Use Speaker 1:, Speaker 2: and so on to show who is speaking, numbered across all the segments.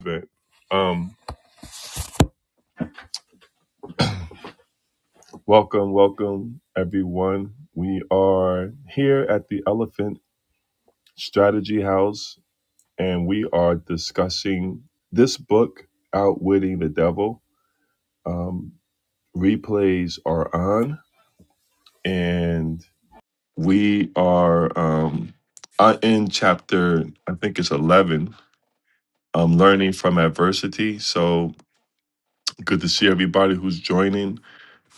Speaker 1: But um, welcome, welcome everyone. We are here at the Elephant Strategy House, and we are discussing this book, "Outwitting the Devil." Um, replays are on, and we are um, uh, in chapter, I think it's eleven. Um, learning from adversity. So good to see everybody who's joining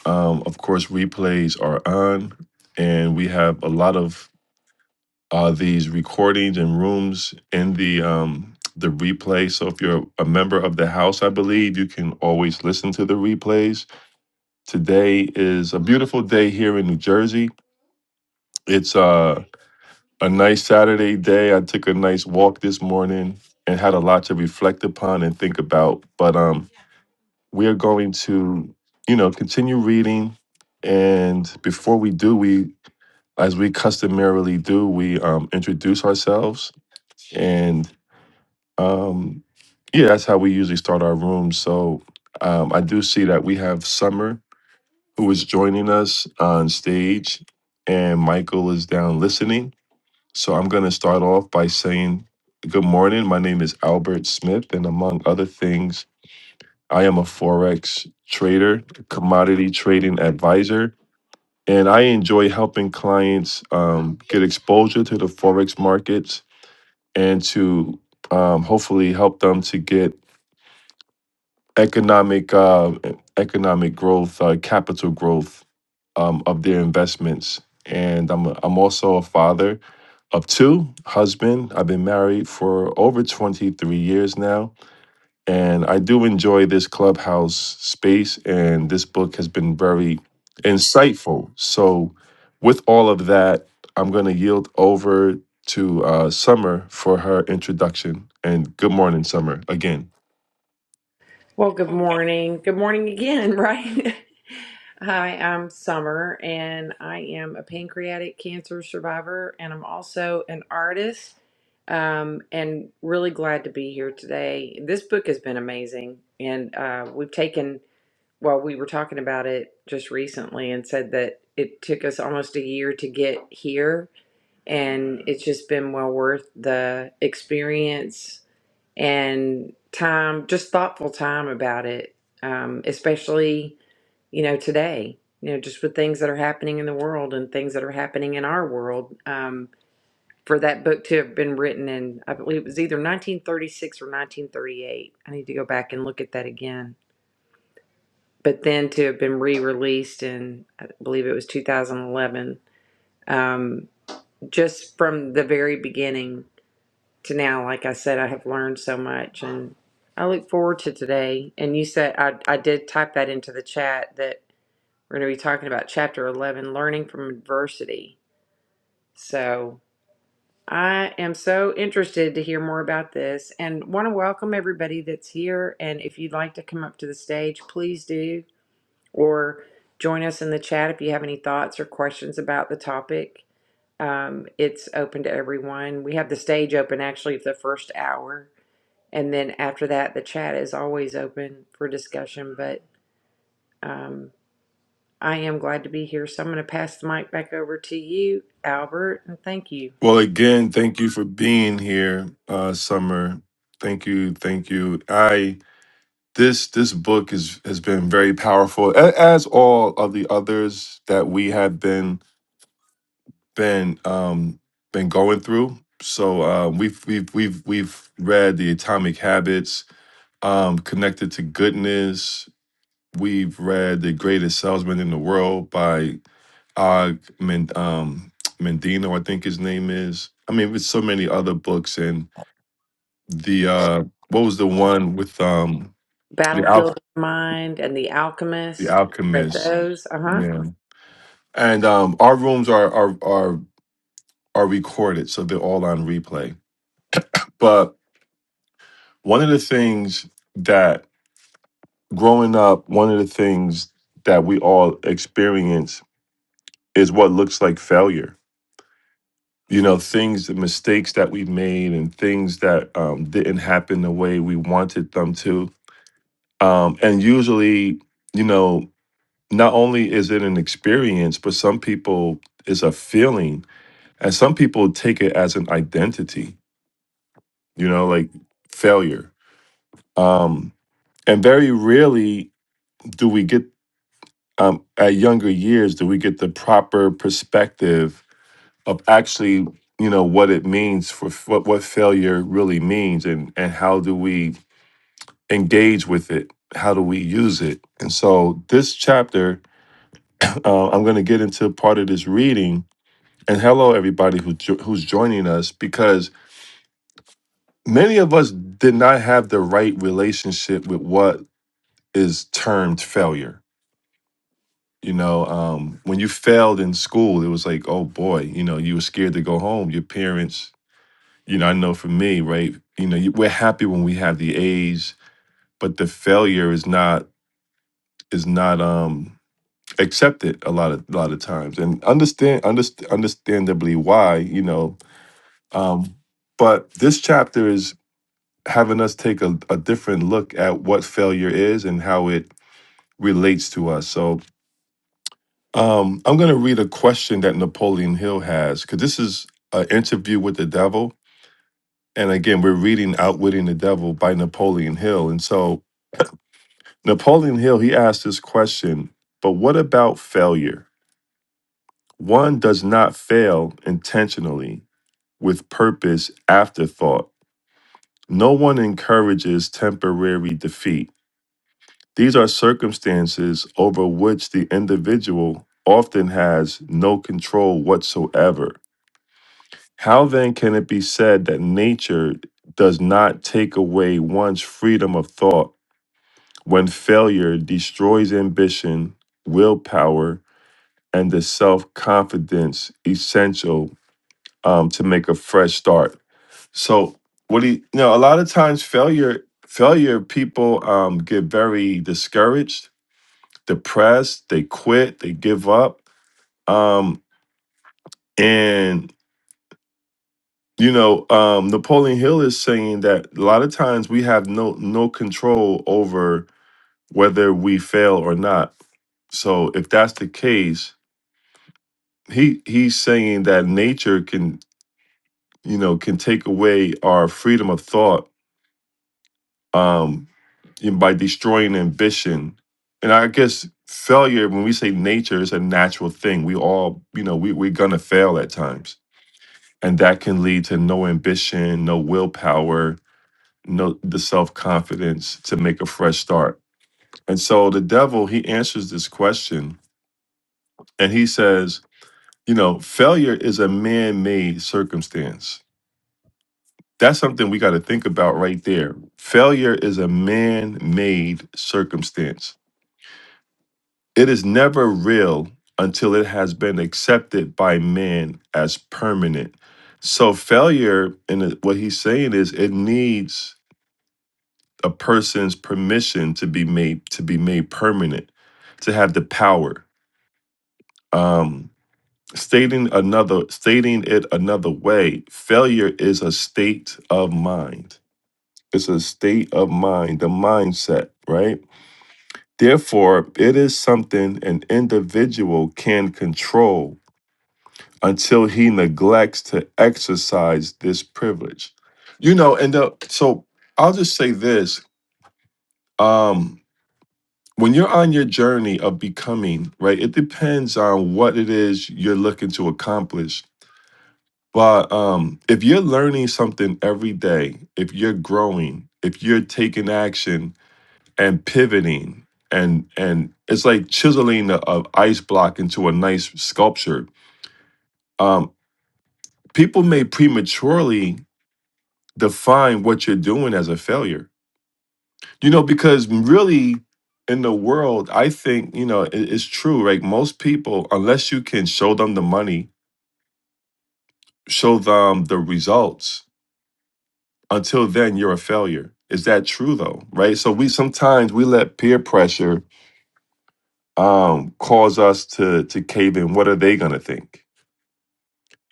Speaker 1: Um, of course, replays are on, and we have a lot of uh, these recordings and rooms in the um, the replay. So if you're a member of the house, I believe you can always listen to the replays. Today is a beautiful day here in New Jersey. It's uh, a nice Saturday day. I took a nice walk this morning and had a lot to reflect upon and think about. But um, we are going to, you know, continue reading and before we do, we as we customarily do, we um, introduce ourselves, and um, yeah, that's how we usually start our room. So um, I do see that we have Summer who is joining us on stage, and Michael is down listening. So I'm going to start off by saying, Good morning. My name is Albert Smith, and among other things, I am a Forex trader, commodity trading advisor and I enjoy helping clients um, get exposure to the forex markets and to um, hopefully help them to get economic uh, economic growth, uh, capital growth um, of their investments. And I'm I'm also a father of two, husband. I've been married for over 23 years now and I do enjoy this clubhouse space, and this book has been very insightful. So, with all of that, I'm going to yield over to uh, Summer for her introduction. And good morning, Summer, again.
Speaker 2: Well, good morning. Good morning again, right? Hi, I'm Summer, and I am a pancreatic cancer survivor, and I'm also an artist. Um, and really glad to be here today. This book has been amazing, and uh, we've taken. Well, we were talking about it just recently, and said that it took us almost a year to get here, and it's just been well worth the experience and time, just thoughtful time about it, um, especially, you know, today, you know, just with things that are happening in the world and things that are happening in our world. Um, for that book to have been written in, I believe it was either 1936 or 1938. I need to go back and look at that again. But then to have been re released in, I believe it was 2011, um, just from the very beginning to now, like I said, I have learned so much and I look forward to today. And you said, I, I did type that into the chat that we're going to be talking about chapter 11, learning from adversity. So I am so interested to hear more about this and want to welcome everybody that's here. And if you'd like to come up to the stage, please do, or join us in the chat if you have any thoughts or questions about the topic. Um, it's open to everyone. We have the stage open actually for the first hour and then after that, the chat is always open for discussion. But um, I am glad to be here. So I'm going to pass the mic back over to you, Albert, and thank you.
Speaker 1: Well, again, thank you for being here, uh, Summer. Thank you, thank you. I this this book is has been very powerful, a- as all of the others that we have been been um been going through. So uh, we've we've we've we've read the Atomic Habits, um, connected to goodness. We've read the Greatest Salesman in the World by Og Men, um, Mendino, I think his name is. I mean, with so many other books and the uh, what was the one with um, the Al-
Speaker 2: Battlefield of Mind and The
Speaker 1: the
Speaker 2: Alchemist, read
Speaker 1: Alchemist?
Speaker 2: those. Uh huh.
Speaker 1: Yeah, and um, our rooms are are are are recorded, so they're all on replay. but. One of the things that growing up, one of the things that we all experience is what looks like failure. You know, things, the mistakes that we made and things that um, didn't happen the way we wanted them to. Um, and usually, you know, not only is it an experience, but some people it's a feeling and some people take it as an identity, you know, like failure. Um, and very rarely do we get um, at younger years do we get the proper perspective of actually you know what it means for f- what what failure really means and and how do we engage with it how do we use it and so this chapter uh, i'm going to get into part of this reading and hello everybody who jo- who's joining us because many of us did not have the right relationship with what is termed failure You know, um, when you failed in school, it was like, oh boy, you know, you were scared to go home. Your parents, you know, I know for me, right? You know, you, we're happy when we have the A's, but the failure is not is not um accepted a lot of a lot of times, and understand underst- understandably why, you know. Um, but this chapter is having us take a, a different look at what failure is and how it relates to us. So Um, I'm going to read a question that Napoleon Hill has because this is an interview with the devil. And again, we're reading Outwitting the Devil by Napoleon Hill. And so Napoleon Hill, he asked this question, but what about failure? One does not fail intentionally with purpose afterthought. No one encourages temporary defeat. These are circumstances over which the individual often has no control whatsoever. How then can it be said that nature does not take away one's freedom of thought when failure destroys ambition, willpower, and the self confidence essential um, to make a fresh start? So, what do you, you know? A lot of times, failure, failure, people um, get very discouraged, depressed, they quit, they give up, um, and you know um napoleon hill is saying that a lot of times we have no no control over whether we fail or not so if that's the case he he's saying that nature can you know can take away our freedom of thought um in- by destroying ambition and i guess failure when we say nature is a natural thing we all you know we, we're gonna fail at times and that can lead to no ambition no willpower know the self confidence to make a fresh start. And so the devil, he answers this question and he says, you know, failure is a man made circumstance. That's something we got to think about right there. Failure is a man made circumstance, it is never real until it has been accepted by man as permanent. So failure and what he's saying is it needs a person's permission to be made to be made permanent, to have the power. Um, stating another stating it another way, failure is a state of mind. It's a state of mind, the mindset, right? Therefore, it is something an individual can control until he neglects to exercise this privilege. You know, and uh, so I'll just say this. Um, when you're on your journey of becoming right it depends on what it is you're looking to accomplish but um if you're learning something every day if you're growing if you're taking action and pivoting and and it's like chiseling a, a ice block into a nice sculpture um people may prematurely define what you're doing as a failure You know, because really in the world, I think, you know, it, it's true. Like most people, unless you can show them the money, show them the results, until then you're a failure. Is that true though? Right. So we sometimes we let peer pressure um cause us to to cave in. What are they gonna think?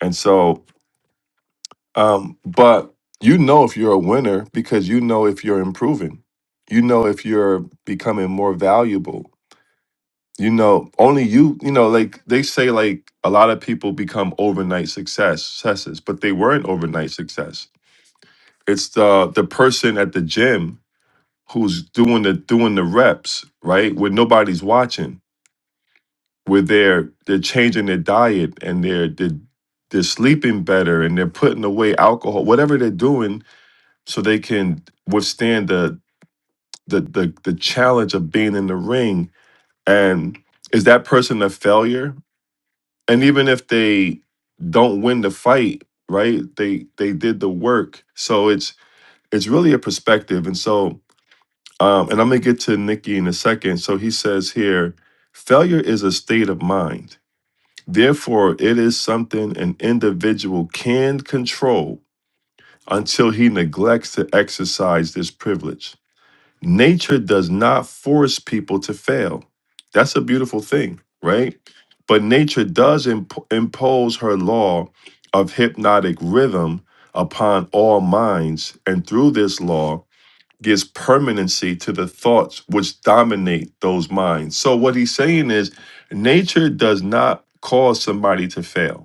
Speaker 1: And so um, but you know if you're a winner because you know if you're improving, you know if you're becoming more valuable you know only you you know like they say like a lot of people become overnight success successes but they weren't overnight success it's the the person at the gym who's doing the doing the reps right where nobody's watching where they're they're changing their diet and they're they're, they're sleeping better and they're putting away alcohol whatever they're doing so they can withstand the the the, the challenge of being in the ring and is that person a failure and even if they don't win the fight right they they did the work so it's it's really a perspective and so um and i'm gonna get to nikki in a second so he says here failure is a state of mind therefore it is something an individual can control until he neglects to exercise this privilege Nature does not force people to fail. That's a beautiful thing, right? But nature does imp- impose her law of hypnotic rhythm upon all minds, and through this law gives permanency to the thoughts which dominate those minds. So, what he's saying is, nature does not cause somebody to fail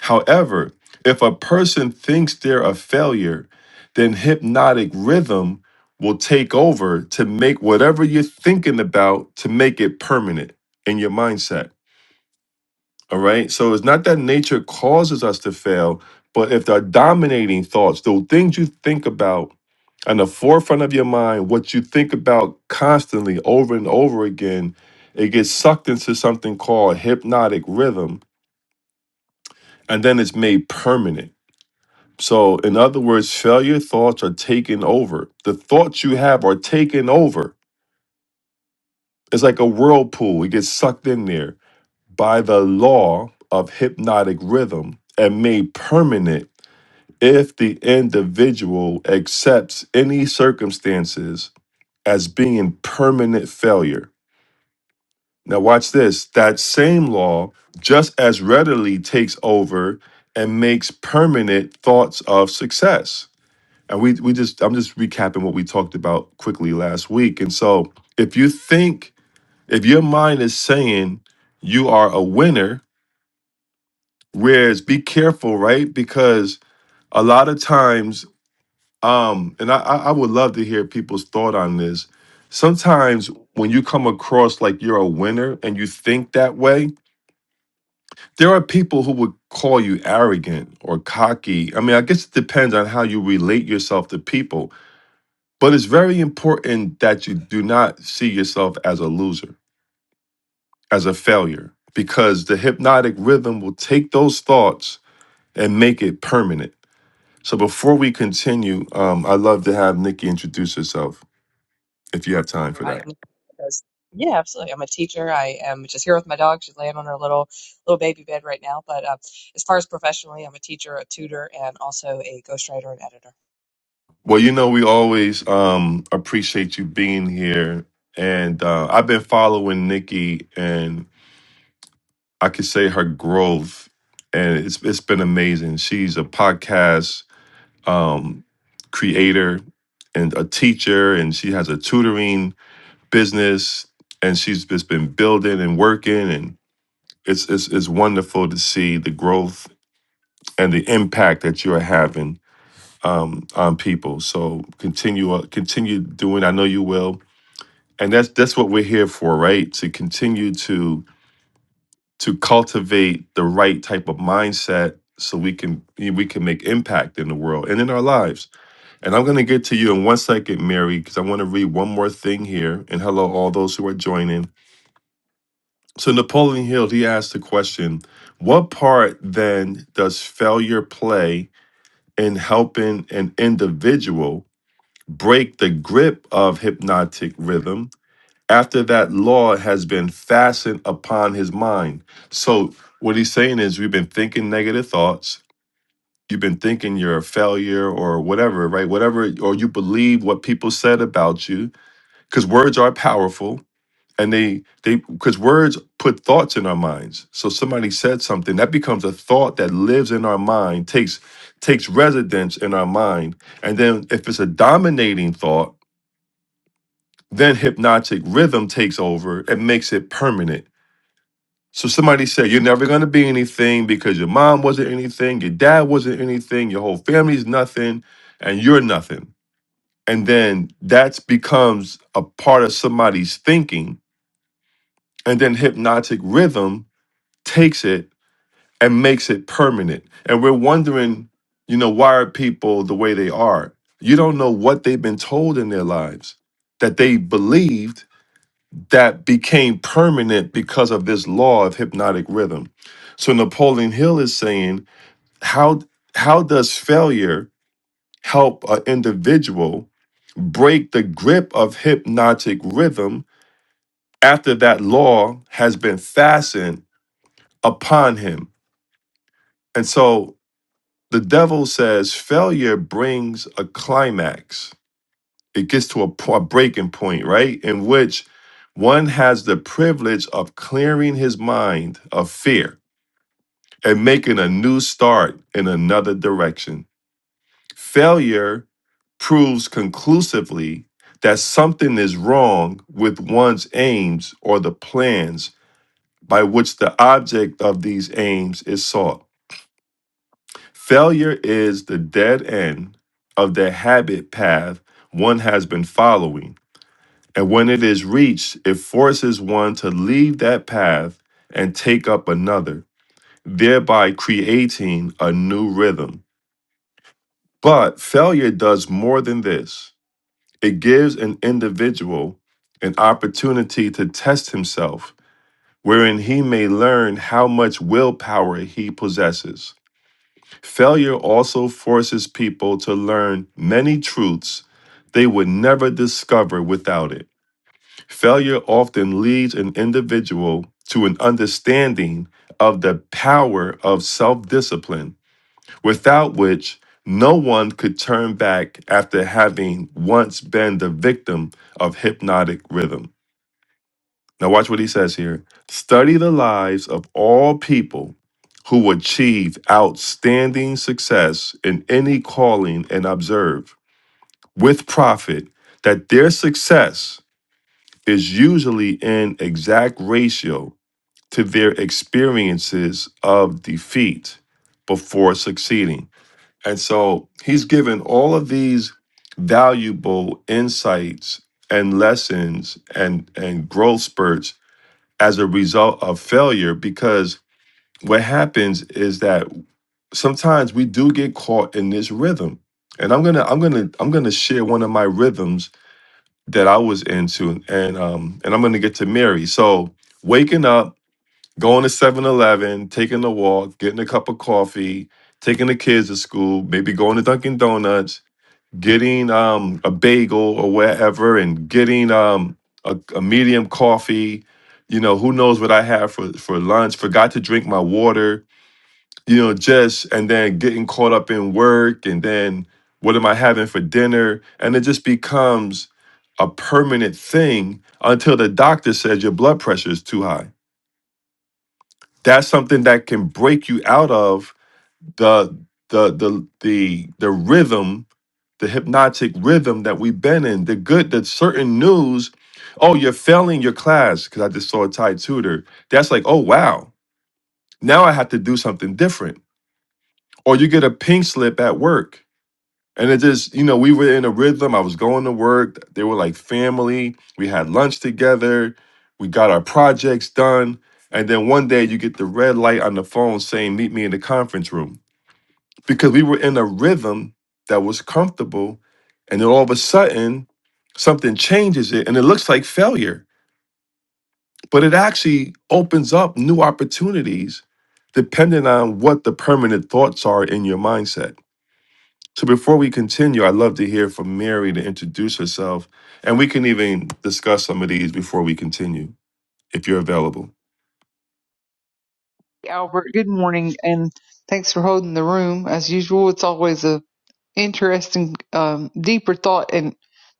Speaker 1: However, if a person thinks they're a failure, then hypnotic rhythm will take over to make whatever you're thinking about to make it permanent in your mindset. All right. So it's not that nature causes us to fail, but if the dominating thoughts, the things you think about on the forefront of your mind, what you think about constantly over and over again, it gets sucked into something called hypnotic rhythm, and then it's made permanent So, in other words, failure thoughts are taken over. The thoughts you have are taken over. It's like a whirlpool, it gets sucked in there by the law of hypnotic rhythm and made permanent if the individual accepts any circumstances as being permanent failure. Now, watch this that same law just as readily takes over and makes permanent thoughts of success And we we just I'm just recapping what we talked about quickly last week. And so if you think if your mind is saying you are a winner, whereas be careful, right? Because a lot of times, um, and I, I I would love to hear people's thought on this. Sometimes when you come across like you're a winner and you think that way, there are people who would call you arrogant or cocky. I mean, I guess it depends on how you relate yourself to people But it's very important that you do not see yourself as a loser, as a failure, because the hypnotic rhythm will take those thoughts and make it permanent. So before we continue, um, I'd love to have Nikki introduce herself if you have time for
Speaker 3: everybody.
Speaker 1: that.
Speaker 3: I'm because yeah, absolutely. I'm a teacher. I am just here with my dog. She's laying on her little little baby bed right now. But uh, as far as professionally, I'm a teacher, a tutor, and also a ghostwriter and editor.
Speaker 1: Well, you know, we always um, appreciate you being here. And uh, I've been following Nikki, and I could say her growth, and it's, it's been amazing. She's a podcast um, creator, and a teacher and she has a tutoring business and she's just been building and working and it's it's, it's wonderful to see the growth and the impact that you're having um, on people so continue uh, continue doing i know you will and that's that's what we're here for right to continue to to cultivate the right type of mindset so we can we can make impact in the world and in our lives And I'm going to get to you in one second, Mary, because I want to read one more thing here. And hello, all those who are joining. So, Napoleon Hill, he asked the question What part then does failure play in helping an individual break the grip of hypnotic rhythm after that law has been fastened upon his mind? So, what he's saying is, we've been thinking negative thoughts. You've been thinking you're a failure or whatever, right? Whatever, or you believe what people said about you because words are powerful and they they because words put thoughts in our minds so somebody said something that becomes a thought that lives in our mind takes takes residence in our mind and then if it's a dominating thought then hypnotic rhythm takes over and makes it permanent so somebody said you're never going to be anything because your mom wasn't anything your dad wasn't anything your whole family's nothing and you're nothing and then that becomes a part of somebody's thinking And then hypnotic rhythm takes it and makes it permanent. And we're wondering, you know, why are people the way they are? You don't know what they've been told in their lives that they believed that became permanent because of this law of hypnotic rhythm. So Napoleon Hill is saying, how how does failure help an individual break the grip of hypnotic rhythm after that law has been fastened upon him. And so the devil says failure brings a climax. It gets to a, po- a breaking point, right? In which one has the privilege of clearing his mind of fear and making a new start in another direction. Failure proves conclusively that something is wrong with one's aims or the plans by which the object of these aims is sought. Failure is the dead end of the habit path one has been following. And when it is reached, it forces one to leave that path and take up another, thereby creating a new rhythm. But failure does more than this it gives an individual an opportunity to test himself, wherein he may learn how much willpower he possesses. Failure also forces people to learn many truths they would never discover without it. Failure often leads an individual to an understanding of the power of self discipline, without which no one could turn back after having once been the victim of hypnotic rhythm. Now, watch what he says here. Study the lives of all people who achieved outstanding success in any calling and observe with profit that their success is usually in exact ratio to their experiences of defeat before succeeding. And so he's given all of these valuable insights and lessons and, and growth spurts as a result of failure because what happens is that sometimes we do get caught in this rhythm and i'm gonna i'm gonna i'm gonna share one of my rhythms that i was into and um and i'm gonna get to mary so waking up going to Seven Eleven, taking a walk getting a cup of coffee taking the kids to school maybe going to dunkin donuts getting um, a bagel or wherever and getting um, a, a medium coffee. You know, who knows what I had for, for lunch? Forgot to drink my water, you know, just and then getting caught up in work and then what am I having for dinner? And it just becomes a permanent thing until the doctor says your blood pressure is too high. That's something that can break you out of the the the the the rhythm, the hypnotic rhythm that we've been in, the good, the certain news. Oh, you're failing your class because I just saw a Thai tutor. That's like, oh wow, now I have to do something different. Or you get a pink slip at work. And it just, you know, we were in a rhythm. I was going to work. They were like family. We had lunch together. We got our projects done. And then one day you get the red light on the phone saying, meet me in the conference room because we were in a rhythm that was comfortable. And then all of a sudden, something changes it and it looks like failure, but it actually opens up new opportunities depending on what the permanent thoughts are in your mindset. So before we continue, I'd love to hear from Mary to introduce herself, and we can even discuss some of these before we continue, if you're available.
Speaker 4: Albert, good morning, and thanks for holding the room as usual. It's always a interesting, um, deeper thought, and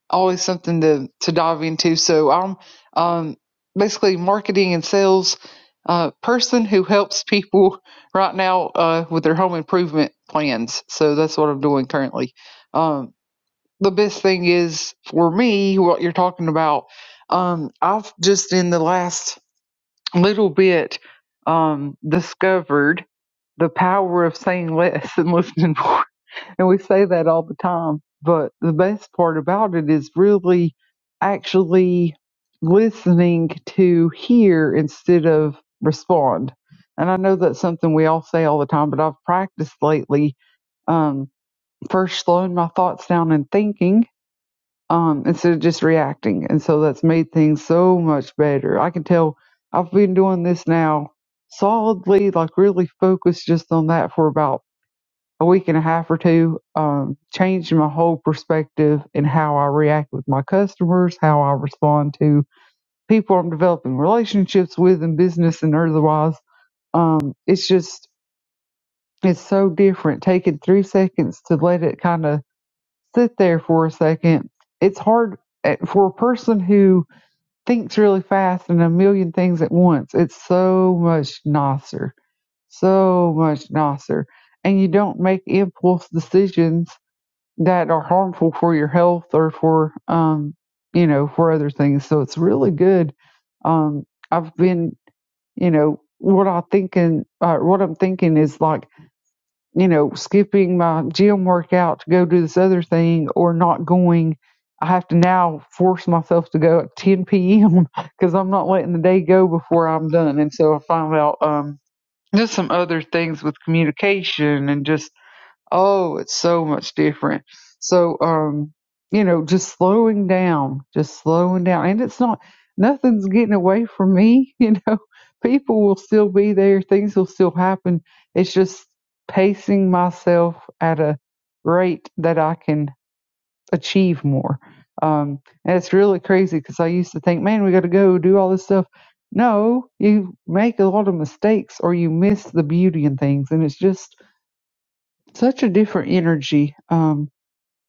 Speaker 4: always something to to dive into. So I'm um, basically marketing and sales uh, person who helps people right now uh, with their home improvement plans. So that's what I'm doing currently. Um, the best thing is for me what you're talking about. Um, I've just in the last little bit um, discovered the power of saying less and listening more. And we say that all the time. But the best part about it is really actually listening to hear instead of respond. And I know that's something we all say all the time, but I've practiced lately um, first slowing my thoughts down and thinking um, instead of just reacting. And so that's made things so much better. I can tell I've been doing this now solidly, like really focused just on that for about a week and a half or two, um, changed my whole perspective in how I react with my customers, how I respond to people I'm developing relationships with in business and otherwise. Um, it's just, it's so different. Taking three seconds to let it kind of sit there for a second. It's hard eh, for a person who thinks really fast and a million things at once. It's so much nicer, so much nicer. And you don't make impulse decisions that are harmful for your health or for, um, you know, for other things. So it's really good. Um, I've been, you know, what I thinking, uh, what I'm thinking is like you know, skipping my gym workout to go do this other thing or not going. I have to now force myself to go at 10 p.m. because I'm not letting the day go before I'm done. And so I find out um, just some other things with communication and just Oh, it's so much different. So, um, you know, just slowing down, just slowing down. And it's not, nothing's getting away from me. You know, people will still be there, things will still happen. It's just pacing myself at a rate that I can achieve more. Um, and it's really crazy because I used to think, man, we got to go do all this stuff. No, you make a lot of mistakes or you miss the beauty in things. And it's just, such a different energy. Um,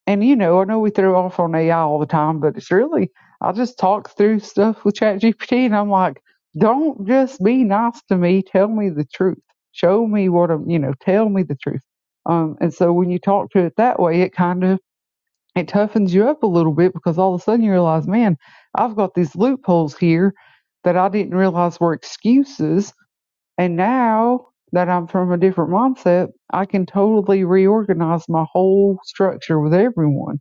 Speaker 4: and you know, I know we throw off on AI all the time, but it's really I just talk through stuff with ChatGPT, and I'm like, don't just be nice to me. Tell me the truth. Show me what I'm. You know, tell me the truth. Um, and so when you talk to it that way, it kind of it toughens you up a little bit because all of a sudden you realize, man, I've got these loopholes here that I didn't realize were excuses and now that I'm from a different mindset, I can totally reorganize my whole structure with everyone.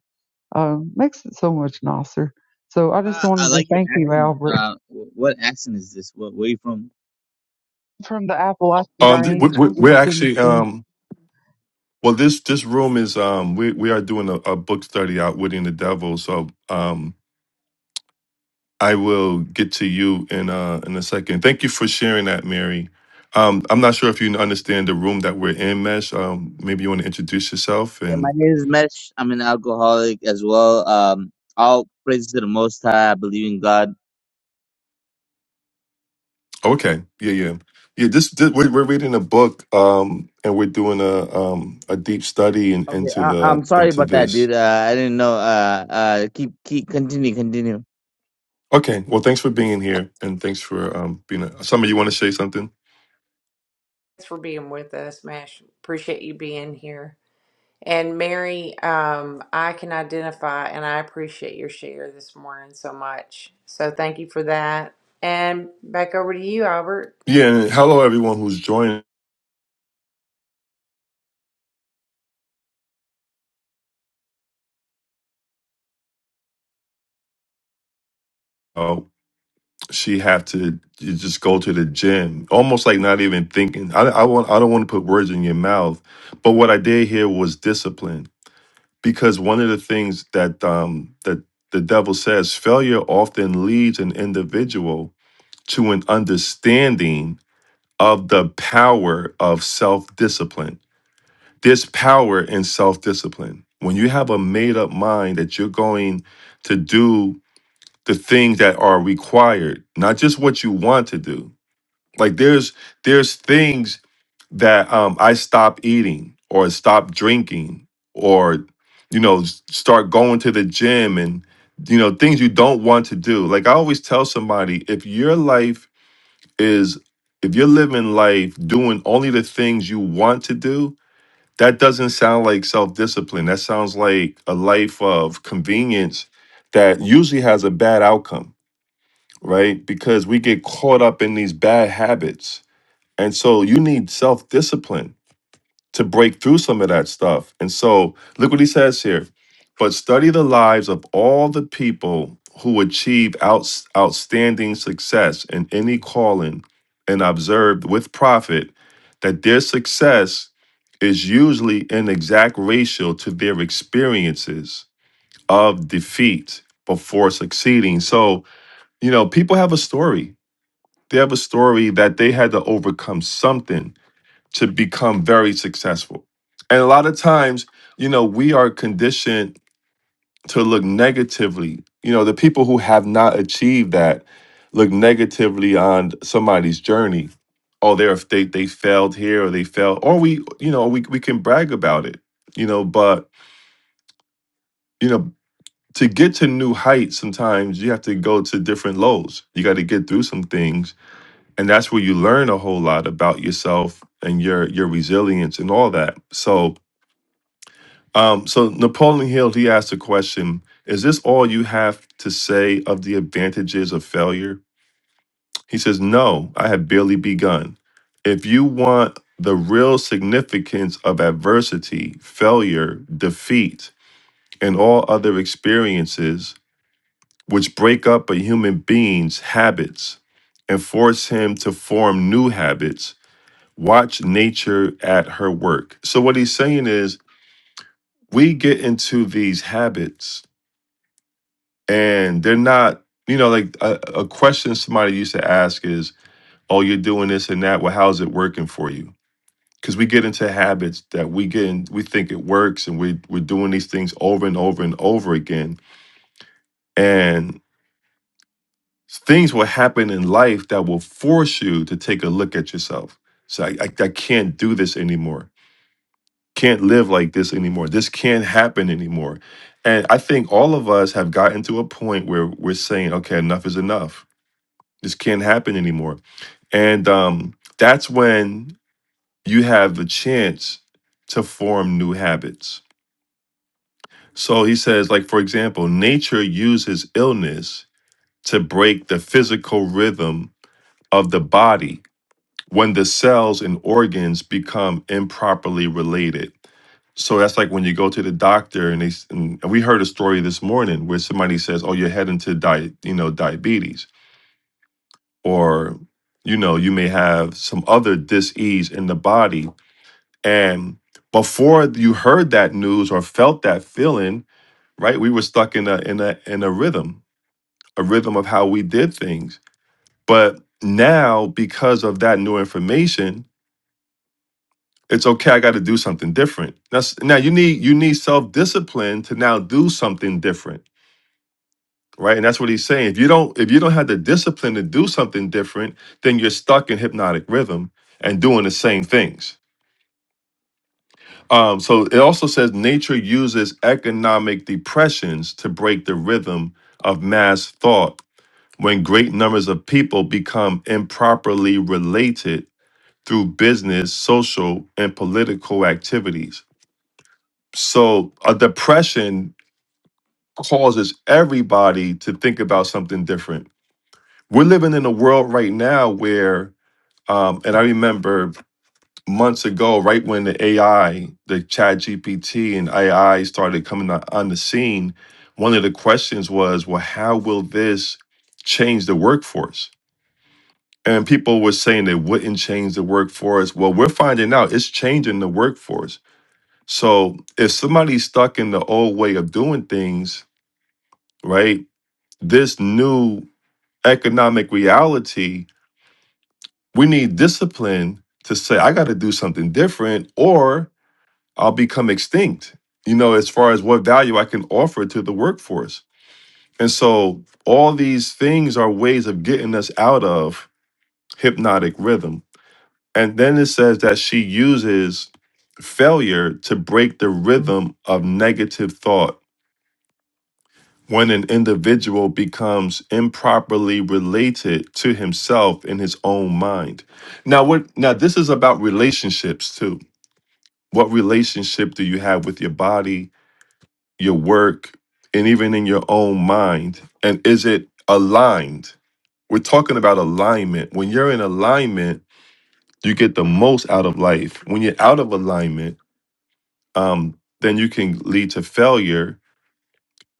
Speaker 4: Um, makes it so much nicer. So I just
Speaker 5: Uh, I
Speaker 4: wanted to
Speaker 5: like your
Speaker 4: thank you,
Speaker 5: accent.
Speaker 4: Albert,
Speaker 5: Uh, wh- what accent is this? Where, where you from?
Speaker 4: from the Appalachian
Speaker 1: Um, th- we-
Speaker 4: Range,
Speaker 1: we-
Speaker 4: East
Speaker 1: we're actually
Speaker 4: Tennessee.
Speaker 1: um, Well, this this room is um we we are doing a, a book study outwitting the devil. So um I will get to you in uh in a second. Thank you for sharing that, Mary. Um I'm not sure if you understand the room that we're in, Mesh. Um maybe you want to introduce yourself
Speaker 5: Yeah, my
Speaker 1: and
Speaker 5: name is Mesh. I'm an alcoholic as well. Um, all praise to the Most High. I believe in God.
Speaker 1: oh, okay. Yeah, yeah. Yeah, this, this we're, we're reading a book um and we're doing a um a deep study in,
Speaker 5: Okay,
Speaker 1: into
Speaker 5: I,
Speaker 1: the
Speaker 5: I'm sorry
Speaker 1: into
Speaker 5: about that,
Speaker 1: this.
Speaker 5: dude. Uh, I didn't know. Uh, uh, keep, keep, continue, continue.
Speaker 1: Okay. Well, thanks for being here and thanks for um being a, somebody you want to say something?
Speaker 2: Thanks for being with us, Mash. Appreciate you being here. And Mary, um, I can identify and I appreciate your share this morning so much. So thank you for that. And back over to you, Albert.
Speaker 1: Yeah, and hello everyone who's joining know, she have to j- just go to the gym, almost like not even thinking. I, I want I don't want to put words in your mouth, but what I did here was discipline because one of the things that um that the devil says failure often leads an individual to an understanding of the power of self-discipline. This power in self-discipline. When you have a made up mind that you're going to do the things that are required, not just what you want to do. Like there's there's things that um, I stop eating or stop drinking or you know s- start going to the gym and you know things you don't want to do. Like I always tell somebody, if your life is if you're living life doing only the things you want to do, that doesn't sound like self discipline. That sounds like a life of convenience that usually has a bad outcome right? Because we get caught up in these bad habits. And so you need self discipline to break through some of that stuff. And so look what he says here. But study the lives of all the people who achieve outs outstanding success in any calling and observe with profit that their success is usually an exact ratio to their experiences of defeat before succeeding. So, you know, people have a story they have a story that they had to overcome something to become very successful. And a lot of times, you know, we are conditioned to look negatively. You know, the people who have not achieved that look negatively on somebody's journey. Oh, they're they they failed here or they failed, or we, you know, we we can brag about it, you know, but you know, to get to new heights, sometimes you have to go to different lows. You got to get through some things and that's where you learn a whole lot about yourself and your your resilience and all that so um so napoleon hill he asked the question is this all you have to say of the advantages of failure he says no i have barely begun if you want the real significance of adversity failure defeat and all other experiences which break up a human being's habits and force him to form new habits watch nature at her work. So what he's saying is we get into these habits and they're not, you know, like a, a question somebody used to ask is, "Oh, you're doing this and that. Well, how's it working for you?" Because we get into habits that we get in, we think it works and we we're doing these things over and over and over again. And things will happen in life that will force you to take a look at yourself. So I, I, I can't do this anymore can't live like this anymore. This can't happen anymore. And I think all of us have gotten to a point where we're saying, okay, enough is enough. This can't happen anymore. And um, that's when you have the chance to form new habits. So he says, like, for example, nature uses illness to break the physical rhythm of the body when the cells and organs become improperly related. So that's like when you go to the doctor and they s- and we heard a story this morning where somebody says, "Oh, you're heading to di, you know, diabetes or you know, you may have some other disease in the body." And before you heard that news or felt that feeling, right? We were stuck in a in a in a rhythm, a rhythm of how we did things. But now because of that new information, it's okay i got to do something different that's now you need you need self-discipline to now do something different right and that's what he's saying if you don't if you don't have the discipline to do something different then you're stuck in hypnotic rhythm and doing the same things um, so it also says nature uses economic depressions to break the rhythm of mass thought when great numbers of people become improperly related through business social and political activities so a depression causes everybody to think about something different we're living in a world right now where um and i remember months ago right when the ai the chat gpt and ai started coming on on the scene one of the questions was well how will this change the workforce and people were saying they wouldn't change the workforce well we're finding out it's changing the workforce so if somebody's stuck in the old way of doing things right this new economic reality We need discipline to say, I got to do something different or I'll become extinct, you know, as far as what value I can offer to the workforce. And so all these things are ways of getting us out of hypnotic rhythm. And then it says that she uses failure to break the rhythm of negative thought when an individual becomes improperly related to himself in his own mind. Now what now this is about relationships too What relationship do you have with your body, your work, and even in your own mind? And is it aligned? We're talking about alignment. When you're in alignment, you get the most out of life. When you're out of alignment, um, then you can lead to failure,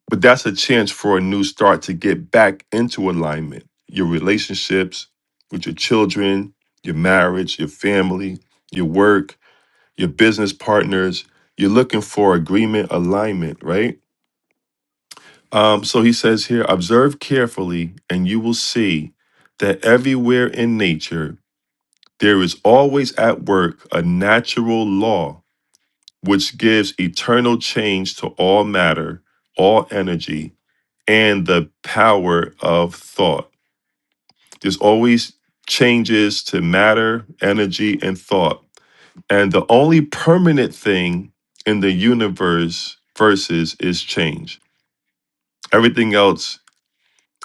Speaker 1: but that's a chance for a new start to get back into alignment. Your relationships with your children, your marriage, your family, your work, your business partners. You're looking for agreement, alignment, right? Um, so he says here, observe carefully, and you will see that everywhere in nature, there is always at work a natural law which gives eternal change to all matter, all energy, and the power of thought. There's always changes to matter, energy, and thought And the only permanent thing in the universe versus is change. Everything else,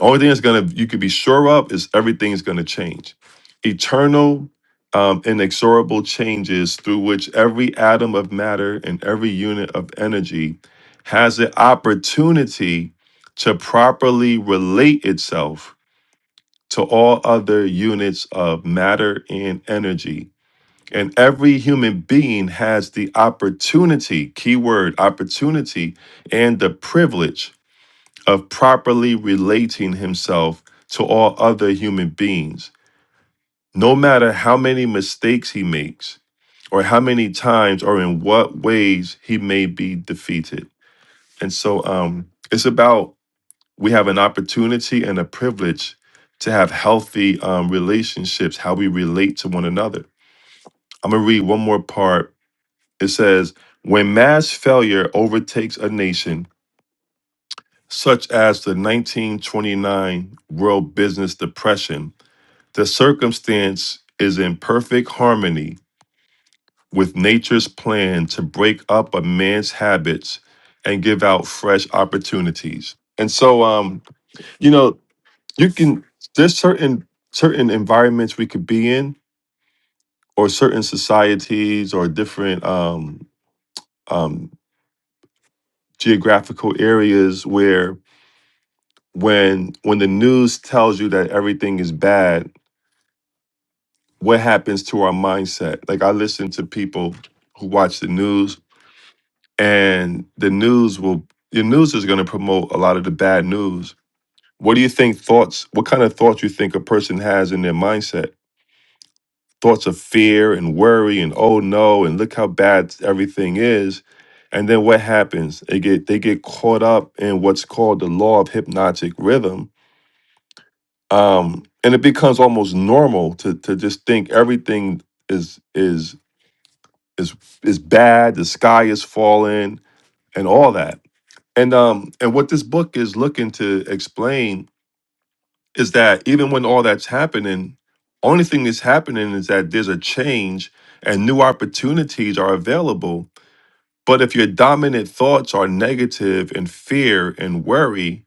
Speaker 1: only thing that's gonna you could be sure of is everything's gonna change. Eternal, um, inexorable changes through which every atom of matter and every unit of energy has the opportunity to properly relate itself to all other units of matter and energy and every human being has the opportunity, keyword opportunity, and the privilege of properly relating himself to all other human beings. No matter how many mistakes he makes, or how many times, or in what ways he may be defeated. And so um, it's about we have an opportunity and a privilege to have healthy um, relationships, how we relate to one another. I'm going to read one more part It says, when mass failure overtakes a nation, such as the 1929 World Business Depression, the circumstance is in perfect harmony with nature's plan to break up a man's habits and give out fresh opportunities. And so, um, you know, you can, there's certain, certain environments we could be in or certain societies or different um, um, geographical areas where when when the news tells you that everything is bad what happens to our mindset like i listen to people who watch the news and the news will the news is going to promote a lot of the bad news what do you think thoughts what kind of thoughts you think a person has in their mindset thoughts of fear and worry and oh no and look how bad everything is and then what happens they get they get caught up in what's called the law of hypnotic rhythm um, and it becomes almost normal to to just think everything is is is is bad. The sky is falling, and all that. And um, and what this book is looking to explain is that even when all that's happening, only thing that's happening is that there's a change and new opportunities are available. But if your dominant thoughts are negative and fear and worry,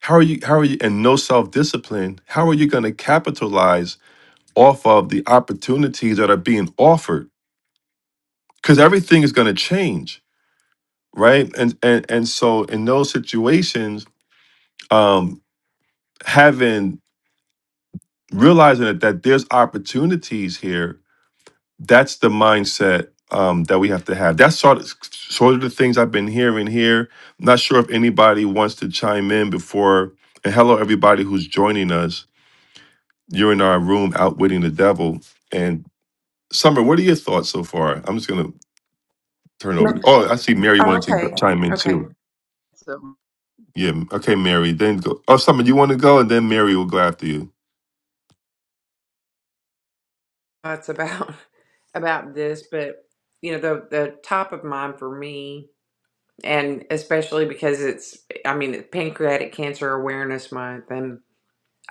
Speaker 1: how are you? How are you? And no self discipline. How are you going to capitalize? off of the opportunities that are being offered because everything is going to change right and, and and so in those situations um having realizing that, that there's opportunities here that's the mindset um that we have to have that's sort of sort of the things i've been hearing here not sure if anybody wants to chime in before and hello everybody who's joining us you're in our room outwitting the devil and summer what are your thoughts so far i'm just gonna turnover.
Speaker 2: No,
Speaker 1: Oh, I see Mary wanted
Speaker 2: oh,
Speaker 1: to go-
Speaker 2: okay.
Speaker 1: chime in
Speaker 2: Okay.
Speaker 1: too.
Speaker 4: So
Speaker 1: Yeah. Okay, Mary. Then go. Oh, something you want to go, and then Mary will go after you.
Speaker 2: thoughts about about this, but you know, the the top of mind for me, and especially because it's, I mean, it's Pancreatic Cancer Awareness Month, and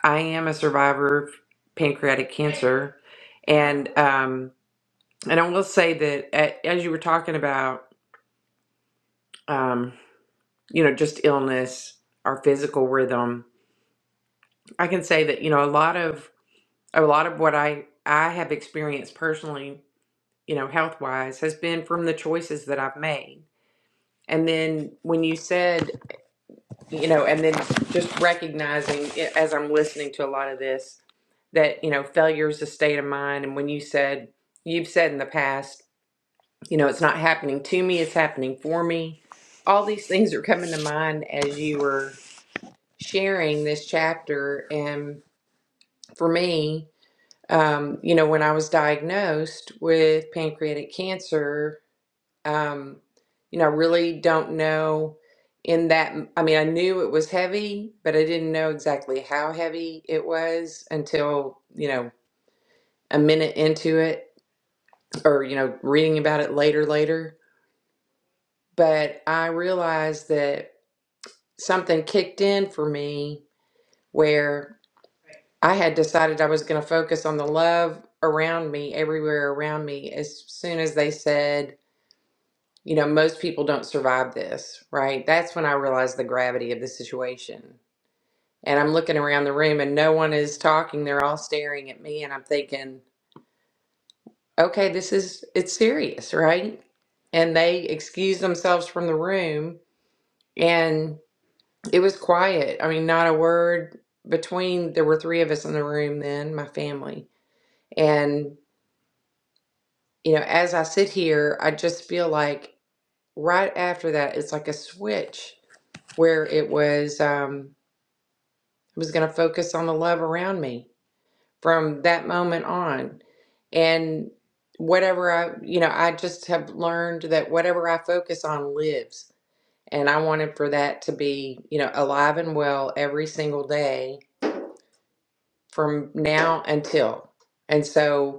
Speaker 2: I am a survivor of pancreatic cancer, and um, and I will say that a- as you were talking about, um, you know, just illness, our physical rhythm, I can say that you know a lot of a lot of what I I have experienced personally, you know, health wise, has been from the choices that I've made And then when you said, you know, and then just recognizing it- as I'm listening to a lot of this that, you know, failure is a state of mind. And when you said, you've said in the past, you know, it's not happening to me, it's happening for me. All these things are coming to mind as you were sharing this chapter. And for me, um, you know, when I was diagnosed with pancreatic cancer, Um, you know, I really don't know in that. I mean, I knew it was heavy, but I didn't know exactly how heavy it was until, you know, a minute into it or, you know, reading about it later, later. But I realized that something kicked in for me where I had decided I was going to focus on the love around me, everywhere around me, as soon as they said, You know, most people don't survive this, right? That's when I realized the gravity of the situation. And I'm looking around the room and no one is talking. They're all staring at me and I'm thinking, okay, this is, it's serious, right? And they excuse themselves from the room and it was quiet. I mean, not a word between, there were three of us in the room then, my family. And, you know, as I sit here, I just feel like right after that, it's like a switch where it was, um, I was going to focus on the love around me from that moment on. And whatever I, you know, I just have learned that whatever I focus on lives. And I wanted for that to be, you know, alive and well every single day from now until. And so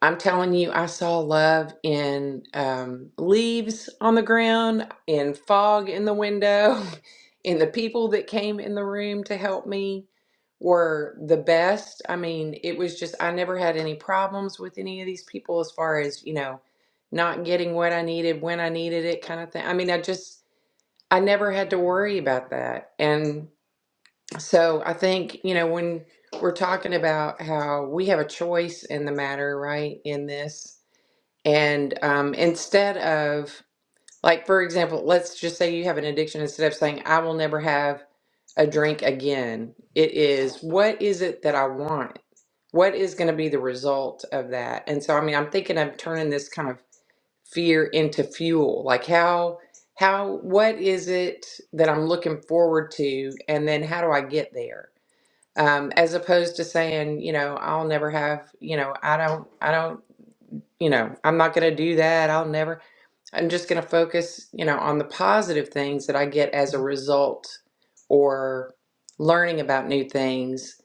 Speaker 2: I'm telling you, I saw love in um, leaves on the ground, in fog in the window, and the people that came in the room to help me were the best. I mean, it was just, I never had any problems with any of these people as far as, you know, not getting what I needed when I needed it kind of thing. I mean, I just, I never had to worry about that. And so I think, you know, when we're talking about how we have a choice in the matter, right, in this and um, instead of, like, for example, let's just say you have an addiction, instead of saying, I will never have a drink again, it is, what is it that I want? What is going to be the result of that? And so, I mean, I'm thinking of turning this kind of fear into fuel. Like, how, how, what is it that I'm looking forward to? And then how do I get there? Um, as opposed to saying, you know, I'll never have, you know, I don't, I don't, you know, I'm not going to do that. I'll never I'm just going to focus, you know, on the positive things that I get as a result or learning about new things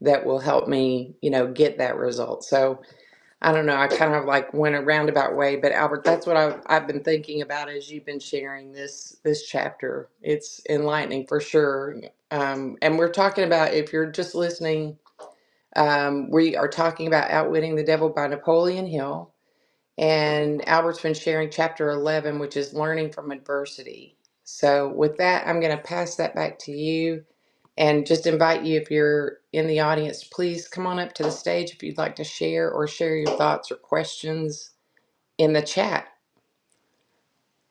Speaker 2: that will help me, you know, get that result. So I don't know. I kind of like went a roundabout way, but Albert, that's what I've, I've been thinking about as you've been sharing this this chapter. It's enlightening for sure. Um, and we're talking about if you're just listening, um, we are talking about Outwitting the Devil by Napoleon Hill and Albert's been sharing chapter 11, which is learning from adversity. So, with that, I'm going to pass that back to you and just invite you, if you're in the audience, please come on up to the stage if you'd like to share or share your thoughts or questions in the chat.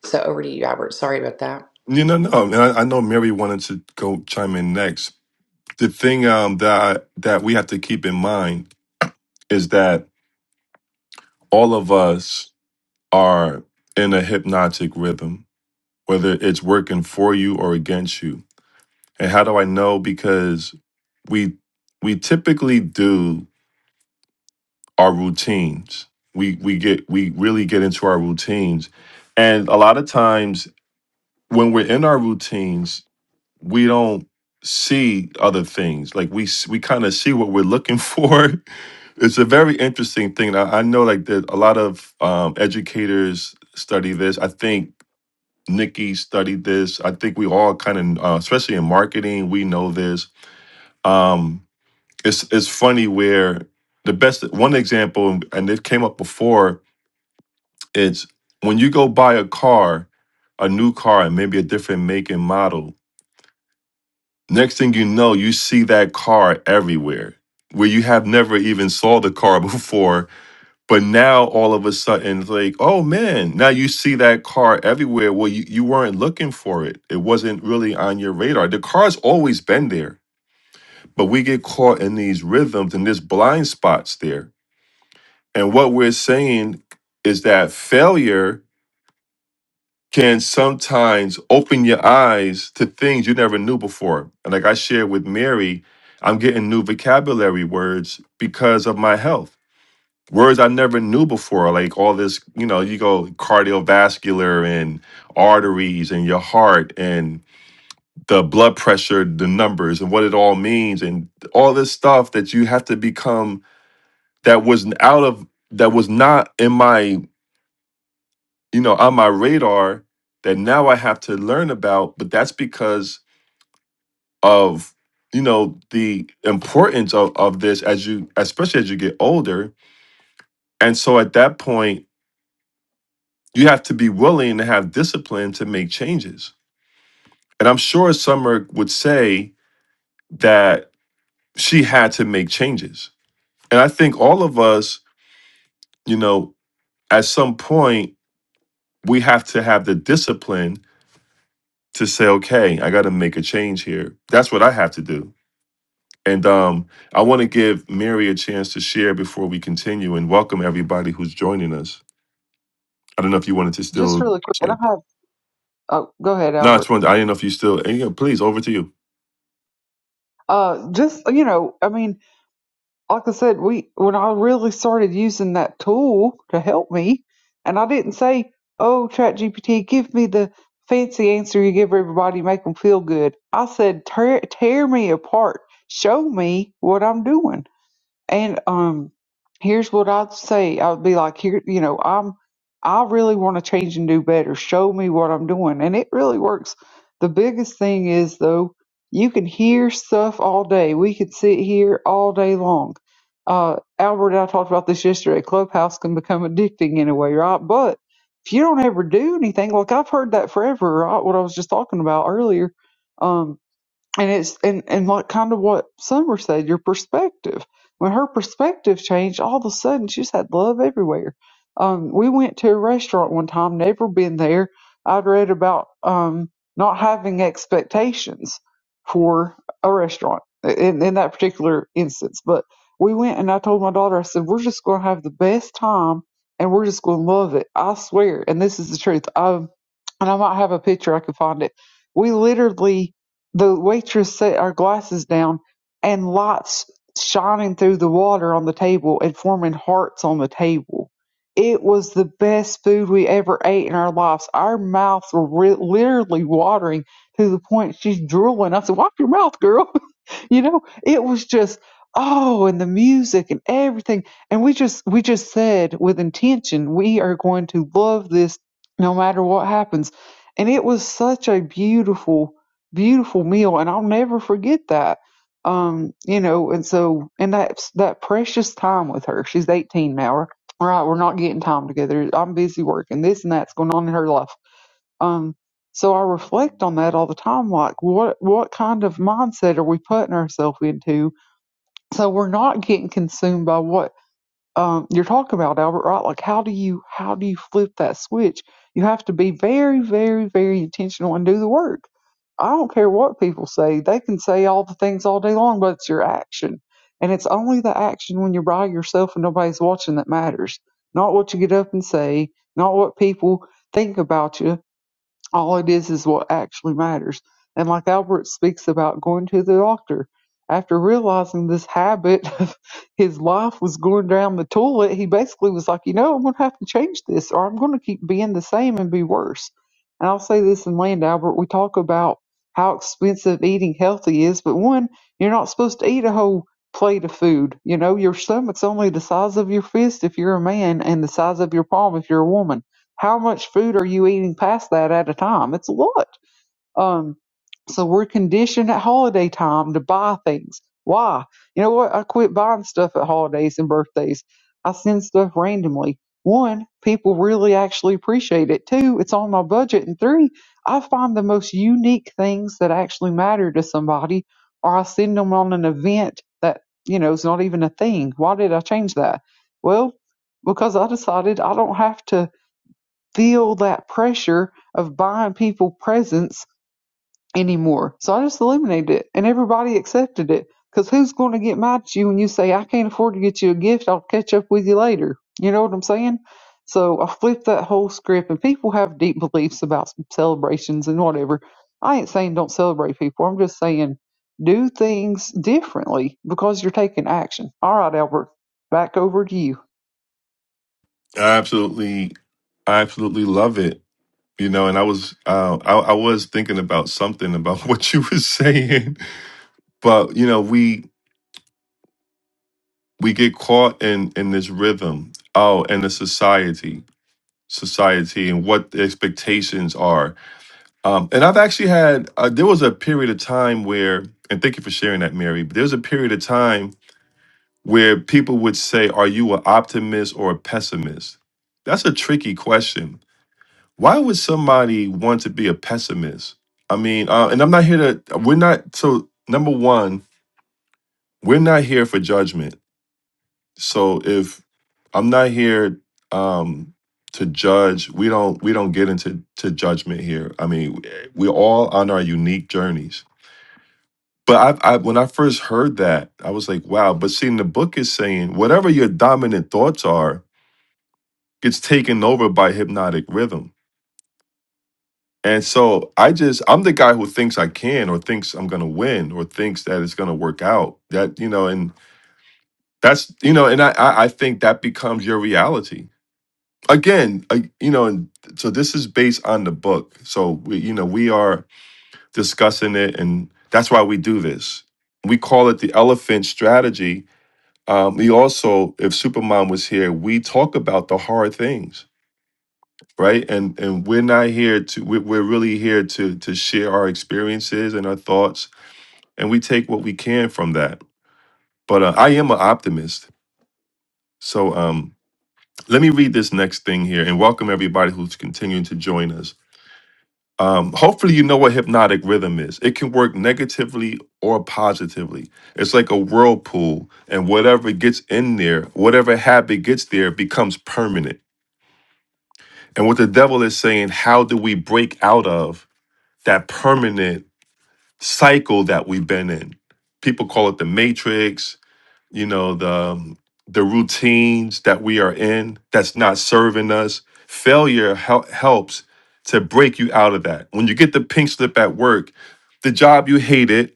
Speaker 2: So, over to you, Albert. Sorry about that.
Speaker 1: You know, no. And I, I know Mary wanted to go chime in next. The thing um, that I, that we have to keep in mind is that all of us are in a hypnotic rhythm, whether it's working for you or against you. And how do I know? Because we we typically do our routines. We we get we really get into our routines. And a lot of times when we're in our routines, we don't see other things. Like we s- we kind of see what we're looking for. It's a very interesting thing. I, I know like that a lot of um, educators study this. I think Nikki studied this. I think we all kind of, uh, especially in marketing, we know this. Um, it's it's funny where the best one example, and it came up before it's when you go buy a car, a new car, and maybe a different make and model. Next thing you know, you see that car everywhere where you have never even saw the car before. But now all of a sudden, it's like, oh man, now you see that car everywhere. Well, you, you weren't looking for it, it wasn't really on your radar. The car's always been there, but we get caught in these rhythms and there's blind spots there. And what we're saying is that failure can sometimes open your eyes to things you never knew before. And like I shared with Mary, I'm getting new vocabulary words because of my health. Words I never knew before, like all this, you know, you go cardiovascular and arteries and your heart and the blood pressure, the numbers and what it all means and all this stuff that you have to become that was out of that was not in my you know, on my radar that now I have to learn about, but that's because of you know the importance of, of this as you especially as you get older and so at that point you have to be willing to have discipline to make changes and i'm sure summer would say that she had to make changes and i think all of us you know at some point we have to have the discipline to say okay i got to make a change here that's what i have to do And um, I want to give Mary a chance to share before we continue and welcome everybody who's joining us. I don't know if you wanted to
Speaker 4: just
Speaker 1: still.
Speaker 4: really quick, and I have. Oh, go ahead,
Speaker 1: No, I
Speaker 4: Albert.
Speaker 1: just wanted. I didn't know if you still. and, yeah, please, over to you.
Speaker 4: Uh, just you know, I mean, like I said, we when I really started using that tool to help me, and I didn't say, "Oh, ChatGPT, give me the fancy answer you give everybody, make them feel good." I said, "Tear, tear me apart, show me what I'm doing." And um, here's what I'd say. I'd be like, here, you know, I'm, I really want to change and do better. Show me what I'm doing, and it really works. The biggest thing is though, you can hear stuff all day. We could sit here all day long. Uh, Albert and I talked about this yesterday. Clubhouse can become addicting in a way, right? But if you don't ever do anything, like I've heard that forever, right? What I was just talking about earlier. um and it's and and like kind of what Summer said, your perspective. When her perspective changed, all of a sudden she just had love everywhere. Um, we went to a restaurant one time, never been there. I'd read about um, not having expectations for a restaurant in, in that particular instance. But we went and I told my daughter, I said, we're just going to have the best time and we're just going to love it. I swear. And this is the truth. I'm and I might have a picture I could find it. We literally, the waitress set our glasses down and lights shining through the water on the table and forming hearts on the table. It was the best food we ever ate in our lives. Our mouths were re- literally watering to the point she's drooling. I said, "Wipe your mouth, girl." you know, it was just oh, and the music and everything. And we just we just said with intention, we are going to love this no matter what happens. And it was such a beautiful, beautiful meal, and I'll never forget that. Um, you know, and so and that that precious time with her. She's eighteen now. Right, we're not getting time together. I'm busy working. This and that's going on in her life um, so I reflect on that all the time. Like, what what kind of mindset are we putting ourselves into? So we're not getting consumed by what um, you're talking about, Albert. Right? Like, how do you how do you flip that switch? You have to be very, very, very intentional and do the work. I don't care what people say; they can say all the things all day long, but it's your action, and it's only the action when you're by yourself and nobody's watching that matters. Not what you get up and say, not what people think about you all it is is what actually matters. And like Albert speaks about going to the doctor, after realizing this habit of his life was going down the toilet, he basically was like, you know, I'm going to have to change this or I'm going to keep being the same and be worse. And I'll say this in land, Albert, we talk about how expensive eating healthy is, but one, you're not supposed to eat a whole plate of food. You know, your stomach's only the size of your fist if you're a man and the size of your palm if you're a woman how much food are you eating past that at a time? It's a lot. Um, so we're conditioned at holiday time to buy things. Why? You know what? I quit buying stuff at holidays and birthdays. I send stuff randomly. One, people really actually appreciate it. Two, it's on my budget. And three, I find the most unique things that actually matter to somebody, or I send them on an event that, you know, is not even a thing. Why did I change that? Well, because I decided I don't have to feel that pressure of buying people presents anymore. So I just eliminated it and everybody accepted it. Because who's going to get mad at you when you say, I can't afford to get you a gift? I'll catch up with you later. You know what I'm saying? So I flipped that whole script, and people have deep beliefs about celebrations and whatever. I ain't saying don't celebrate people. I'm just saying do things differently because you're taking action. All right, Albert, back over to you.
Speaker 1: I absolutely, I absolutely love it. You know, and I was, uh, I, I was thinking about something about what you were saying, but you know, we we get caught in in this rhythm. Oh, and the society, society, and what the expectations are Um, and I've actually had uh, there was a period of time where, and thank you for sharing that, Mary. But there was a period of time where people would say, "Are you an optimist or a pessimist?" That's a tricky question. Why would somebody want to be a pessimist? I mean, uh, and I'm not here to. We're not. So number one, we're not here for judgment. So if I'm not here um, to judge, we don't we don't get into to judgment here. I mean, we're all on our unique journeys But I, I when I first heard that, I was like, wow. But seeing the book is saying whatever your dominant thoughts are gets taken over by hypnotic rhythm. And so I just I'm the guy who thinks I can or thinks I'm gonna win or thinks that it's gonna work out. That you know, and that's you know, and I I I think that becomes your reality. Again, I, you know, and so this is based on the book. So we, you know, we are discussing it, and that's why we do this. We call it the elephant strategy Um, we also, if Supermom was here, we talk about the hard things, right? And and we're not here to. We're, we're really here to to share our experiences and our thoughts, and we take what we can from that. But uh, I am an optimist, so um, let me read this next thing here, and welcome everybody who's continuing to join us. Um, hopefully, you know what hypnotic rhythm is. It can work negatively or positively. It's like a whirlpool, and whatever gets in there, whatever habit gets there, becomes permanent. And what the devil is saying, how do we break out of that permanent cycle that we've been in? People call it the matrix, you know, the um, the routines that we are in that's not serving us. Failure hel- helps to break you out of that. When you get the pink slip at work, the job you hated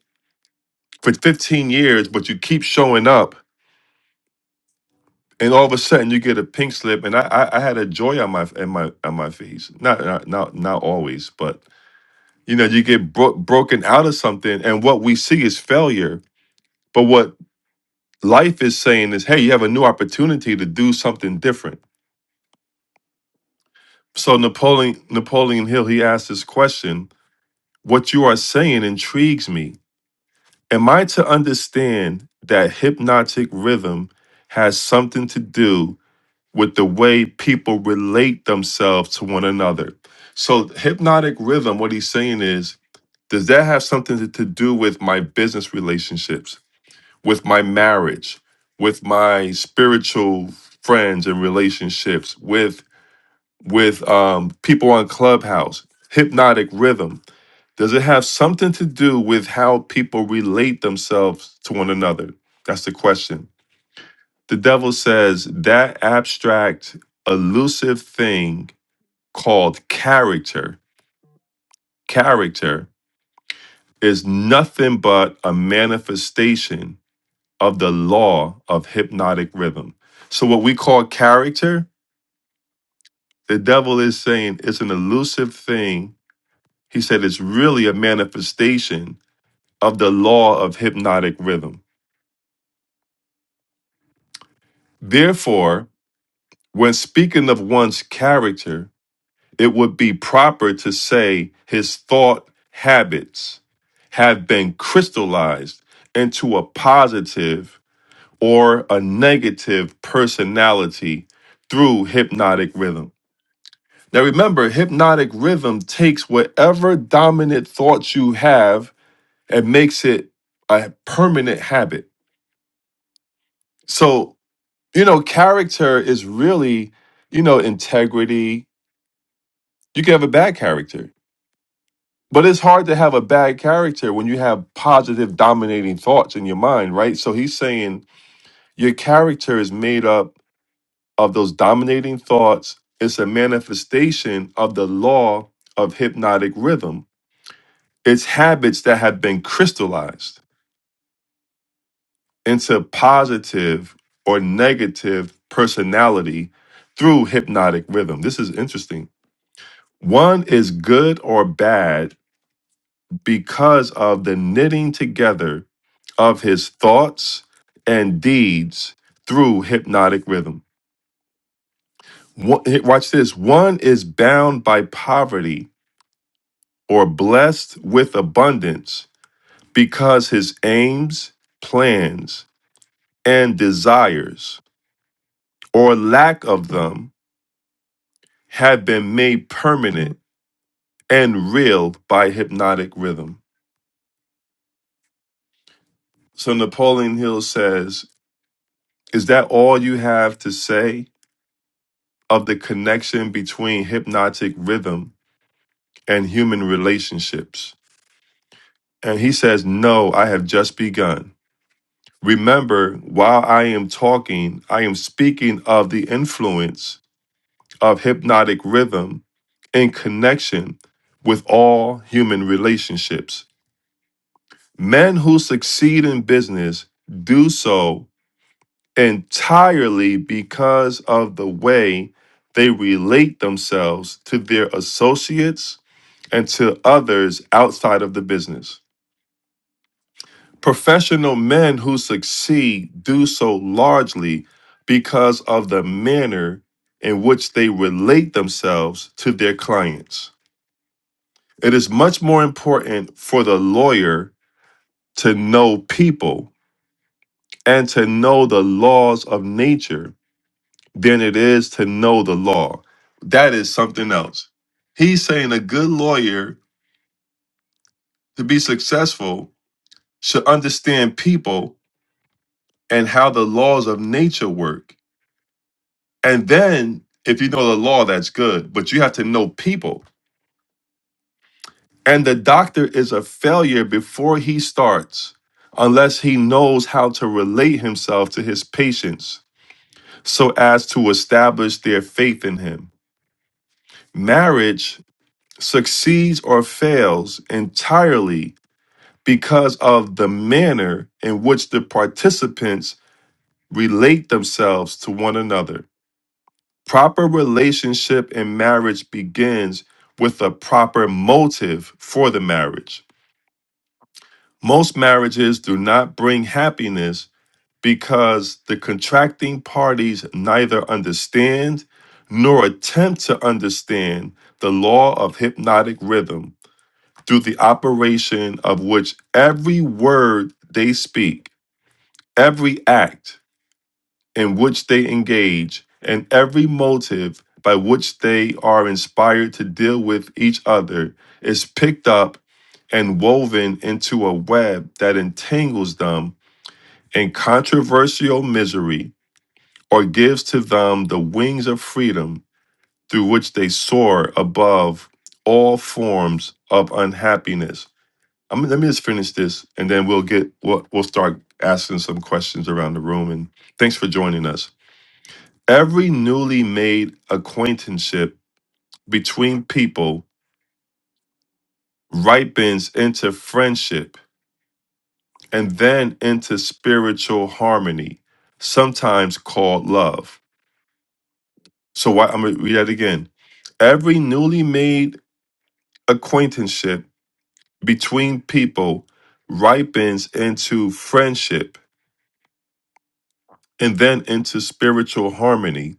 Speaker 1: for 15 years, but you keep showing up, and all of a sudden you get a pink slip. And I, I, I had a joy on my in my on my face. Not not not, not always, but you know you get bro- broken out of something and what we see is failure but what life is saying is hey you have a new opportunity to do something different so napoleon napoleon hill he asked this question what you are saying intrigues me am i to understand that hypnotic rhythm has something to do with the way people relate themselves to one another so hypnotic rhythm what he's saying is does that have something to to do with my business relationships with my marriage, with my spiritual friends and relationships, with with um, people on Clubhouse, hypnotic rhythm? Does it have something to do with how people relate themselves to one another? That's the question. The devil says that abstract, elusive thing called character, character is nothing but a manifestation of the law of hypnotic rhythm. So, what we call character, the devil is saying it's an elusive thing. He said it's really a manifestation of the law of hypnotic rhythm. Therefore, when speaking of one's character, it would be proper to say his thought habits have been crystallized into a positive or a negative personality through hypnotic rhythm. Now remember, hypnotic rhythm takes whatever dominant thoughts you have and makes it a permanent habit. So, you know, character is really, you know, integrity. You can have a bad character, but it's hard to have a bad character when you have positive dominating thoughts in your mind, right? So he's saying your character is made up of those dominating thoughts. It's a manifestation of the law of hypnotic rhythm It's habits that have been crystallized into positive or negative personality through hypnotic rhythm. This is interesting. One is good or bad because of the knitting together of his thoughts and deeds through hypnotic rhythm. One- hey, Watch this. One is bound by poverty or blessed with abundance because his aims, plans, and desires, or lack of them, have been made permanent and real by hypnotic rhythm. So Napoleon Hill says, Is that all you have to say of the connection between hypnotic rhythm and human relationships? And he says, No, I have just begun. Remember, while I am talking, I am speaking of the influence of hypnotic rhythm in connection with all human relationships. Men who succeed in business do so entirely because of the way they relate themselves to their associates and to others outside of the business. Professional men who succeed do so largely because of the manner in which they relate themselves to their clients. It is much more important for the lawyer to know people and to know the laws of nature than it is to know the law. That is something else. He's saying a good lawyer to be successful should understand people and how the laws of nature work. And then, if you know the law, that's good, but you have to know people. And the doctor is a failure before he starts, unless he knows how to relate himself to his patients so as to establish their faith in him. Marriage succeeds or fails entirely because of the manner in which the participants relate themselves to one another. Proper relationship in marriage begins with a proper motive for the marriage Most marriages do not bring happiness because the contracting parties neither understand nor attempt to understand the law of hypnotic rhythm, through the operation of which every word they speak, every act in which they engage, and every motive by which they are inspired to deal with each other is picked up and woven into a web that entangles them and controversial misery, or gives to them the wings of freedom through which they soar above all forms of unhappiness. I mean, let me just finish this, and then we'll get we'll, we'll start asking some questions around the room. And thanks for joining us. Every newly made acquaintanceship between people ripens into friendship and then into spiritual harmony, sometimes called love. So why I'm gonna read that again. Every newly made acquaintanceship between people ripens into friendship and then into spiritual harmony,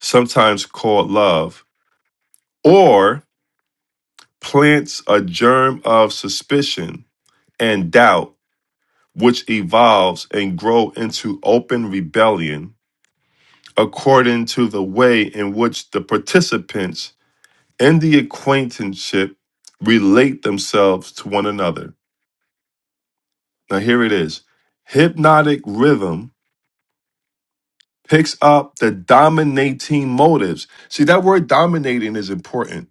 Speaker 1: sometimes called love, or plants a germ of suspicion and doubt, which evolves and grow into open rebellion according to the way in which the participants in the acquaintanceship relate themselves to one another. Now, here it is hypnotic rhythm picks up the dominating motives. See, that word dominating is important,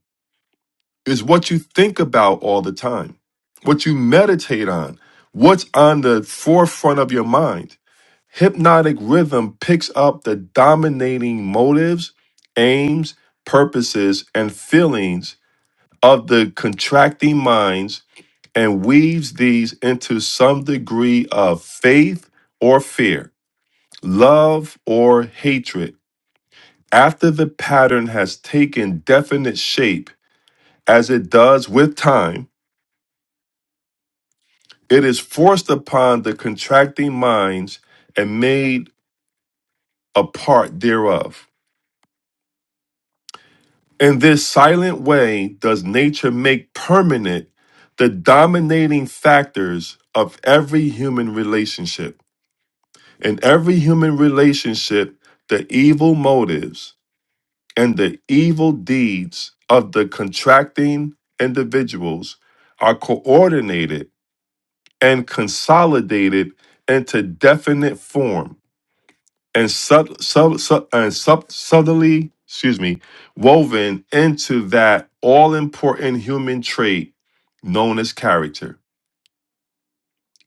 Speaker 1: it's what you think about all the time, what you meditate on, what's on the forefront of your mind. Hypnotic rhythm picks up the dominating motives, aims, purposes, and feelings of the contracting minds and weaves these into some degree of faith or fear, love or hatred. After the pattern has taken definite shape, as it does with time, it is forced upon the contracting minds and made a part thereof. In this silent way, does nature make permanent the dominating factors of every human relationship. In every human relationship, the evil motives and the evil deeds of the contracting individuals are coordinated and consolidated into definite form and, sub, sub, sub- and sub, subtly, excuse me, woven into that all important human trait known as character.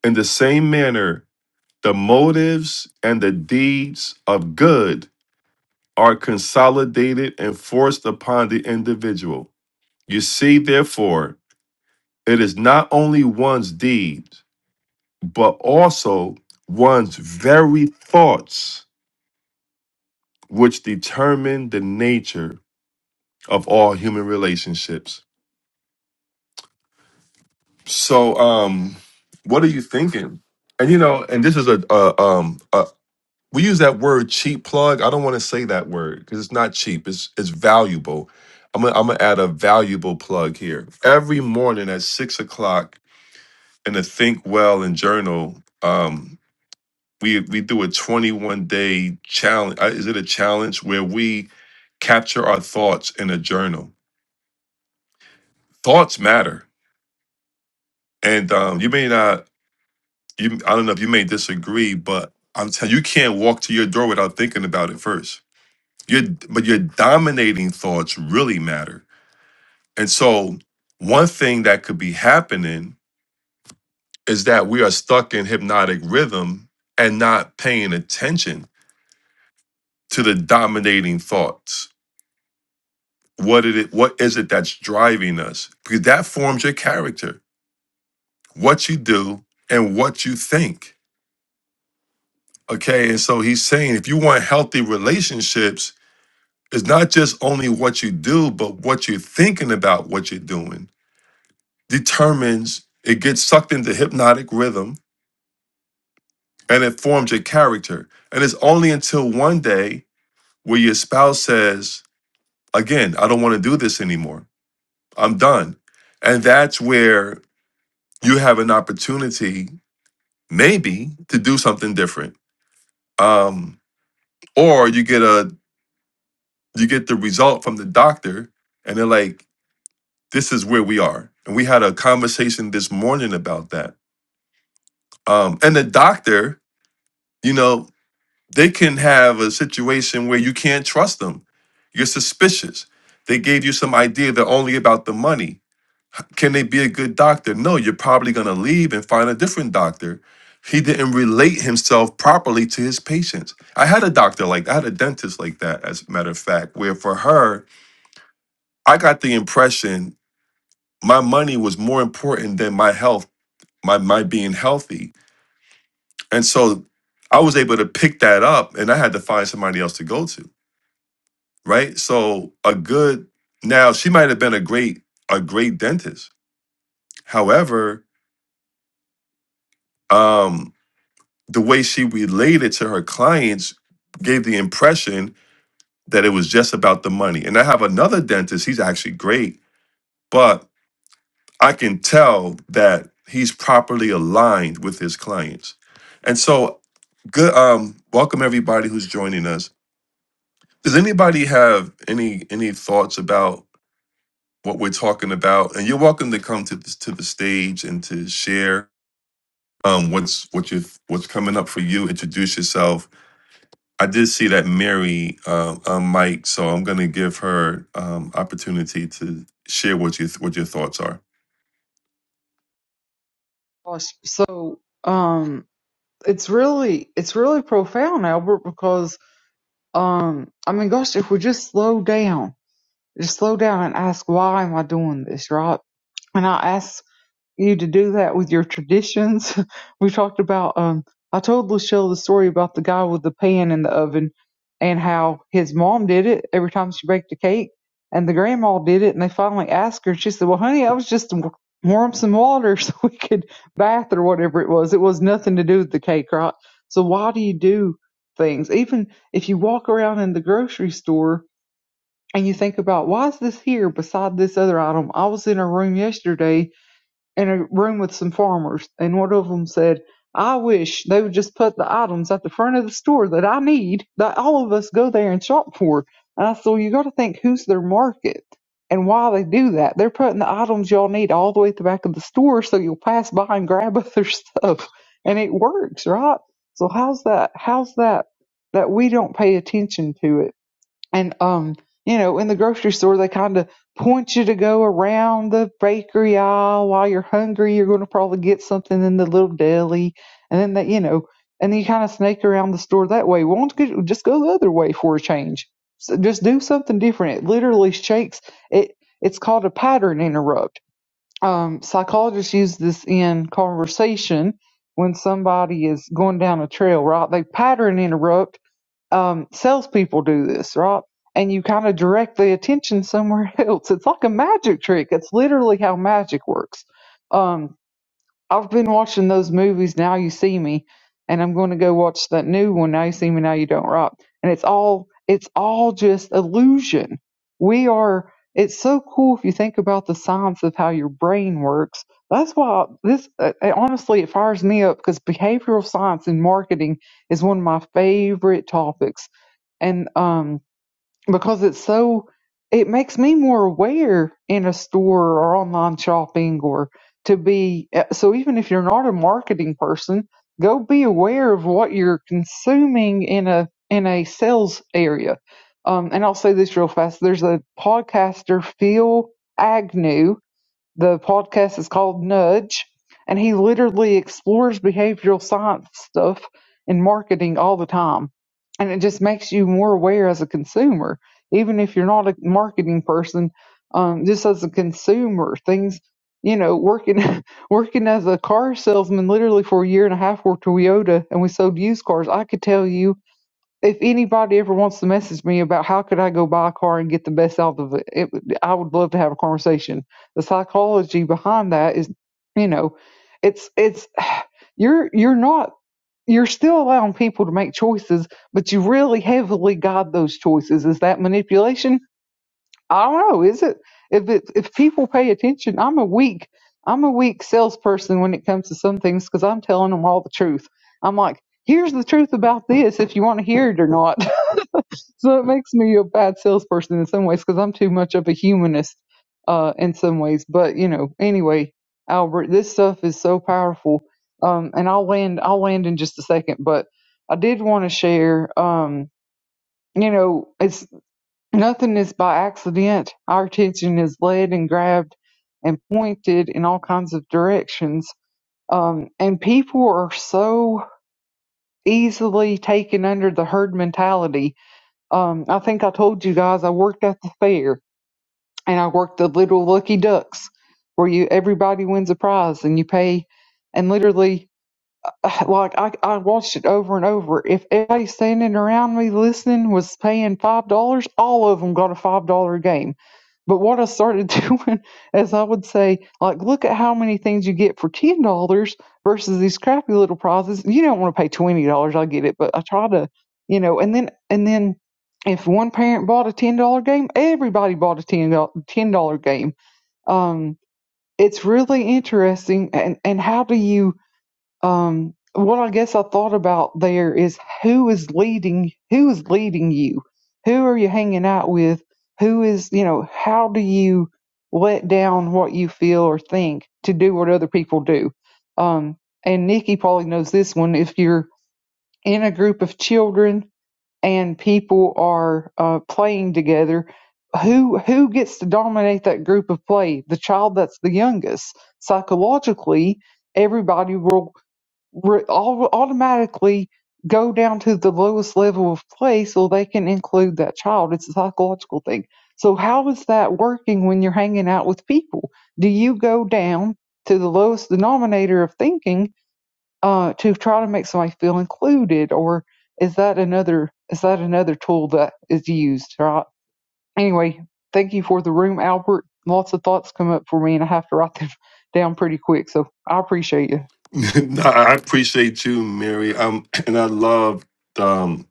Speaker 1: In the same manner, the motives and the deeds of good are consolidated and forced upon the individual. You see, therefore, it is not only one's deeds, but also one's very thoughts which determine the nature of all human relationships. So, um, what are you thinking? And you know, and this is a, a um a, we use that word cheap plug. I don't want to say that word because it's not cheap. It's it's valuable. I'm gonna, I'm gonna add a valuable plug here. Every morning at six o'clock in the Think Well and Journal, um, we we do a 21 day challenge. uh, Is it a challenge where we capture our thoughts in a journal? Thoughts matter, and um, you may not. You, I don't know if you may disagree, but I'm telling you, you can't walk to your door without thinking about it first Your but your dominating thoughts really matter. And so one thing that could be happening is that we are stuck in hypnotic rhythm and not paying attention to the dominating thoughts. What it what is it that's driving us? Because that forms your character, what you do and what you think. Okay, and so he's saying if you want healthy relationships, it's not just only what you do, but what you're thinking about what you're doing determines it gets sucked into hypnotic rhythm and it forms your character. And it's only until one day where your spouse says, Again, I don't want to do this anymore. I'm done. And that's where you have an opportunity, maybe, to do something different. Um, or you get a you get the result from the doctor and they're like, this is where we are. And we had a conversation this morning about that. Um, and the doctor, you know, They can have a situation where you can't trust them. You're suspicious. They gave you some idea they're only about the money. Can they be a good doctor? No, you're probably going to leave and find a different doctor. He didn't relate himself properly to his patients. I had a doctor like that, I had a dentist like that, as a matter of fact, where for her, I got the impression my money was more important than my health, my, my being healthy. And so I was able to pick that up and I had to find somebody else to go to. right? So a good now she might have been a great a great dentist. However, um the way she related to her clients gave the impression that it was just about the money. And I have another dentist, he's actually great, but I can tell that he's properly aligned with his clients. And so good um welcome everybody who's joining us. Does anybody have any any thoughts about what we're talking about, and you're welcome to come to this, to the stage and to share um, what's what you what's coming up for you. Introduce yourself. I did see that Mary uh, on Mike, so I'm going to give her um, opportunity to share what you what your thoughts are.
Speaker 4: Gosh, So, um, it's really it's really profound, Albert, because um I mean gosh, if we just slow down, just slow down and ask why am I doing this, right? And I asked you to do that with your traditions. we talked about um I told Lachelle the story about the guy with the pan in the oven and how his mom did it every time she baked a cake and the grandma did it and they finally asked her and she said, Well honey, I was just to wa- warm some water so we could bath or whatever it was. It was nothing to do with the cake, right? So why do you do things? Even if you walk around in the grocery store and you think about why is this here beside this other item? I was in a room yesterday in a room with some farmers, and one of them said, I wish they would just put the items at the front of the store that I need, that all of us go there and shop for. And I said, well, you got to think who's their market and why they do that. They're putting the items y'all need all the way at the back of the store so you'll pass by and grab other stuff. And it works, right? So how's that? How's that? That we don't pay attention to it and um you know in the grocery store they kind of point you to go around the bakery aisle while you're hungry you're going to probably get something in the little deli and then they, you know and then you kind of snake around the store that way Why do not you just go the other way for a change so just do something different it literally shakes it it's called a pattern interrupt um, psychologists use this in conversation when somebody is going down a trail right they pattern interrupt um, salespeople do this, right? And you kind of direct the attention somewhere else. It's like a magic trick. It's literally how magic works. Um, I've been watching those movies. Now you see me, and I'm going to go watch that new one. Now you see me. Now you don't, right? And it's all it's all just illusion. We are. It's so cool if you think about the science of how your brain works. That's why this uh, honestly it fires me up because behavioral science and marketing is one of my favorite topics and um because it's so it makes me more aware in a store or online shopping or to be eh, so even if you're not a marketing person go be aware of what you're consuming in a in a sales area um and i'll say this real fast there's a podcaster phil agnew the podcast is called Nudge, and he literally explores behavioral science stuff in marketing all the time. And it just makes you more aware as a consumer, even if you're not a marketing person. Um, just as a consumer, things, you know, working working as a car salesman literally for a year and a half for Toyota, and we sold used cars. I could tell you if anybody ever wants to message me about how could I go buy a car and get the best out of it, it I would love to have a conversation. The psychology behind that is, you know, it's it's you're you're not you're still allowing people to make choices, but you really heavily guide those choices. Is that manipulation? I don't know. Is it? If it, if people pay attention, I'm a weak I'm a weak salesperson when it comes to some things because I'm telling them all the truth. I'm like, here's the truth about this if you want to hear it or not. So it makes me a bad salesperson in some ways because I'm too much of a humanist uh, in some ways. But you know, anyway, Albert, this stuff is so powerful. Um, and I'll land. I'll land in just a second. But I did want to share. Um, you know, it's nothing is by accident. Our attention is led and grabbed and pointed in all kinds of directions. Um, and people are so easily taken under the herd mentality um, I think I told you guys I worked at the fair and I worked the little lucky ducks where you everybody wins a prize and you pay and literally like I, I watched it over and over. If everybody standing around me listening was paying five dollars, all of them got a five dollar game. But what I started doing is I would say, like, look at how many things you get for ten dollars versus these crappy little prizes. You don't want to pay twenty dollars, I get it, but I try to, you know, and then and then if one parent bought a ten dollar game, everybody bought a ten dollar ten dollar game. Um, it's really interesting, and and how do you? Um, What I guess I thought about there is who is leading, who is leading you? Who are you hanging out with? Who is, you know, how do you let down what you feel or think to do what other people do? Um, and Nikki probably knows this one. If you're in a group of children and people are uh, playing together, who who gets to dominate that group of play? The child that's the youngest. Psychologically, everybody will re- all, automatically go down to the lowest level of play so they can include that child. It's a psychological thing. So, how is that working when you're hanging out with people? Do you go down to the lowest denominator of thinking uh, to try to make somebody feel included, or is that another is that another tool that is used? Right. Anyway, thank you for the room, Albert. Lots of thoughts come up for me, and I have to write them down pretty quick. So I appreciate you.
Speaker 1: No, I appreciate you, Mary. Um, and I love um,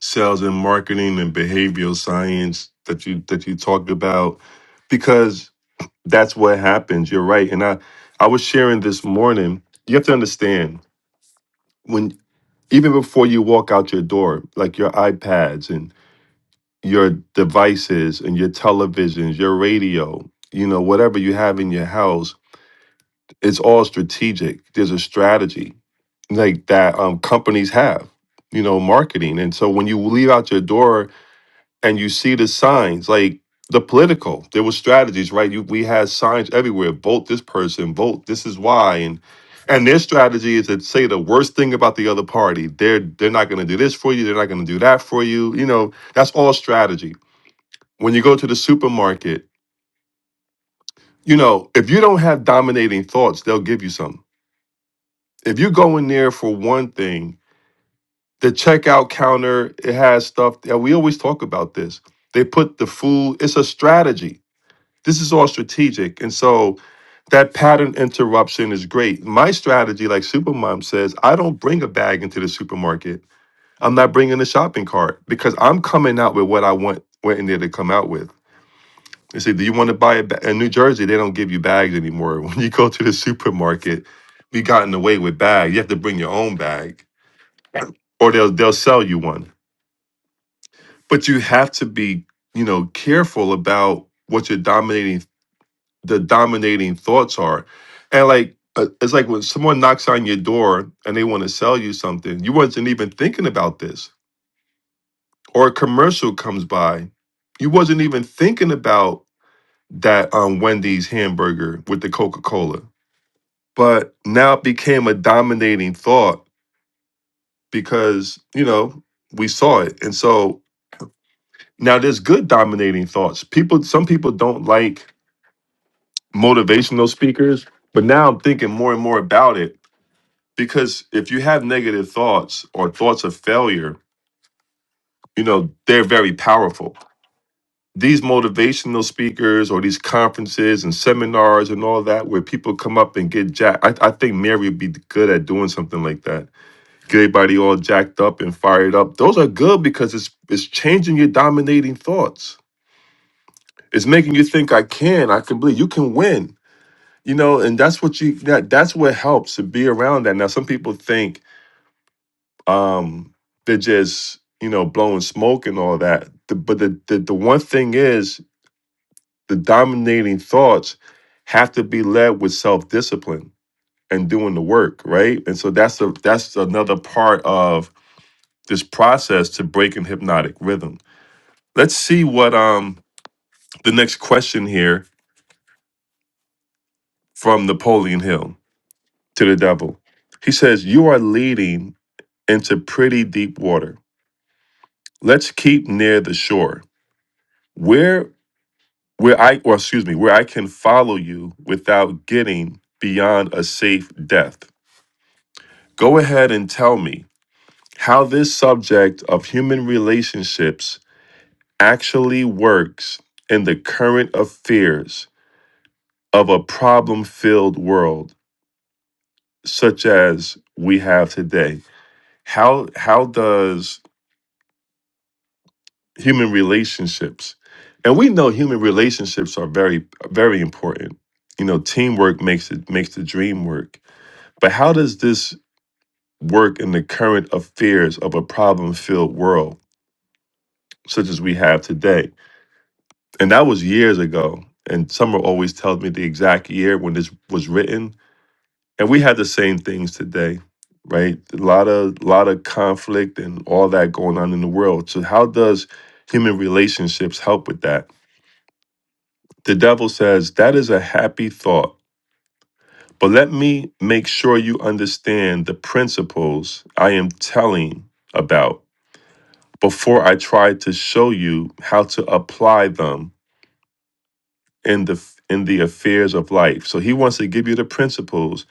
Speaker 1: sales and marketing and behavioral science that you that you talked about because that's what happens. You're right. And I, I was sharing this morning. You have to understand when even before you walk out your door, like your iPads and your devices and your televisions, your radio, you know, whatever you have in your house, it's all strategic. There's a strategy like that um, companies have, you know, marketing. And so when you leave out your door and you see the signs like the political there were strategies right you, we had signs everywhere vote this person vote this is why and and their strategy is to say the worst thing about the other party they're they're not going to do this for you they're not going to do that for you you know that's all strategy when you go to the supermarket you know if you don't have dominating thoughts they'll give you something if you go in there for one thing the checkout counter it has stuff and we always talk about this they put the food it's a strategy This is all strategic. And so that pattern interruption is great. My strategy, like Supermom says, I don't bring a bag into the supermarket. I'm not bringing a shopping cart because I'm coming out with what I want went in there to come out with. They say, do you want to buy a ba-? In New Jersey, they don't give you bags anymore. When you go to the supermarket, we gotten away with bags. You have to bring your own bag or they'll they'll sell you one. But you have to be, you know, careful about what your dominating the dominating thoughts are. And like uh, it's like when someone knocks on your door and they want to sell you something, you wasn't even thinking about this. Or a commercial comes by, you wasn't even thinking about that um, Wendy's hamburger with the Coca Cola. But now it became a dominating thought because you know we saw it, and so now there's good dominating thoughts. People, some people don't like motivational speakers, but now I'm thinking more and more about it because if you have negative thoughts or thoughts of failure, you know, they're very powerful. These motivational speakers or these conferences and seminars and all that, where people come up and get jacked. I, I think Mary would be good at doing something like that. Get everybody all jacked up and fired up. Those are good because it's it's changing your dominating thoughts. It's making you think I can, I can believe you can win. You know, and that's what you that that's what helps to be around that. Now some people think um they're just you know blowing smoke and all that the, but the, the the one thing is the dominating thoughts have to be led with self-discipline and doing the work right and so that's a that's another part of this process to breaking hypnotic rhythm let's see what um the next question here from napoleon hill to the devil he says you are leading into pretty deep water let's keep near the shore where where I, or excuse me, where I can follow you without getting beyond a safe death. Go ahead and tell me how this subject of human relationships actually works in the current affairs of a problem filled world such as we have today. How, how does human relationships, and we know human relationships are very, very important. You know, teamwork makes it makes the dream work But how does this work in the current affairs of a problem filled world such as we have today? And that was years ago. And Summer always tells me the exact year when this was written. And we had the same things today, right? A lot of lot of conflict and all that going on in the world. So how does human relationships help with that? The devil says, that is a happy thought. But let me make sure you understand the principles I am telling about before I try to show you how to apply them in the in the affairs of life. So he wants to give you the principles,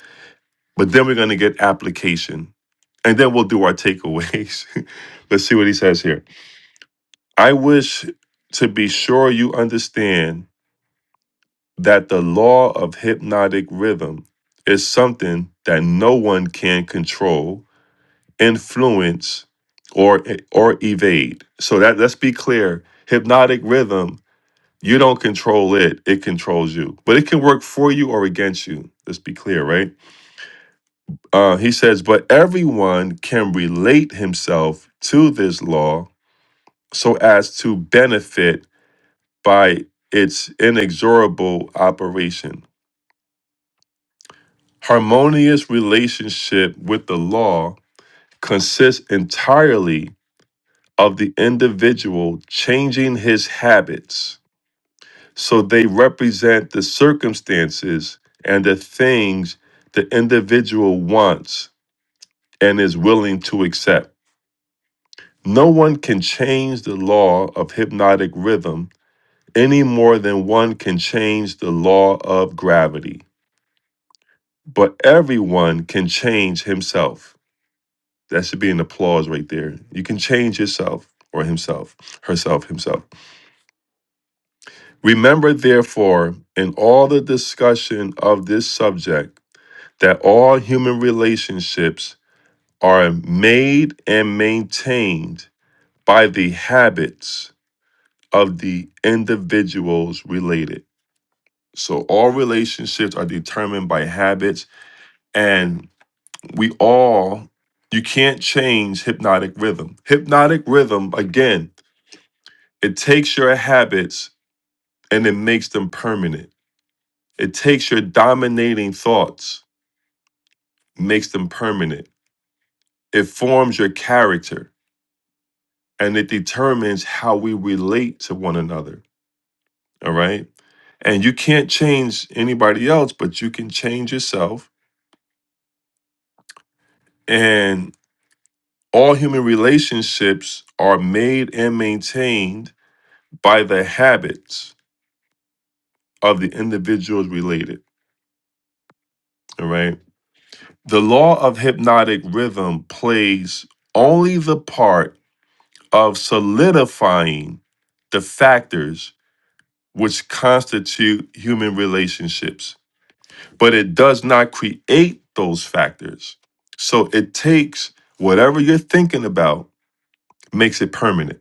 Speaker 1: but then we're going to get application. And then we'll do our takeaways. Let's see what he says here. I wish to be sure you understand that the law of hypnotic rhythm is something that no one can control, influence, or or evade. So that let's be clear. Hypnotic rhythm You don't control it, it controls you. But it can work for you or against you. Let's be clear, right? Uh, he says, but everyone can relate himself to this law so as to benefit by its inexorable operation. Harmonious relationship with the law consists entirely of the individual changing his habits So they represent the circumstances and the things the individual wants and is willing to accept. No one can change the law of hypnotic rhythm any more than one can change the law of gravity. But everyone can change himself. That should be an applause right there. You can change yourself or himself, herself, himself. Remember, therefore, in all the discussion of this subject, that all human relationships are made and maintained by the habits of the individuals related. So all relationships are determined by habits, and we all, you can't change hypnotic rhythm. Hypnotic rhythm, again, it takes your habits and it makes them permanent. It takes your dominating thoughts, makes them permanent. It forms your character and it determines how we relate to one another. All right. And you can't change anybody else, but you can change yourself. And all human relationships are made and maintained by the habits of the individuals related. All right. The law of hypnotic rhythm plays only the part of solidifying the factors which constitute human relationships but it does not create those factors. So it takes whatever you're thinking about, makes it permanent.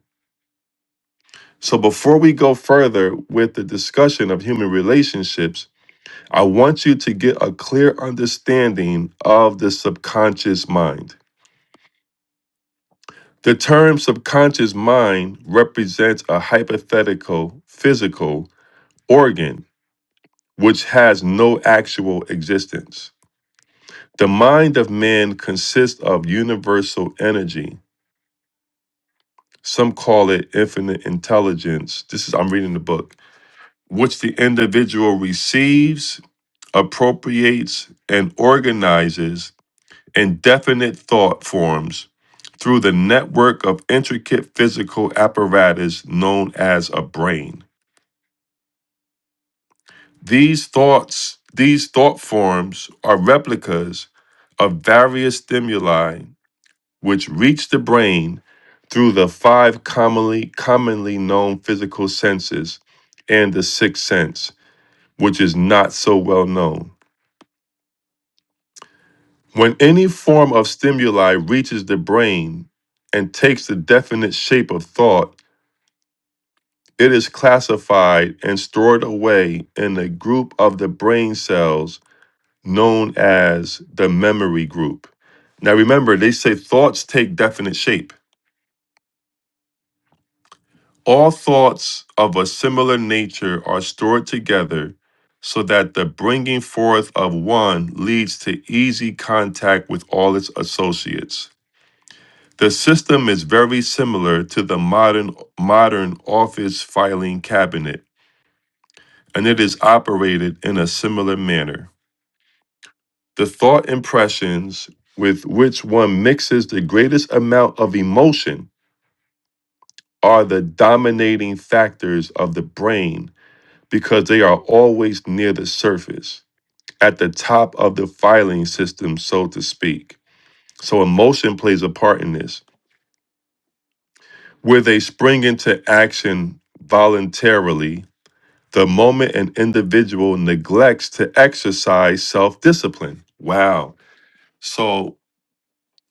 Speaker 1: So before we go further with the discussion of human relationships, I want you to get a clear understanding of the subconscious mind. The term subconscious mind represents a hypothetical physical organ which has no actual existence. The mind of man consists of universal energy Some call it infinite intelligence. This is, I'm reading the book, which the individual receives, appropriates, and organizes in definite thought forms through the network of intricate physical apparatus known as a brain. These thoughts, these thought forms are replicas of various stimuli which reach the brain through the five commonly commonly known physical senses and the sixth sense, which is not so well known. When any form of stimuli reaches the brain and takes the definite shape of thought, it is classified and stored away in a group of the brain cells known as the memory group. Now remember, they say thoughts take definite shape. All thoughts of a similar nature are stored together so that the bringing forth of one leads to easy contact with all its associates. The system is very similar to the modern modern office filing cabinet, and it is operated in a similar manner. The thought impressions with which one mixes the greatest amount of emotion are the dominating factors of the brain because they are always near the surface, at the top of the filing system, so to speak. So emotion plays a part in this. Where they spring into action voluntarily, the moment an individual neglects to exercise self discipline. Wow. So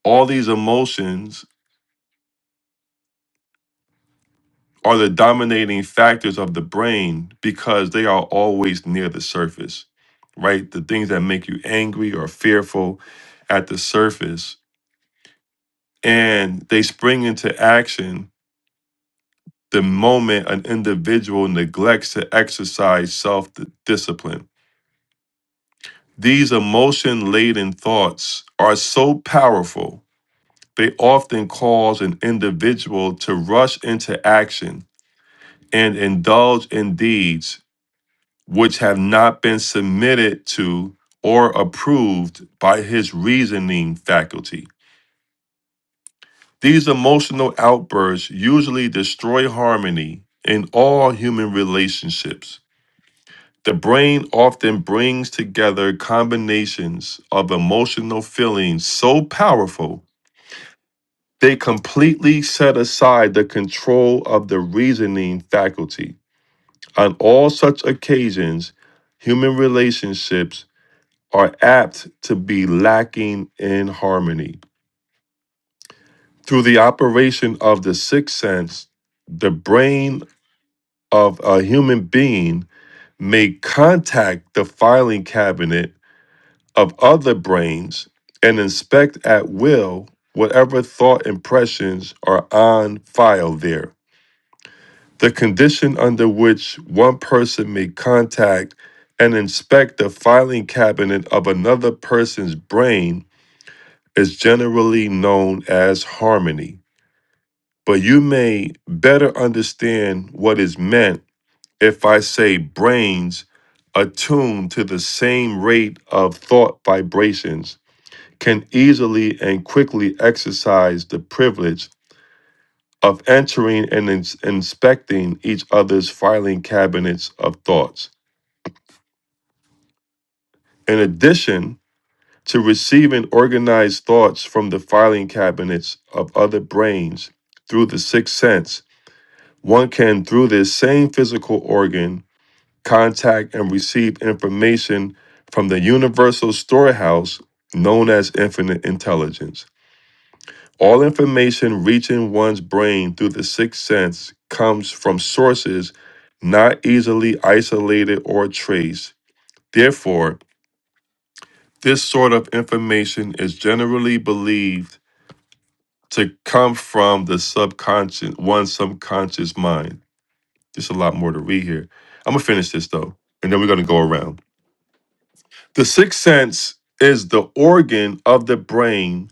Speaker 1: all these emotions are the dominating factors of the brain because they are always near the surface, right? The things that make you angry or fearful at the surface and they spring into action the moment an individual neglects to exercise self discipline. These emotion laden thoughts are so powerful, they often cause an individual to rush into action and indulge in deeds which have not been submitted to or approved by his reasoning faculty. These emotional outbursts usually destroy harmony in all human relationships. The brain often brings together combinations of emotional feelings so powerful they completely set aside the control of the reasoning faculty. On all such occasions, human relationships are apt to be lacking in harmony. Through the operation of the sixth sense, the brain of a human being may contact the filing cabinet of other brains and inspect at will whatever thought impressions are on file there. The condition under which one person may contact and inspect the filing cabinet of another person's brain is generally known as harmony. But you may better understand what is meant if I say brains attuned to the same rate of thought vibrations can easily and quickly exercise the privilege of entering and ins- inspecting each other's filing cabinets of thoughts. In addition to receiving organized thoughts from the filing cabinets of other brains through the sixth sense, one can, through this same physical organ, contact and receive information from the universal storehouse known as infinite intelligence. All information reaching one's brain through the sixth sense comes from sources not easily isolated or traced. Therefore, this sort of information is generally believed to come from the subconscious, one's subconscious mind. There's a lot more to read here. I'm gonna finish this though, and then we're gonna go around. The sixth sense is the organ of the brain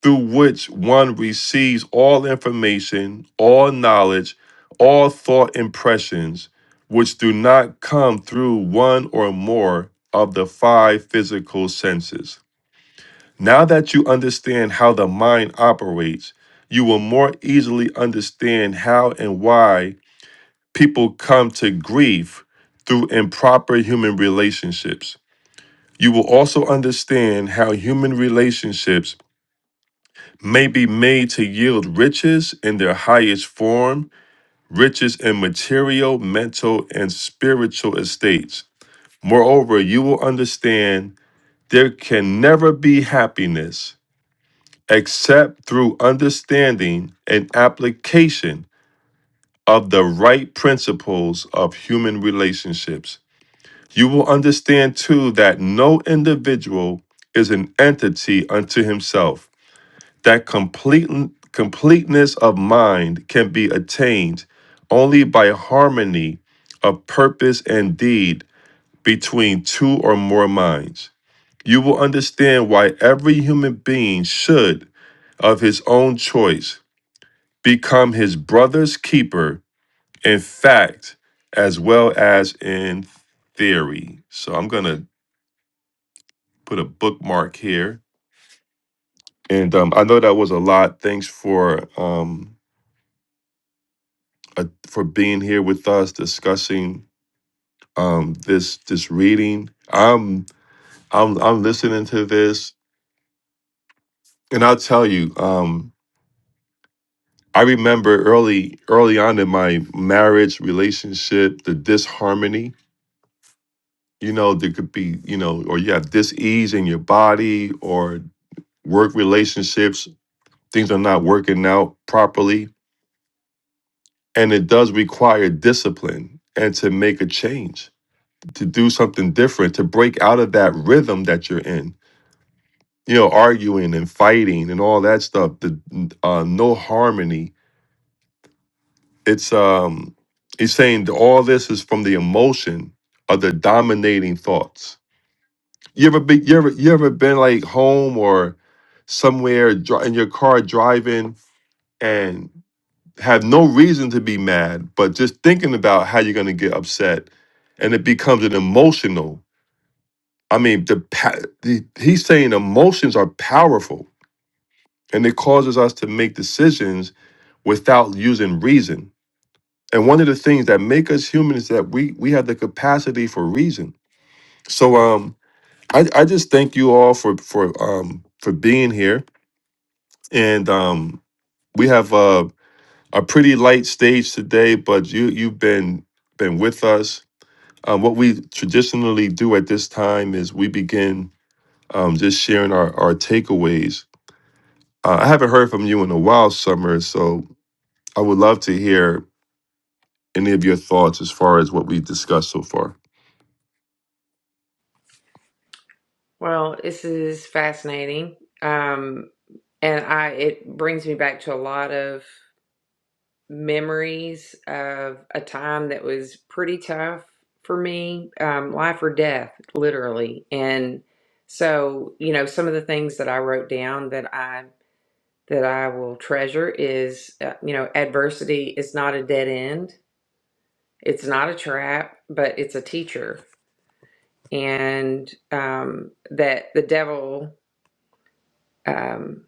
Speaker 1: through which one receives all information, all knowledge, all thought impressions, which do not come through one or more of the five physical senses. Now that you understand how the mind operates, you will more easily understand how and why people come to grief through improper human relationships. You will also understand how human relationships may be made to yield riches in their highest form, riches in material, mental, and spiritual estates. Moreover, you will understand there can never be happiness except through understanding and application of the right principles of human relationships. You will understand too that no individual is an entity unto himself that complete, completeness of mind can be attained only by harmony of purpose and deed between two or more minds. You will understand why every human being should, of his own choice, become his brother's keeper in fact as well as in theory. So I'm going to put a bookmark here. And um, I know that was a lot. Thanks for. Um, uh, for being here with us discussing um, this this reading. I'm I'm I'm listening to this, and I'll tell you. Um, I remember early early on in my marriage relationship, the disharmony. You know, there could be you know, or you have dis-ease in your body, or work relationships. Things are not working out properly, and it does require discipline and to make a change to do something different, to break out of that rhythm that you're in. You know, arguing and fighting and all that stuff. The uh, no harmony. It's um, he's saying that all this is from the emotion of the dominating thoughts. You ever be you ever you ever been like home or somewhere dri- in your car driving and have no reason to be mad, but just thinking about how you're gonna get upset, and it becomes an emotional. I mean, the, pa- the he's saying emotions are powerful and it causes us to make decisions without using reason. And one of the things that make us human is that we we have the capacity for reason. So um I, I just thank you all for for um for being here. And um we have a a pretty light stage today, but you you've been been with us. Um, what we traditionally do at this time is we begin um, just sharing our, our takeaways Uh, I haven't heard from you in a while, Summer, so I would love to hear any of your thoughts as far as what we've discussed so far.
Speaker 2: Well, this is fascinating. Um, and I it brings me back to a lot of memories of a time that was pretty tough for me, um, life or death, literally. And so, you know, some of the things that I wrote down that I that I will treasure is, uh, you know, adversity is not a dead end. It's not a trap, but it's a teacher, and um, that the devil. Um,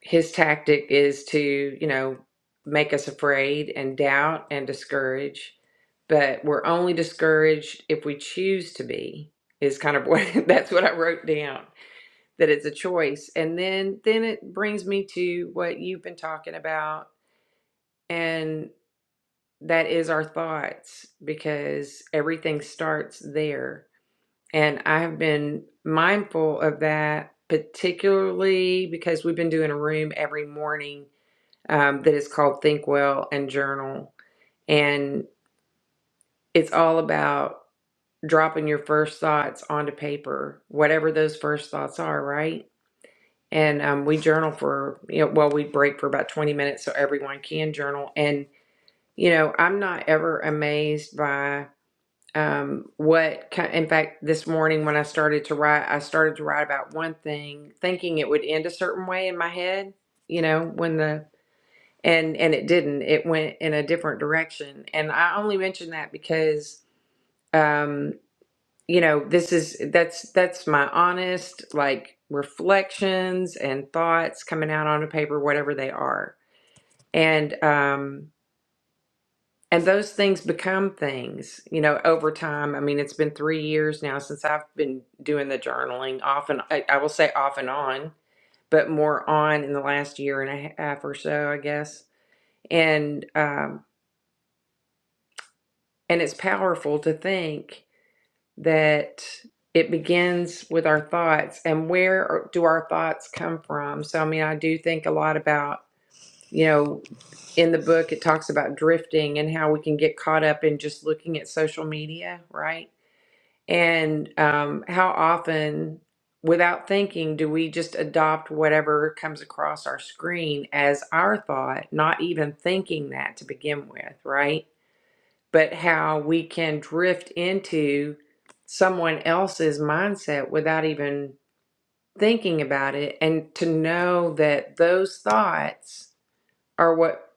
Speaker 2: his tactic is to, you know, make us afraid and doubt and discourage. But we're only discouraged if we choose to be, is kind of what that's what I wrote down, that it's a choice. And then then it brings me to what you've been talking about, and that is our thoughts, because everything starts there. And I have been mindful of that, particularly because we've been doing a room every morning um, that is called Think Well and Journal. And it's all about dropping your first thoughts onto paper, whatever those first thoughts are, right? And um, we journal for, you know, well, we break for about 20 minutes so everyone can journal. And, you know, I'm not ever amazed by um, what, ki- in fact, this morning when I started to write, I started to write about one thing, thinking it would end a certain way in my head, you know, when the and and it didn't it went in a different direction and i only mention that because um you know this is that's that's my honest like reflections and thoughts coming out on a paper whatever they are and um and those things become things you know over time i mean it's been three years now since i've been doing the journaling off and i, I will say off and on but more on in the last year and a half or so i guess and um And it's powerful to think that it begins with our thoughts and where do our thoughts come from? So, I mean, I do think a lot about, you know, in the book, it talks about drifting and how we can get caught up in just looking at social media, right? And um, how often, without thinking, do we just adopt whatever comes across our screen as our thought, not even thinking that to begin with, right? but how we can drift into someone else's mindset without even thinking about it and to know that those thoughts are what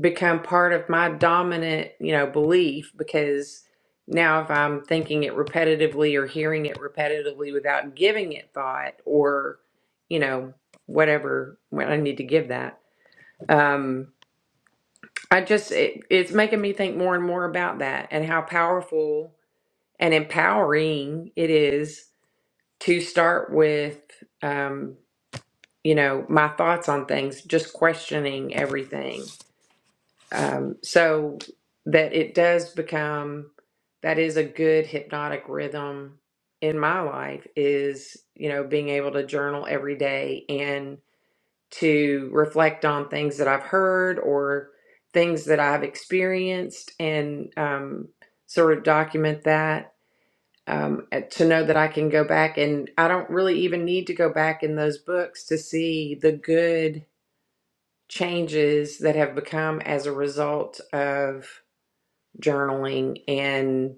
Speaker 2: become part of my dominant you know belief because now if i'm thinking it repetitively or hearing it repetitively without giving it thought or you know whatever when i need to give that um i just it, it's making me think more and more about that and how powerful and empowering it is to start with um, you know my thoughts on things just questioning everything um, so that it does become that is a good hypnotic rhythm in my life is you know being able to journal every day and to reflect on things that i've heard or things that i've experienced and um, sort of document that um, eh, to know that I can go back and I don't really even need to go back in those books to see the good changes that have become as a result of journaling and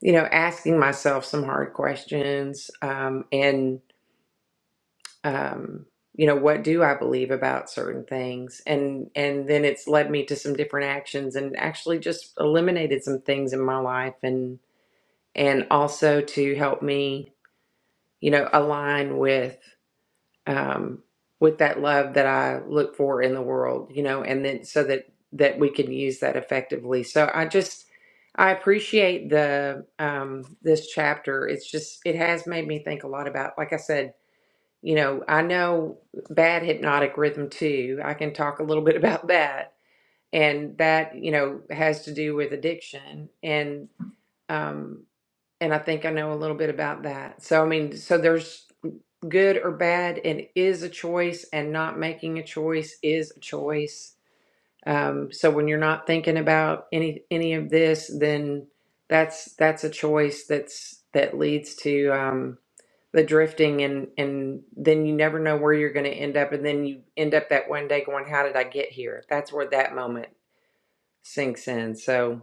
Speaker 2: you know asking myself some hard questions um, and um, you know what do I believe about certain things and and then it's led me to some different actions and actually just eliminated some things in my life and and also to help me you know align with um, with that love that I look for in the world, you know, and then so that that we can use that effectively. So I just I appreciate the um, this chapter. It's just it has made me think a lot about, like I said, you know, I know bad hypnotic rhythm too. I can talk a little bit about that, and that you know has to do with addiction and. Um, and I think I know a little bit about that. So I mean, so there's good or bad, and is a choice, and not making a choice is a choice. Um, so when you're not thinking about any any of this, then that's that's a choice that's that leads to um, the drifting, and and then you never know where you're going to end up, and then you end up that one day going, "How did I get here?" That's where that moment sinks in. So.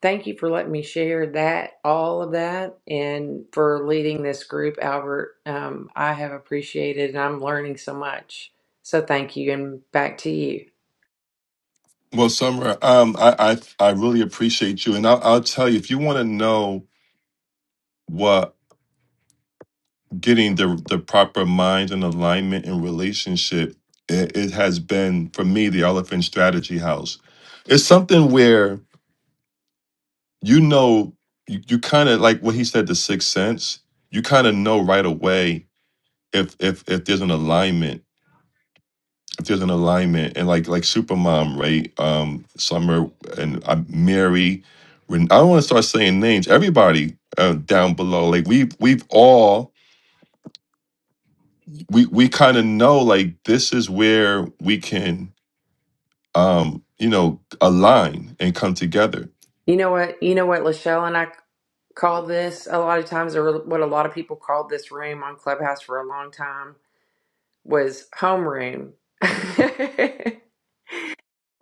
Speaker 2: Thank you for letting me share that, all of that, and for leading this group, Albert. Um, I have appreciated and I'm learning so much. So thank you and back to you.
Speaker 1: Well, Summer, um, I, I I really appreciate you, and I'll, I'll tell you if you want to know what getting the the proper mind and alignment in relationship, it, it has been for me the Elephant Strategy House. It's something where you know you, you kind of like what he said, the sixth sense. You kind of know right away if if if there's an alignment If there's an alignment and like like supermom right um summer and i mary Ren- i don't want to start saying names everybody uh, down below like we've we've all we we kind of know like this is where we can um you know align and come together
Speaker 2: You know what, you know what, Lachelle and I call this a lot of times, or what a lot of people called this room on Clubhouse for a long time was homeroom.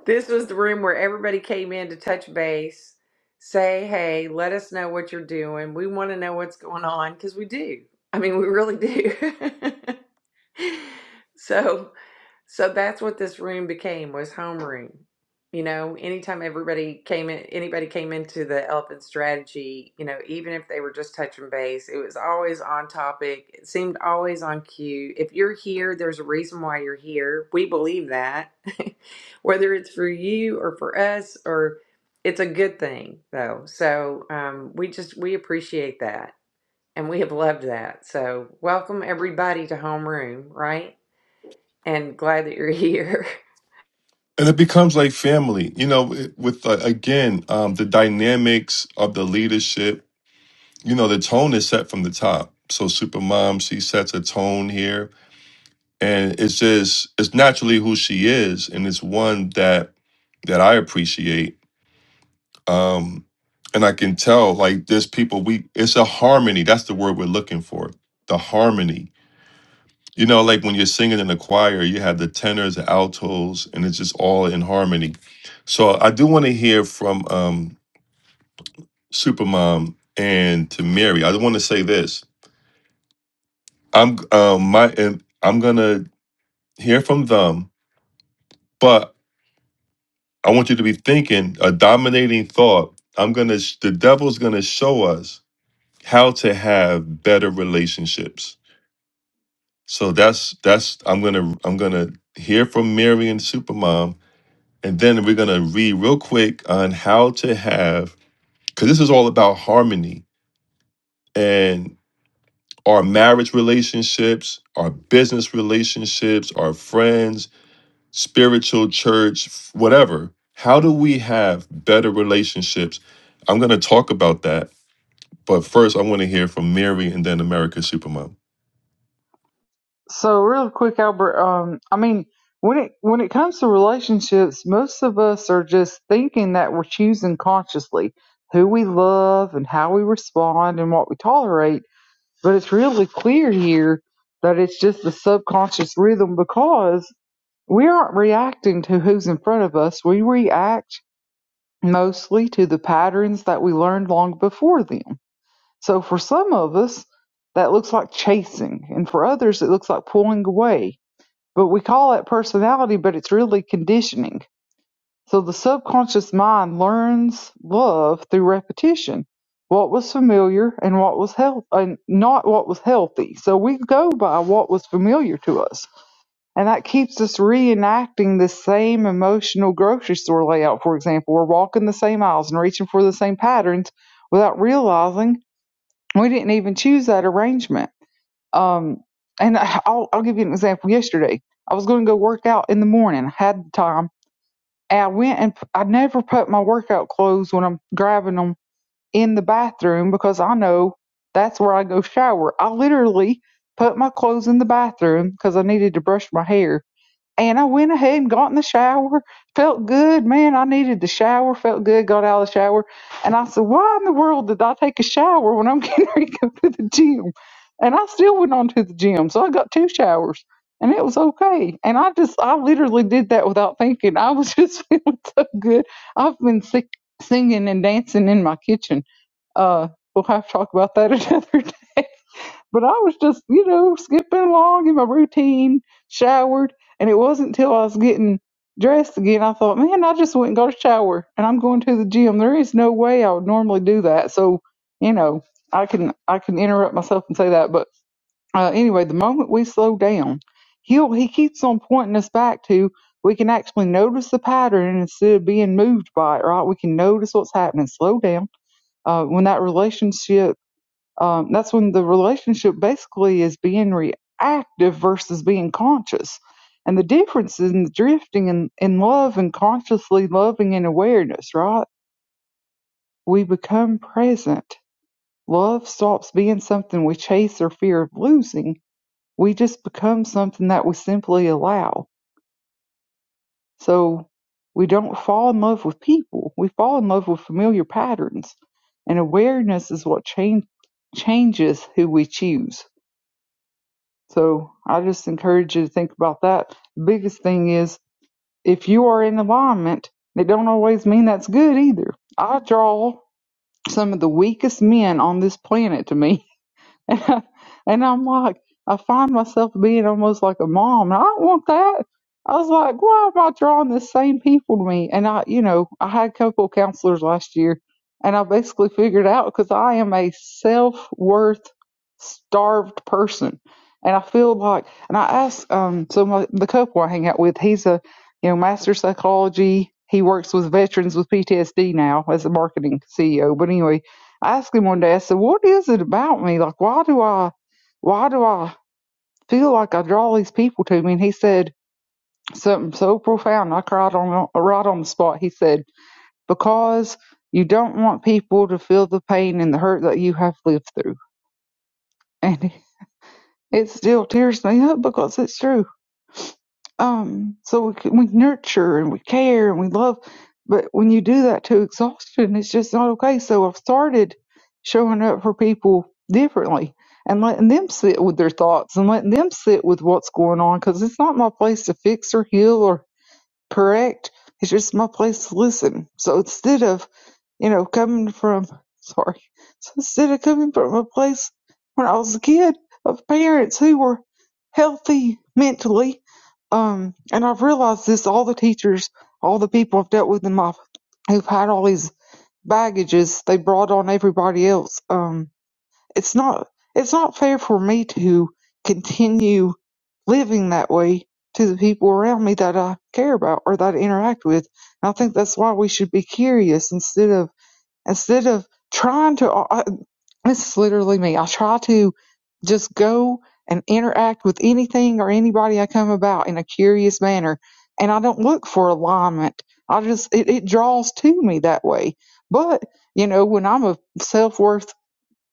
Speaker 2: This was the room where everybody came in to touch base, say, hey, let us know what you're doing. We want to know what's going on because we do. I mean, we really do. so so that's what this room became was homeroom. You know, anytime everybody came in, anybody came into the elephant strategy, you know, even if they were just touching base, it was always on topic. It seemed always on cue. If you're here, there's a reason why you're here. We believe that, whether it's for you or for us, or it's a good thing though. So um, we just we appreciate that, and we have loved that. So welcome everybody to homeroom, right? and glad that you're here.
Speaker 1: and it becomes like family you know it- with uh, again um the dynamics of the leadership you know the tone is set from the top so supermom she sets a tone here and it's just it's naturally who she is and it's one that that i appreciate um and i can tell like there's people we it's a harmony that's the word we're looking for the harmony you know like when you're singing in a choir you have the tenors the altos and it's just all in harmony so i do want to hear from um supermom and to mary i want to say this i'm um my and i'm gonna hear from them but. I want you to be thinking a dominating thought. I'm gonna. The devil's gonna show us how to have better relationships. So that's that's. I'm gonna. I'm gonna hear from Mary and Supermom, and then we're gonna read real quick on how to have. Because this is all about harmony and our marriage relationships, our business relationships, our friends, spiritual church, whatever. How do we have better relationships? I'm going to talk about that. But first, I want to hear from Mary and then America Supermom.
Speaker 4: So real quick, Albert. Um, I mean, when it when it comes to relationships, most of us are just thinking that we're choosing consciously who we love and how we respond and what we tolerate. But it's really clear here that it's just the subconscious rhythm because we aren't reacting to who's in front of us. We react mostly to the patterns that we learned long before them. So for some of us, that looks like chasing, and for others, it looks like pulling away but we call it personality, but it's really conditioning. So the subconscious mind learns love through repetition. What was familiar and what was health and not what was healthy. So we go by what was familiar to us. And that keeps us reenacting the same emotional grocery store layout, for example. We're walking the same aisles and reaching for the same patterns without realizing we didn't even choose that arrangement. Um, and I'll, I'll give you an example. Yesterday, I was going to go work out in the morning. I had the time. And I went and I never put my workout clothes when I'm grabbing them in the bathroom because I know that's where I go shower. I literally put my clothes in the bathroom because I needed to brush my hair and I went ahead and got in the shower. Felt good, man. I needed the shower. Felt good. Got out of the shower, and I said, "Why in the world did I take a shower when I'm getting ready to go to the gym?" And I still went on to the gym, so I got two showers, and it was okay. And I just, I literally did that without thinking. I was just feeling so good. I've been sick, singing and dancing in my kitchen. Uh, we'll have to talk about that another day. But I was just, you know, skipping along in my routine, showered, and it wasn't until I was getting dressed again I thought, man, I just went and got a shower, and I'm going to the gym. There is no way I would normally do that. So, you know, I can I can interrupt myself and say that. But uh, anyway, the moment we slow down, he'll he keeps on pointing us back to we can actually notice the pattern instead of being moved by it. Right? We can notice what's happening. Slow down uh, when that relationship um, that's when the relationship basically is being reactive versus being conscious. And the difference in the drifting in, in love and consciously loving and awareness, right? We become present. Love stops being something we chase or fear of losing. We just become something that we simply allow. So we don't fall in love with people. We fall in love with familiar patterns. And awareness is what change, changes who we choose. So I just encourage you to think about that. The biggest thing is if you are in alignment, it don't always mean that's good either. I draw some of the weakest men on this planet to me And, and I'm like, I find myself being almost like a mom. And I don't want that. I was like, why am I drawing the same people to me? And I, you know, I had a couple of counselors last year and I basically figured out because I am a self worth starved person. And I feel like, and I asked, um, so my, the couple I hang out with, he's a, you know, master psychology. He works with veterans with PTSD now as a marketing CEO. But anyway, I asked him one day, I said, What is it about me? Like why do I why do I feel like I draw these people to me? And he said something so profound I cried on right on the spot. He said, Because you don't want people to feel the pain and the hurt that you have lived through and it still tears me up because it's true. Um, so we, c- we nurture and we care and we love, but when you do that to exhaustion, it's just not okay. So I've started showing up for people differently and letting them sit with their thoughts and letting them sit with what's going on because it's not my place to fix or heal or correct. It's just my place to listen. So instead of you know, coming from sorry, so instead of coming from a place when I was a kid of parents who were healthy mentally, um, and I've realized this all the teachers, all the people I've dealt with in my who've had all these baggages they brought on everybody else. Um, it's not it's not fair for me to continue living that way to the people around me that I care about or that I interact with. And I think that's why we should be curious instead of instead of trying to uh, uh, this is literally me i try to just go and interact with anything or anybody i come about in a curious manner and i don't look for alignment i just it, it draws to me that way but you know when i'm a self-worth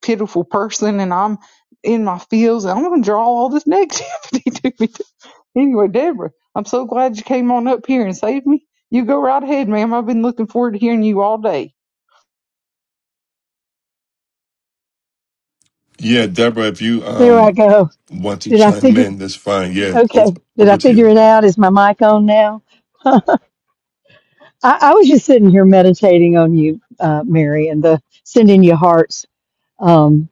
Speaker 4: pitiful person and i'm in my fields i'm going to draw all this negativity to me anyway deborah i'm so glad you came on up here and saved me you go right ahead ma'am i've been looking forward to hearing you all day
Speaker 1: Yeah, Deborah, if you
Speaker 6: There I
Speaker 1: um
Speaker 6: go.
Speaker 1: want to
Speaker 6: Did I
Speaker 1: chime
Speaker 6: figure?
Speaker 1: in, that's fine. Yeah, over,
Speaker 6: Okay. Did I
Speaker 1: over to
Speaker 6: figure
Speaker 1: you,
Speaker 6: it out? Is my mic on now? I, I was just sitting here meditating on you, uh, Mary, and the sending you hearts. Um,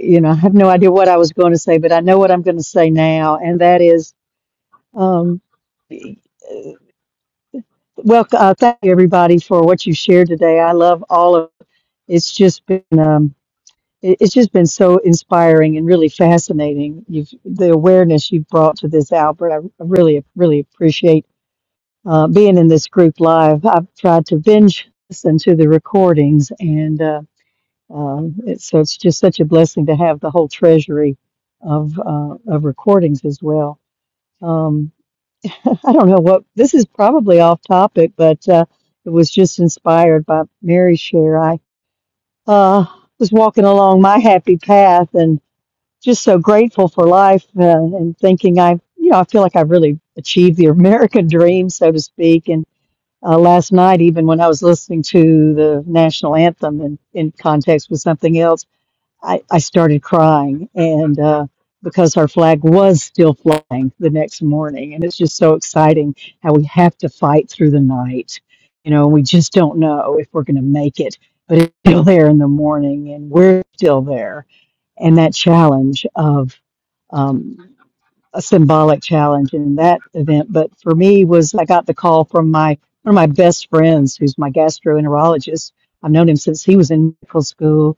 Speaker 6: you know, I have no idea what I was going to say, but I know what I'm going to say now, and that is, um, well, uh, thank you everybody for what you shared today. I love all of it. It's just been. Um, it, it's just been so inspiring and really fascinating. You've the awareness you've brought to this, Albert. I, I really, really appreciate uh, being in this group live. I've tried to binge listen to the recordings, and uh, um it's, so it's just such a blessing to have the whole treasury of uh, of recordings as well. Um, I don't know what this is probably off topic, but uh, it was just inspired by Mary's share. I uh, was walking along my happy path and just so grateful for life uh, and thinking I, you know, I feel like I've really achieved the American dream, so to speak. And uh, last night, even when I was listening to the national anthem and in context with something else, I, I started crying and uh, because our flag was still flying the next morning. And it's just so exciting how we have to fight through the night. You know, we just don't know if we're going to make it, but it's still there in the morning and we're still there and that challenge of um, a symbolic challenge in that event. But for me was I got the call from my one of my best friends, who's my gastroenterologist. I've known him since he was in medical school,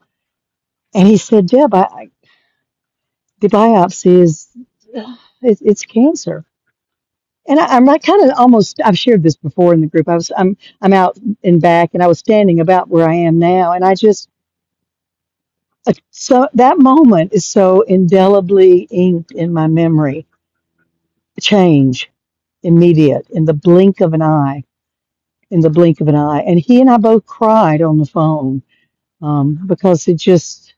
Speaker 6: and he said, "Deb, I, I, the biopsy is it, it's cancer." And I, I'm like kind of almost I've shared this before in the group. I was I'm I'm out and back, and I was standing about where I am now, and I just uh, so that moment is so indelibly inked in my memory change immediate in the blink of an eye in the blink of an eye and he and i both cried on the phone um, because it just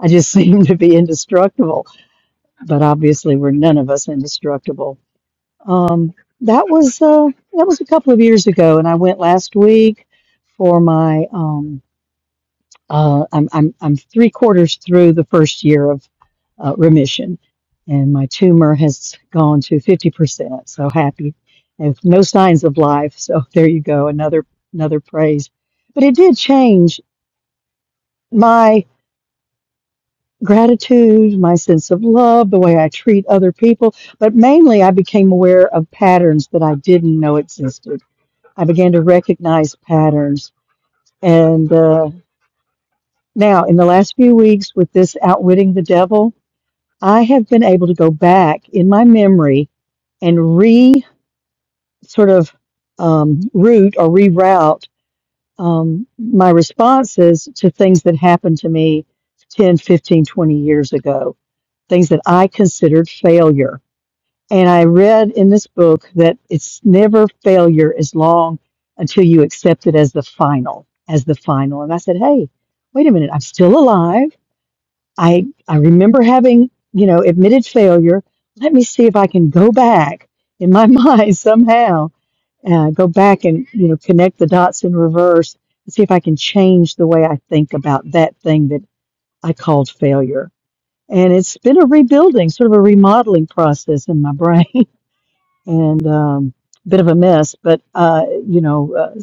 Speaker 6: i just seemed to be indestructible but obviously we're none of us indestructible um, that was uh, that was a couple of years ago and i went last week for my um, Uh, I'm, I'm, I'm three quarters through the first year of uh, remission, and my tumor has gone to 50%. So happy. And no signs of life. So there you go. Another, another praise. But it did change my gratitude, my sense of love, the way I treat other people. But mainly, I became aware of patterns that I didn't know existed. I began to recognize patterns. And uh, now, in the last few weeks with this Outwitting the Devil, I have been able to go back in my memory and re sort of um, route or reroute um, my responses to things that happened to me 10, 15, 20 years ago, things that I considered failure. And I read in this book that it's never failure as long until you accept it as the final, as the final. And I said, hey, wait a minute, I'm still alive. I I remember having, you know, admitted failure. Let me see if I can go back in my mind somehow, uh, go back and you know connect the dots in reverse and see if I can change the way I think about that thing that I called failure. And it's been a rebuilding, sort of a remodeling process in my brain, and um, a bit of a mess. But uh, you know, uh,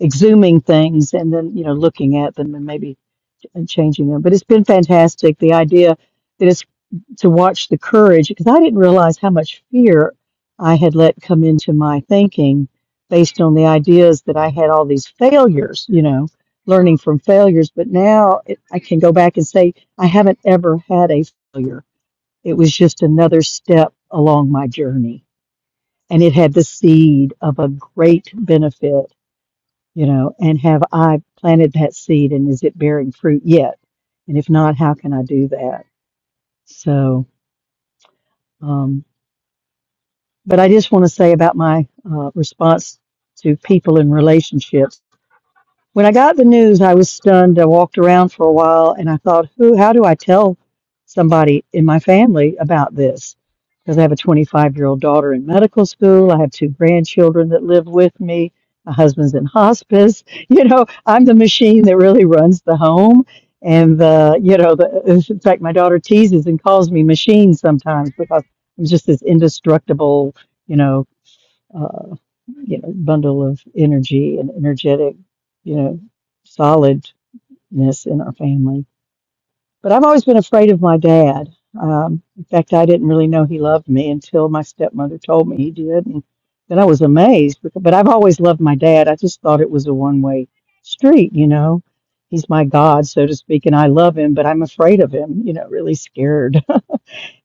Speaker 6: exhuming things and then you know looking at them and maybe and changing them. But it's been fantastic. The idea that it's to watch the courage, because I didn't realize how much fear I had let come into my thinking based on the ideas that I had all these failures, you know, learning from failures. But now it, I can go back and say, I haven't ever had a failure. It was just another step along my journey. And it had the seed of a great benefit you know, and have I planted that seed and is it bearing fruit yet? And if not, how can I do that? So, um, but I just want to say about my uh, response to people in relationships. When I got the news, I was stunned. I walked around for a while and I thought, who, how do I tell somebody in my family about this? Because I have a 25 year old daughter in medical school. I have two grandchildren that live with me. My husband's in hospice. You know, I'm the machine that really runs the home. And the, you know, the, in fact, my daughter teases and calls me machine sometimes because I'm just this indestructible, you know, uh, you know, bundle of energy and energetic, you know, solidness in our family. But I've always been afraid of my dad. Um, in fact, I didn't really know he loved me until my stepmother told me he did, and then I was amazed. Because, but I've always loved my dad. I just thought it was a one-way street, you know. He's my God, so to speak, and I love him, but I'm afraid of him, you know, really scared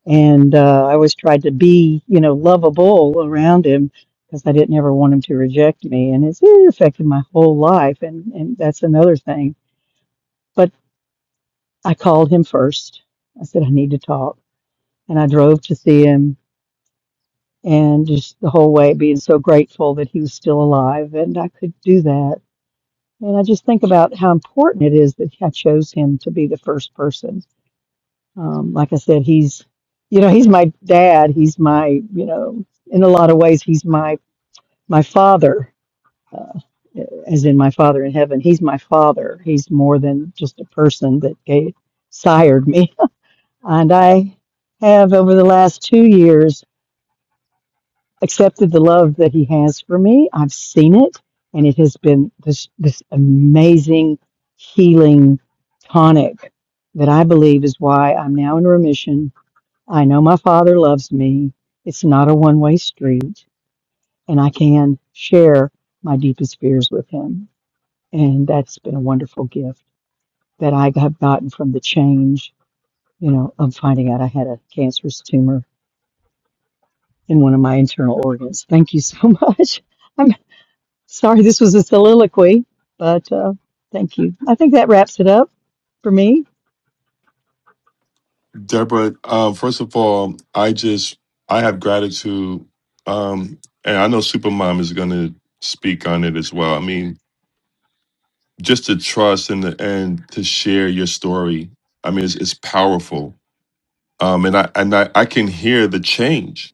Speaker 6: and uh, I always tried to be, you know, lovable around him because I didn't ever want him to reject me, and it's it affected my whole life, and and that's another thing. But I called him first. I said I need to talk, and I drove to see him, and just the whole way being so grateful that he was still alive and I could do that. And I just think about how important it is that I chose him to be the first person Um, like I said, he's, you know, he's my dad. He's my, you know, in a lot of ways, he's my my father, uh, as in my father in heaven. He's my father. He's more than just a person that gave, sired me. And I have, over the last two years, accepted the love that he has for me. I've seen it, and it has been this this amazing healing tonic that I believe is why I'm now in remission I know my Father loves me. It's not a one way street, and I can share my deepest fears with Him. And that's been a wonderful gift that I have gotten from the change, you know, of finding out I had a cancerous tumor in one of my internal organs. Thank you so much. I'm sorry this was a soliloquy, but uh, thank you. I think that wraps it up for me.
Speaker 1: Deborah. Um, first of all, I just I have gratitude, um, and I know Supermom is going to speak on it as well. I mean, just to trust and and to share your story. I mean, it's, it's powerful. Um, and I and I, I can hear the change,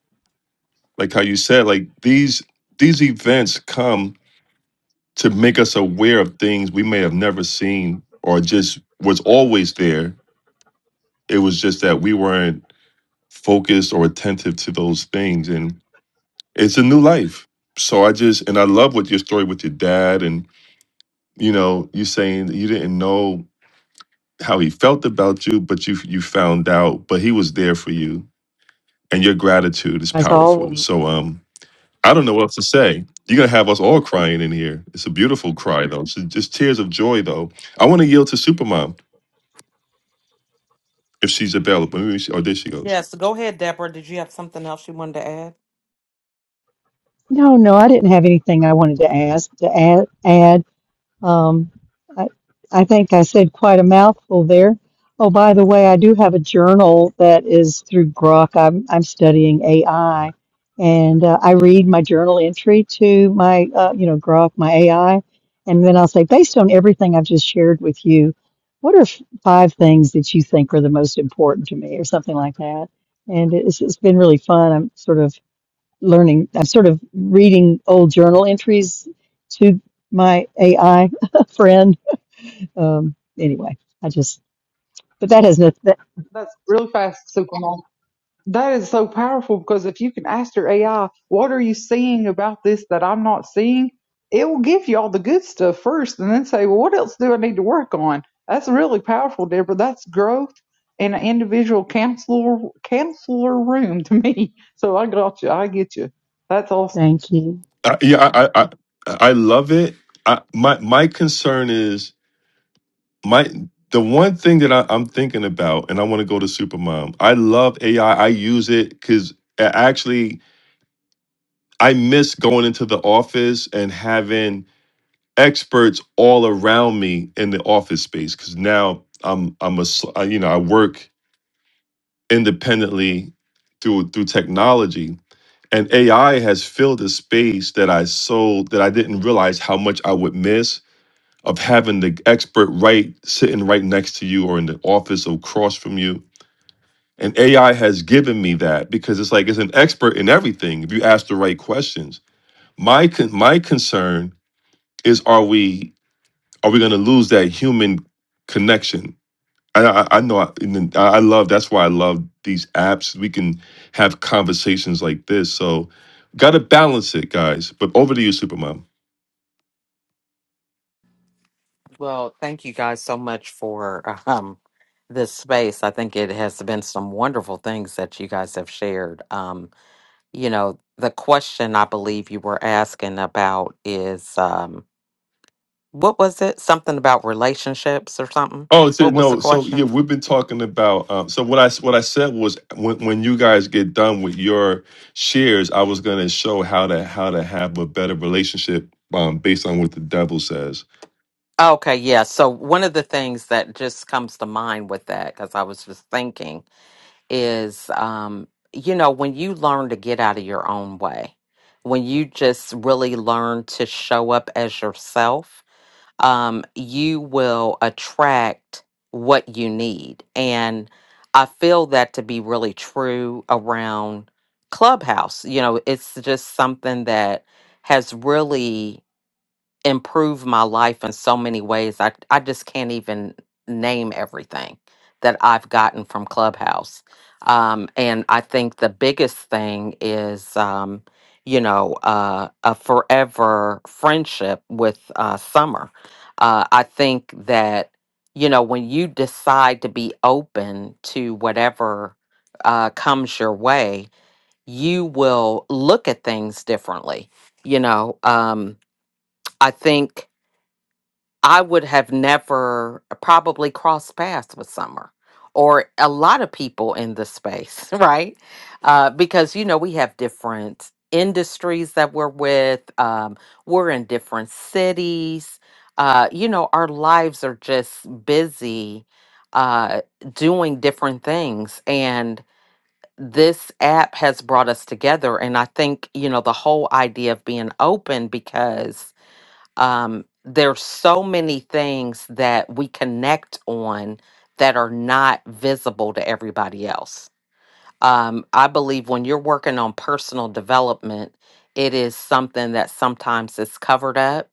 Speaker 1: like how you said, like these these events come to make us aware of things we may have never seen or just was always there. It was just that we weren't focused or attentive to those things, and it's a new life. So I just and I love what your story with your dad and you know you saying that you didn't know how he felt about you, but you you found out, but he was there for you, and your gratitude is
Speaker 6: As
Speaker 1: powerful.
Speaker 6: always,
Speaker 1: So um, I don't know what else to say. You're gonna have us all crying in here. It's a beautiful cry though. It's just tears of joy though. I want to yield to Supermom if she's available. Maybe she, oh, there she goes.
Speaker 7: Yes, go ahead, Deborah. Did you have something else you wanted to add?
Speaker 6: no, no, I didn't have anything I wanted to ask to add. add. Um, I, I think I said quite a mouthful there. Oh, by the way, I do have a journal that is through Grok. I'm, I'm studying AI, and uh, I read my journal entry to my, uh, you know, Grok, my AI, and then I'll say, based on everything I've just shared with you, what are f- five things that you think are the most important to me, or something like that. And it's, it's been really fun. I'm sort of learning, I'm sort of reading old journal entries to my AI friend. Um, anyway, I just, but that has no, that,
Speaker 4: That's really fast, Supermom. That is so powerful because if you can ask your AI, what are you seeing about this that I'm not seeing? It will give you all the good stuff first and then say, well, what else do I need to work on? That's really powerful, Deborah. That's growth in an individual counselor, counselor room to me. So I got you. I get you. That's awesome.
Speaker 6: thank you.
Speaker 1: I, yeah, I, I I I love it. I, my my concern is my the one thing that I, I'm thinking about, and I want to go to Supermom. I love AI. I I use it because actually I miss going into the office and having experts all around me in the office space because now I'm I'm a s- I- you know I work independently through through technology and AI has filled a space that I so that I didn't realize how much I would miss of having the expert right sitting right next to you or in the office across from you. And AI has given me that because it's like it's an expert in everything if you ask the right questions. My con- my concern is are we are we going to lose that human connection? I I, I know I, and then I I love that's why I love these apps. We can have conversations like this. So got to balance it, guys. But over to you, Supermom.
Speaker 7: Well, thank you guys so much for um, this space. I think it has been some wonderful things that you guys have shared. Um, you know, the question I believe you were asking about is um, what was it? Something about relationships or something?
Speaker 1: Oh, so,
Speaker 7: What was the
Speaker 1: no. So yeah,
Speaker 7: question?
Speaker 1: we've been talking about. Um, so what I what I said was when when you guys get done with your shares, I was going to show how to how to have a better relationship um, based on what the devil says.
Speaker 7: Okay, yeah. So, one of the things that just comes to mind with that, because I was just thinking is um you know when you learn to get out of your own way when you just really learn to show up as yourself um you will attract what you need and i feel that to be really true around clubhouse you know it's just something that has really improved my life in so many ways. I I just can't even name everything that I've gotten from Clubhouse. Um, and I think the biggest thing is, um, you know, uh, a forever friendship with uh, Summer. Uh, I think that you know when you decide to be open to whatever uh, comes your way, you will look at things differently. You know, um, I think I would have never uh, probably crossed paths with Summer or a lot of people in the space, right? Uh, because, you know, we have different industries that we're with, um, we're in different cities. Uh, you know, our lives are just busy uh, doing different things. And this app has brought us together. And I think, you know, the whole idea of being open because um, there's so many things that we connect on that are not visible to everybody else. Um, I believe when you're working on personal development, it is something that sometimes is covered up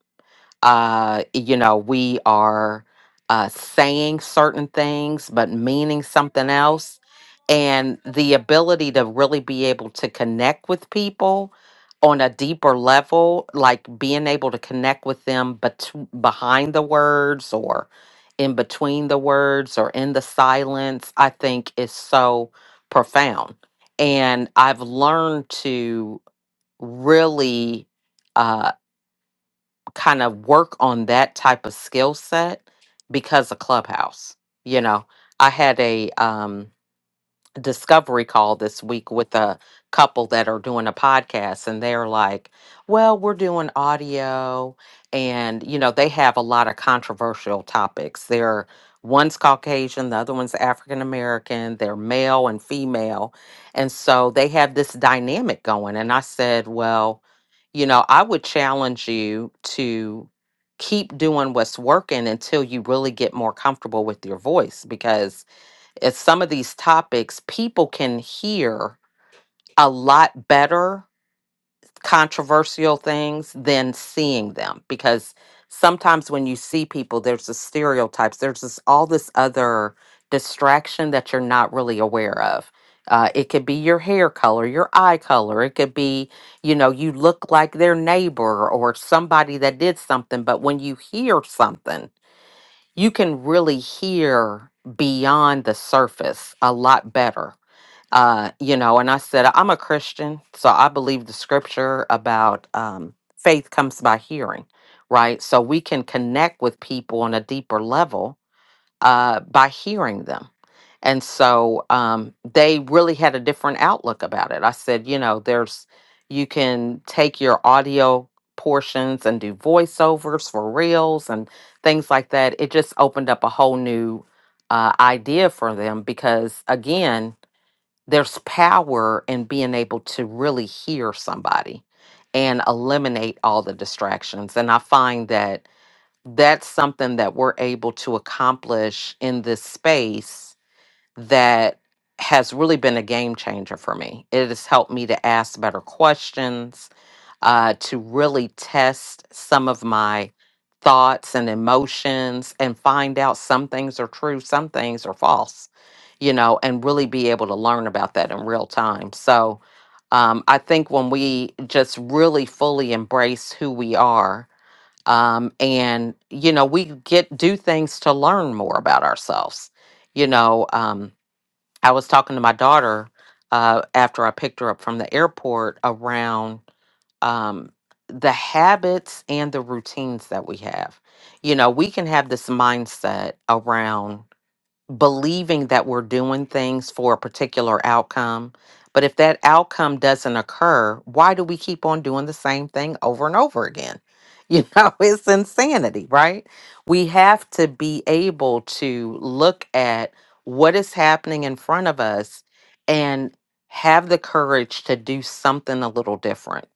Speaker 7: uh, you know, we are uh, saying certain things but meaning something else. And the ability to really be able to connect with people on a deeper level, like being able to connect with them bet- behind the words or in between the words or in the silence, I think is so profound. And I've learned to really uh, kind of work on that type of skill set because of Clubhouse. You know, I had a um discovery call this week with a couple that are doing a podcast and they're like well we're doing audio and you know they have a lot of controversial topics they're one's caucasian the other one's african american they're male and female and so they have this dynamic going and i said well you know i would challenge you to keep doing what's working until you really get more comfortable with your voice because at some of these topics, people can hear a lot better controversial things than seeing them because sometimes when you see people, there's the stereotypes, there's this, all this other distraction that you're not really aware of. Uh, it could be your hair color, your eye color. It could be, you know, you look like their neighbor or somebody that did something. But when you hear something, you can really hear beyond the surface a lot better uh, you know, and I said, I'm a Christian, so I believe the scripture about um, faith comes by hearing, right? So we can connect with people on a deeper level uh, by hearing them. And so um, they really had a different outlook about it. I said, you know, there's, you can take your audio portions and do voiceovers for reels and things like that. It just opened up a whole new uh, idea for them because, again, there's power in being able to really hear somebody and eliminate all the distractions. And I find that that's something that we're able to accomplish in this space that has really been a game changer for me. It has helped me to ask better questions uh, to really test some of my thoughts and emotions and find out some things are true, some things are false, you know, and really be able to learn about that in real time. So um, I think when we just really fully embrace who we are, um, and you know, we get do things to learn more about ourselves. You know, um, I was talking to my daughter uh, after I picked her up from the airport around um, the habits and the routines that we have. You know, we can have this mindset around believing that we're doing things for a particular outcome. But if that outcome doesn't occur, why do we keep on doing the same thing over and over again? You know, it's insanity, right? We have to be able to look at what is happening in front of us and have the courage to do something a little different,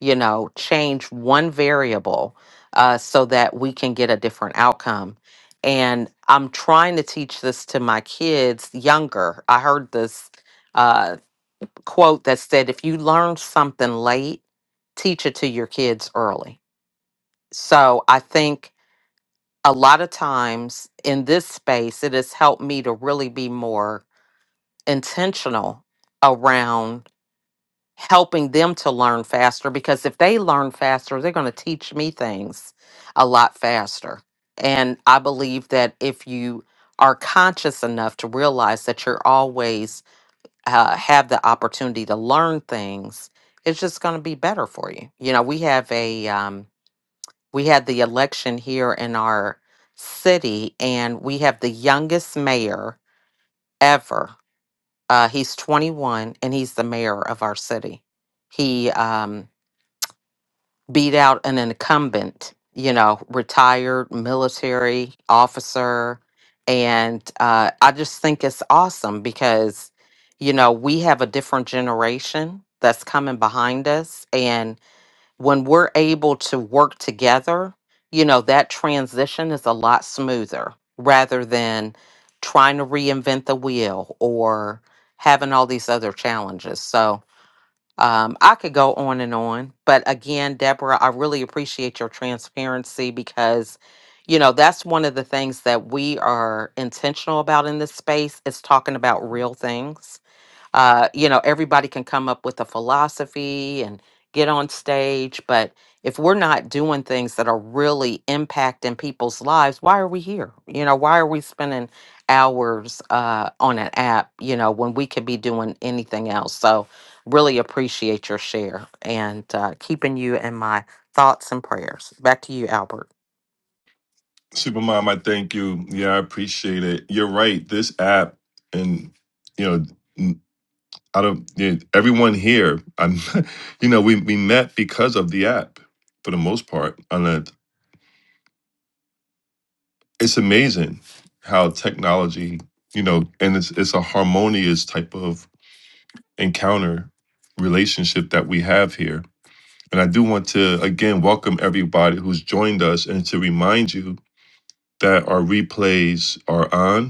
Speaker 7: you know, change one variable uh, so that we can get a different outcome and I'm trying to teach this to my kids younger. I heard this uh, quote that said, if you learn something late, teach it to your kids early. So I think a lot of times in this space, it has helped me to really be more intentional around helping them to learn faster because if they learn faster, they're going to teach me things a lot faster. And I believe that if you are conscious enough to realize that you're always uh, have the opportunity to learn things, it's just going to be better for you. You know, we have a um, we had the election here in our city, and we have the youngest mayor ever. Uh, he's 21, and he's the mayor of our city. He um, beat out an incumbent, you know, retired military officer. And uh, I just think it's awesome because, you know, we have a different generation that's coming behind us. And when we're able to work together, you know, that transition is a lot smoother rather than trying to reinvent the wheel or having all these other challenges. So, um, I could go on and on, but again, Deborah, I really appreciate your transparency because, you know, that's one of the things that we are intentional about in this space is talking about real things uh, you know, everybody can come up with a philosophy and get on stage, but if we're not doing things that are really impacting people's lives, why are we here? You know, why are we spending hours uh, on an app, you know, when we could be doing anything else? So, really appreciate your share and uh, keeping you in my thoughts and prayers. Back to you, Albert.
Speaker 1: Supermom, I thank you. Yeah, I appreciate it. You're right. This app, and you know, n- I don't. yeah, Everyone here, I'm. You know, we we met because of the app for the most part. And uh, it's amazing how technology, you know, and it's it's a harmonious type of encounter relationship that we have here. And I do want to again welcome everybody who's joined us, and to remind you that our replays are on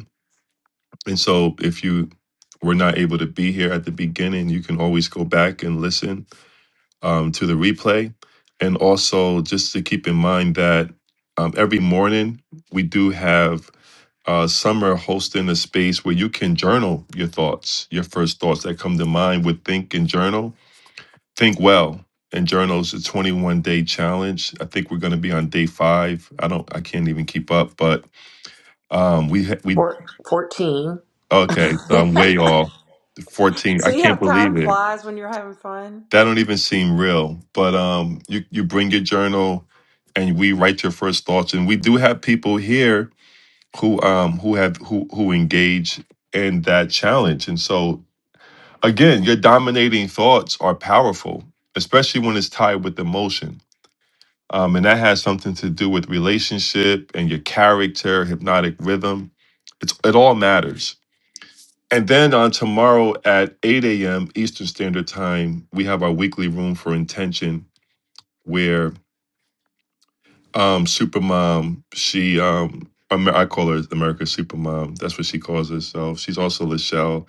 Speaker 1: And so if you were not able to be here at the beginning, you can always go back and listen um, to the replay. And also just to keep in mind that um, every morning we do have uh, summer hosting a space where you can journal your thoughts, your first thoughts that come to mind with Think and Journal. Think well. And journals a 21 day challenge. I think we're going to be on day five. I don't. I can't even keep up. But um, we ha- we
Speaker 2: Four fourteen.
Speaker 1: Okay, so I'm way off. 14. I
Speaker 2: See how
Speaker 1: can't believe
Speaker 2: time
Speaker 1: it.
Speaker 2: flies when you're having fun?
Speaker 1: That don't even seem real. But um, you you bring your journal, and we write your first thoughts. And we do have people here who um who have who who engage in that challenge. And so again, your dominating thoughts are powerful, especially when it's tied with emotion. Um, and that has something to do with relationship and your character, hypnotic rhythm. It's it all matters. And then on tomorrow at 8 a.m. Eastern Standard Time, we have our weekly room for intention where um Supermom, she um Amer- I call her America's Supermom. That's what she calls herself. She's also Lachelle.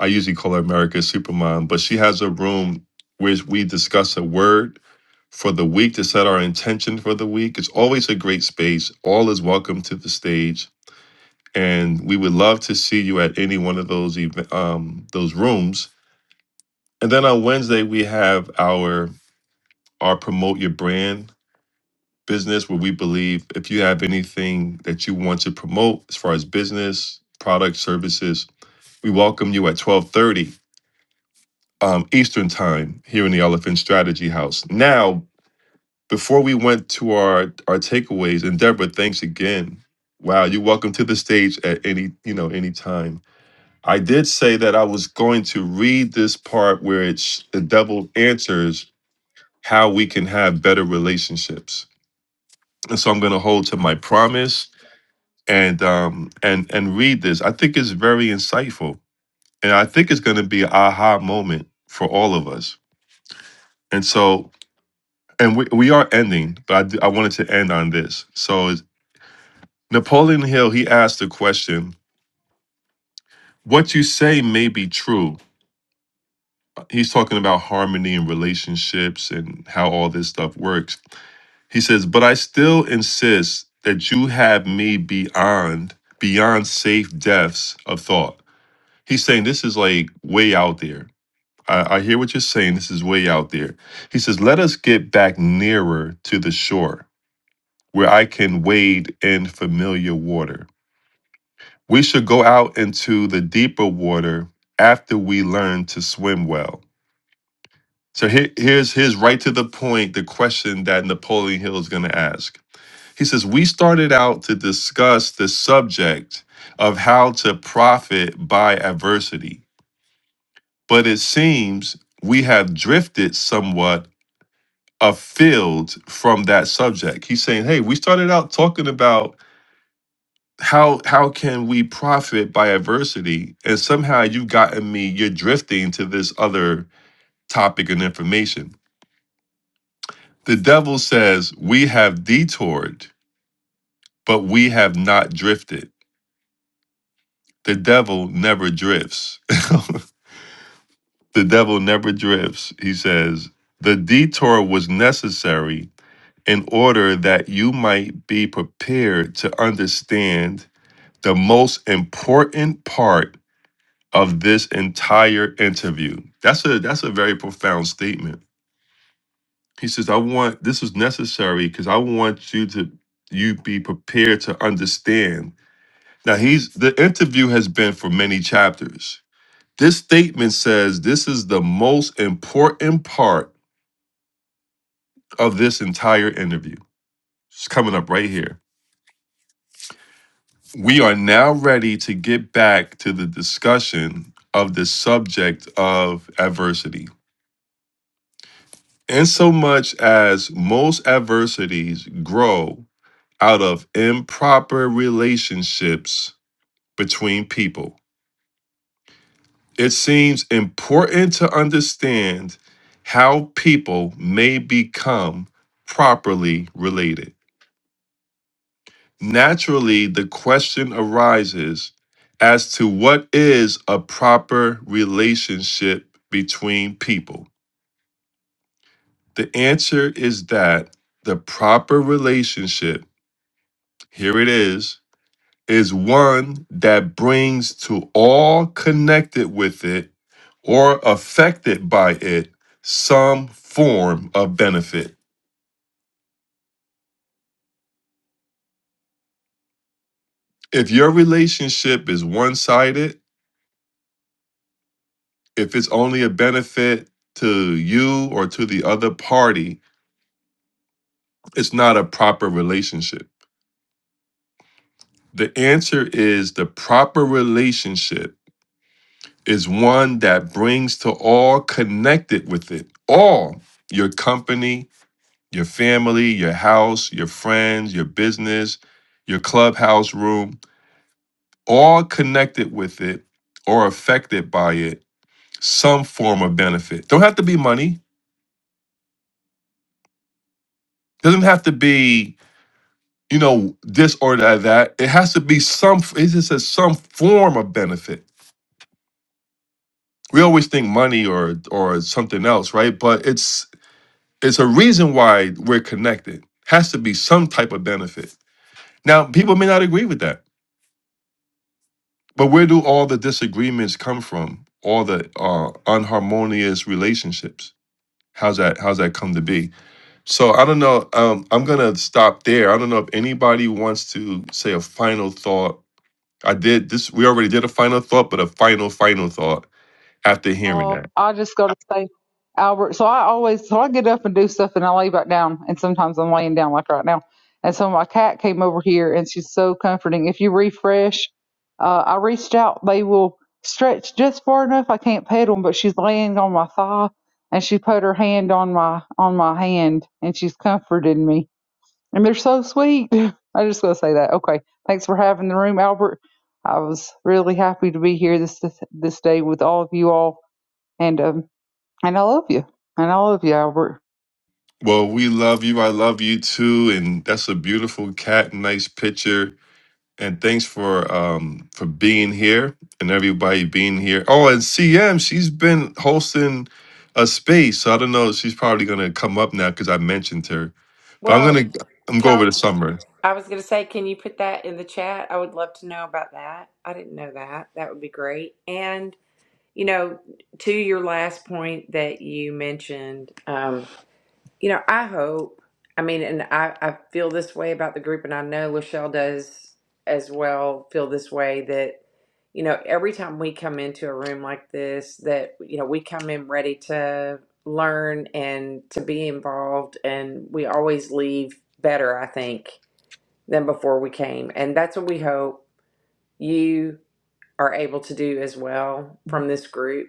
Speaker 1: I usually call her America's Supermom, but she has a room where we discuss a word for the week to set our intention for the week. It's always a great space. All is welcome to the stage. And we would love to see you at any one of those ev- um, those rooms And then on Wednesday, we have our our promote your brand business where we believe if you have anything that you want to promote as far as business, products, services, we welcome you at 1230 um, Eastern time here in the Elephant Strategy House. Now, before we went to our our takeaways, and Deborah, thanks again. Wow, you're welcome to the stage at any, you know, any time. I did say that I was going to read this part where it's the devil answers how we can have better relationships. And so I'm going to hold to my promise and um, and and read this. I think it's very insightful, and I think it's going to be an aha moment for all of us. And so, and we, we are ending, but I, d- I wanted to end on this. So it's- Napoleon Hill he asked the question: "What you say may be true." He's talking about harmony and relationships and how all this stuff works. He says, "But I still insist that you have me beyond beyond safe depths of thought." He's saying this is like way out there. I, I hear what you're saying. This is way out there. He says, "Let us get back nearer to the shore, where I can wade in familiar water. We should go out into the deeper water after we learn to swim well." So here, here's here's right to the point. The question that Napoleon Hill is going to ask. He says, We started out to discuss the subject of how to profit by adversity, but it seems we have drifted somewhat afield from that subject. He's saying, Hey, we started out talking about how how can we profit by adversity and somehow you've gotten me you're drifting to this other topic and information the devil says we have detoured but we have not drifted The devil never drifts. the devil never drifts. He says, The detour was necessary in order that you might be prepared to understand the most important part of this entire interview. That's a that's a very profound statement. He says, I want this is necessary because I want you to you be prepared to understand. Now he's the interview has been for many chapters This statement says this is the most important part of this entire interview. It's coming up right here. We are now ready to get back to the discussion of the subject of adversity. In so much as most adversities grow out of improper relationships between people, it seems important to understand how people may become properly related. Naturally, the question arises as to what is a proper relationship between people. The answer is that the proper relationship, here it is, is one that brings to all connected with it or affected by it some form of benefit. If your relationship is one sided, if it's only a benefit to you or to the other party, it's not a proper relationship. The answer is the proper relationship is one that brings to all connected with it, all your company, your family, your house, your friends, your business, your clubhouse room, all connected with it or affected by it, some form of benefit. Don't have to be money, doesn't have to be you know, this or that, that. It has to be some. It just says some form of benefit. We always think money or or something else, right? But it's it's a reason why we're connected. Has to be some type of benefit. Now, people may not agree with that, but where do all the disagreements come from? All the uh, unharmonious relationships. How's that? How's that come to be? So I don't know. Um, I'm gonna stop there. I don't know if anybody wants to say a final thought I did this. We already did a final thought, but a final, final thought after hearing
Speaker 4: Oh,
Speaker 1: that.
Speaker 4: I just go to say Albert. So I always so I get up and do stuff and I lay back down and sometimes I'm laying down like right now. And so my cat came over here and she's so comforting. If you refresh, uh, I reached out, they will stretch just far enough. I can't pet them, but she's laying on my thigh and she put her hand on my on my hand and she's comforted me. And they're so sweet. I just gotta say that. Okay. Thanks for having the room, Albert. I was really happy to be here this this this day with all of you all and um and I love you, and I love you, Albert.
Speaker 1: Well, we love you. I love you too. And that's a beautiful cat. Nice picture. And thanks for um for being here and everybody being here. Oh, and CM, she's been hosting a space. So I don't know. She's probably gonna come up now because I mentioned her. But I'm
Speaker 2: Well,
Speaker 1: gonna I'm go over
Speaker 2: tell,
Speaker 1: to summer.
Speaker 2: I was going to say, can you put that in the chat? I would love to know about that. I didn't know that. That would be great. And, you know, to your last point that you mentioned, um, You know, I hope. I mean, and I, I feel this way about the group, and I know Lachelle does as well feel this way that, you know, every time we come into a room like this, that, you know, we come in ready to learn and to be involved, and we always leave better, I think, than before we came. And that's what we hope you are able to do as well from this group.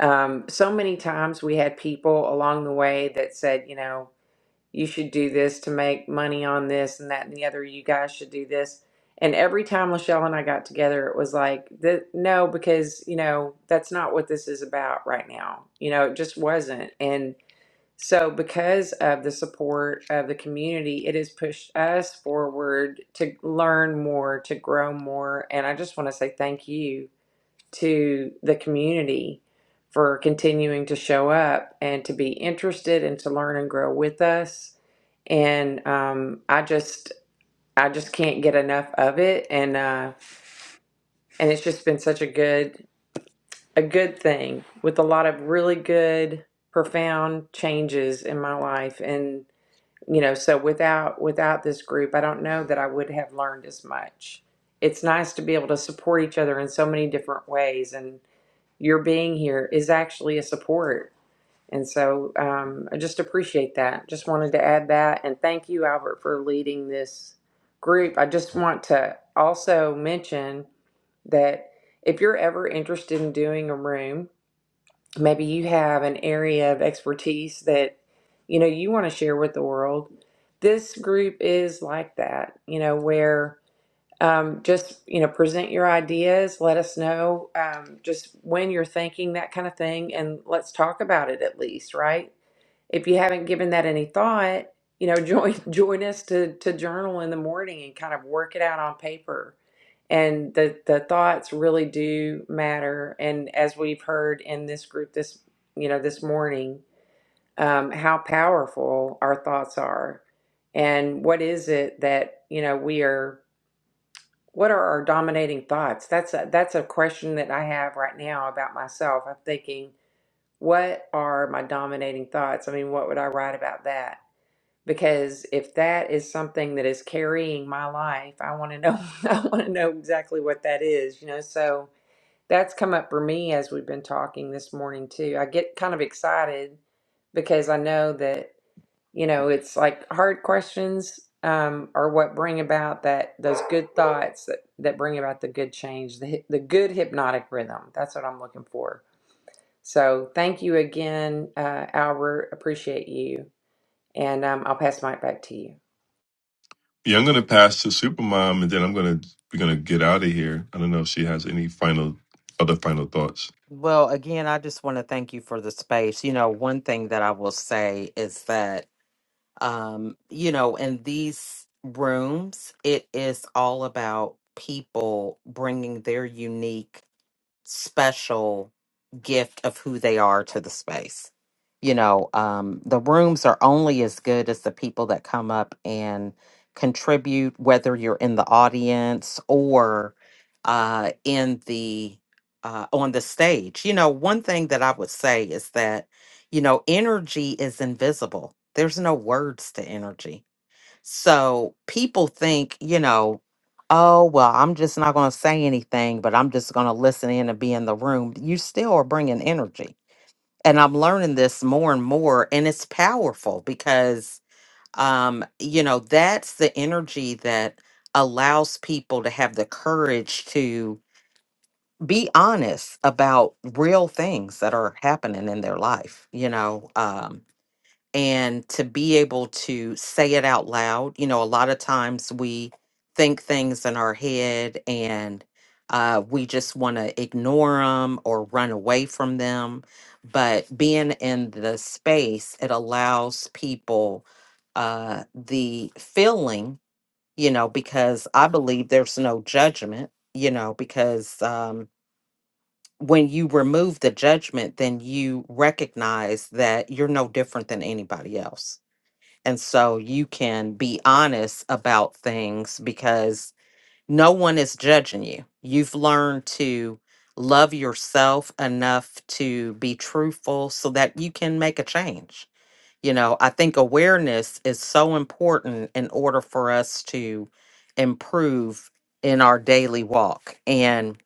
Speaker 2: Um, so many times we had people along the way that said, you know, you should do this to make money on this and that and the other. You guys should do this. And every time Lachelle and I got together, it was like, the, no, because, you know, that's not what this is about right now. You know, it just wasn't. And so, because of the support of the community, it has pushed us forward to learn more, to grow more. And I just want to say thank you to the community for continuing to show up and to be interested and to learn and grow with us. And um, I just I just can't get enough of it, and uh, and it's just been such a good a good thing with a lot of really good profound changes in my life and you know so without without this group i don't know that i would have learned as much it's nice to be able to support each other in so many different ways and your being here is actually a support. And so um, I just appreciate that. Just wanted to add that. And thank you, Albert, for leading this group. I just want to also mention that if you're ever interested in doing a room, maybe you have an area of expertise that you know you want to share with the world. This group is like that, you know, where um, just you know present your ideas let us know um, just when you're thinking that kind of thing and let's talk about it at least right if you haven't given that any thought you know join join us to to journal in the morning and kind of work it out on paper and the the thoughts really do matter and as we've heard in this group this you know this morning um, how powerful our thoughts are and what is it that you know we are what are our dominating thoughts? That's a, that's a question that I have right now about myself. I'm thinking, what are my dominating thoughts? I mean, what would I write about that? Because if that is something that is carrying my life, I want to know. I want to know exactly what that is, you know. So that's come up for me as we've been talking this morning too. I get kind of excited because I know that you know, it's like hard questions um, are what bring about that those good thoughts that, that bring about the good change, the hy- the good hypnotic rhythm. That's what I'm looking for. So thank you again, uh, Albert. Appreciate you, and um, I'll pass the mic back to you.
Speaker 1: Yeah, I'm gonna pass to Supermom and then I'm gonna we're gonna get out of here. I don't know if she has any final other final thoughts.
Speaker 7: Well, again, I just want to thank you for the space. You know, one thing that I will say is that um you know in these rooms it is all about people bringing their unique special gift of who they are to the space. You know, um, the rooms are only as good as the people that come up and contribute, whether you're in the audience or uh, in the uh, on the stage. You know, one thing that I would say is that you know energy is invisible. There's no words to energy so people think, you know, oh, well, I'm just not going to say anything, but I'm just going to listen in and be in the room. You still are bringing energy. And I'm learning this more and more. And it's powerful because, um, you know, that's the energy that allows people to have the courage to be honest about real things that are happening in their life, you know. Um, and to be able to say it out loud you know a lot of times we think things in our head and uh, we just want to ignore them or run away from them but being in the space it allows people uh, the feeling you know because i believe there's no judgment you know because um, when you remove the judgment then you recognize that you're no different than anybody else and so you can be honest about things because no one is judging you. You've learned to love yourself enough to be truthful so that you can make a change. You know, I think awareness is so important in order for us to improve in our daily walk. And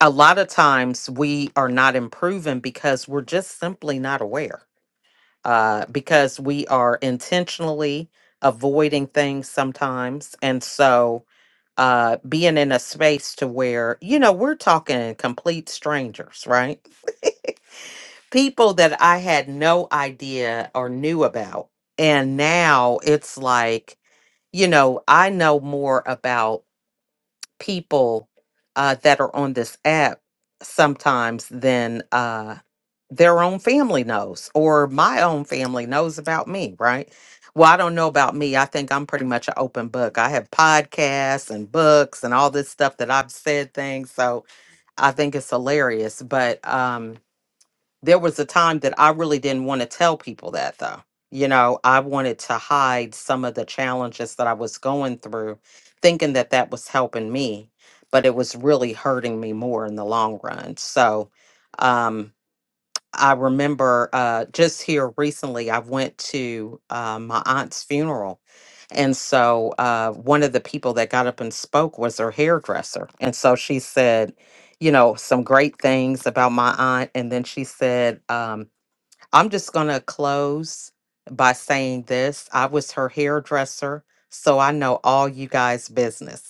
Speaker 7: a lot of times we are not improving because we're just simply not aware uh, because we are intentionally avoiding things sometimes. And so uh, being in a space to where, you know, we're talking complete strangers, right? People that I had no idea or knew about. And now it's like, you know, I know more about people uh, that are on this app sometimes than uh, their own family knows or my own family knows about me, right? Well, I don't know about me. I think I'm pretty much an open book. I have podcasts and books and all this stuff that I've said things. So I think it's hilarious. But um, there was a time that I really didn't want to tell people that though. You know, I wanted to hide some of the challenges that I was going through, thinking that that was helping me, but it was really hurting me more in the long run. So, um, I remember uh, just here recently, I went to uh, my aunt's funeral. And so uh, one of the people that got up and spoke was her hairdresser. And so she said, you know, some great things about my aunt. And then she said, um, I'm just going to close by saying this I was her hairdresser. So I know all you guys' business.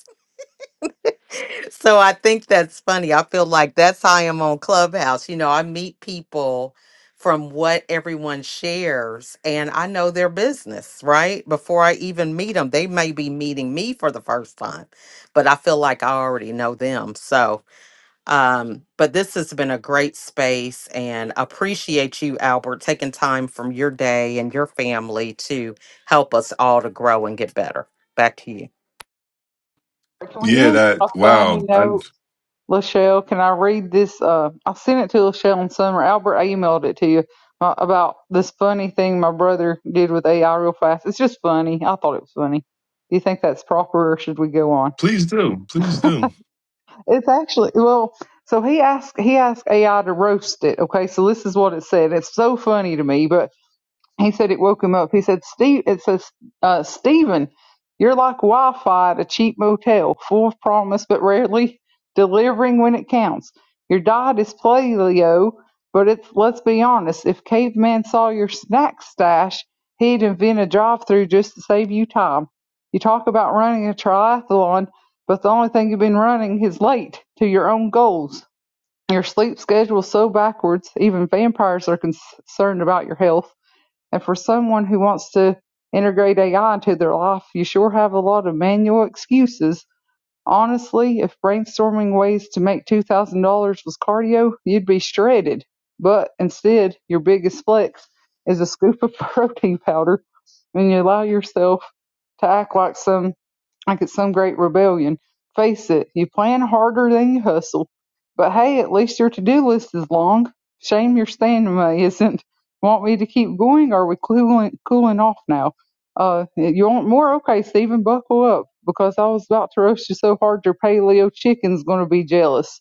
Speaker 7: So I think that's funny. I feel like that's how I am on Clubhouse. You know, I meet people from what everyone shares and I know their business, right? Before I even meet them, they may be meeting me for the first time, but I feel like I already know them. So, um, but this has been a great space and appreciate you, Albert, taking time from your day and your family to help us all to grow and get better. Back to you.
Speaker 4: Can we
Speaker 1: Yeah,
Speaker 4: end on
Speaker 1: that
Speaker 4: a funny
Speaker 1: wow. I,
Speaker 4: note, Lachelle? Can I read this? Uh, I sent it to Lachelle and Summer. Albert, I emailed it to you uh, about this funny thing my brother did with AI real fast. It's just funny. I thought it was funny. Do you think that's proper, or should we go on?
Speaker 1: please do, please do.
Speaker 4: It's actually well. So he asked he asked AI to roast it. Okay, so this is what it said. It's so funny to me, but He said it woke him up. He said, Steve, it says, uh, Stephen, you're like Wi Fi at a cheap motel, full of promise but rarely delivering when it counts. Your diet is paleo, but it's, let's be honest, if caveman saw your snack stash, he'd invent a drive through just to save you time. You talk about running a triathlon, but the only thing you've been running is late to your own goals. Your sleep schedule's so backwards, even vampires are concerned about your health and for someone who wants to integrate AI into their life, you sure have a lot of manual excuses. Honestly, if brainstorming ways to make $2,000 was cardio, you'd be shredded. But instead, your biggest flex is a scoop of protein powder and you allow yourself to act like some like it's some great rebellion. Face it, you plan harder than you hustle. But hey, at least your to do list is long. Shame your stamina isn't. Want me to keep going? Or are we cooling, cooling off now? Uh, you want more? Okay, Stephen, buckle up because I was about to roast you so hard your paleo chicken's going to be jealous.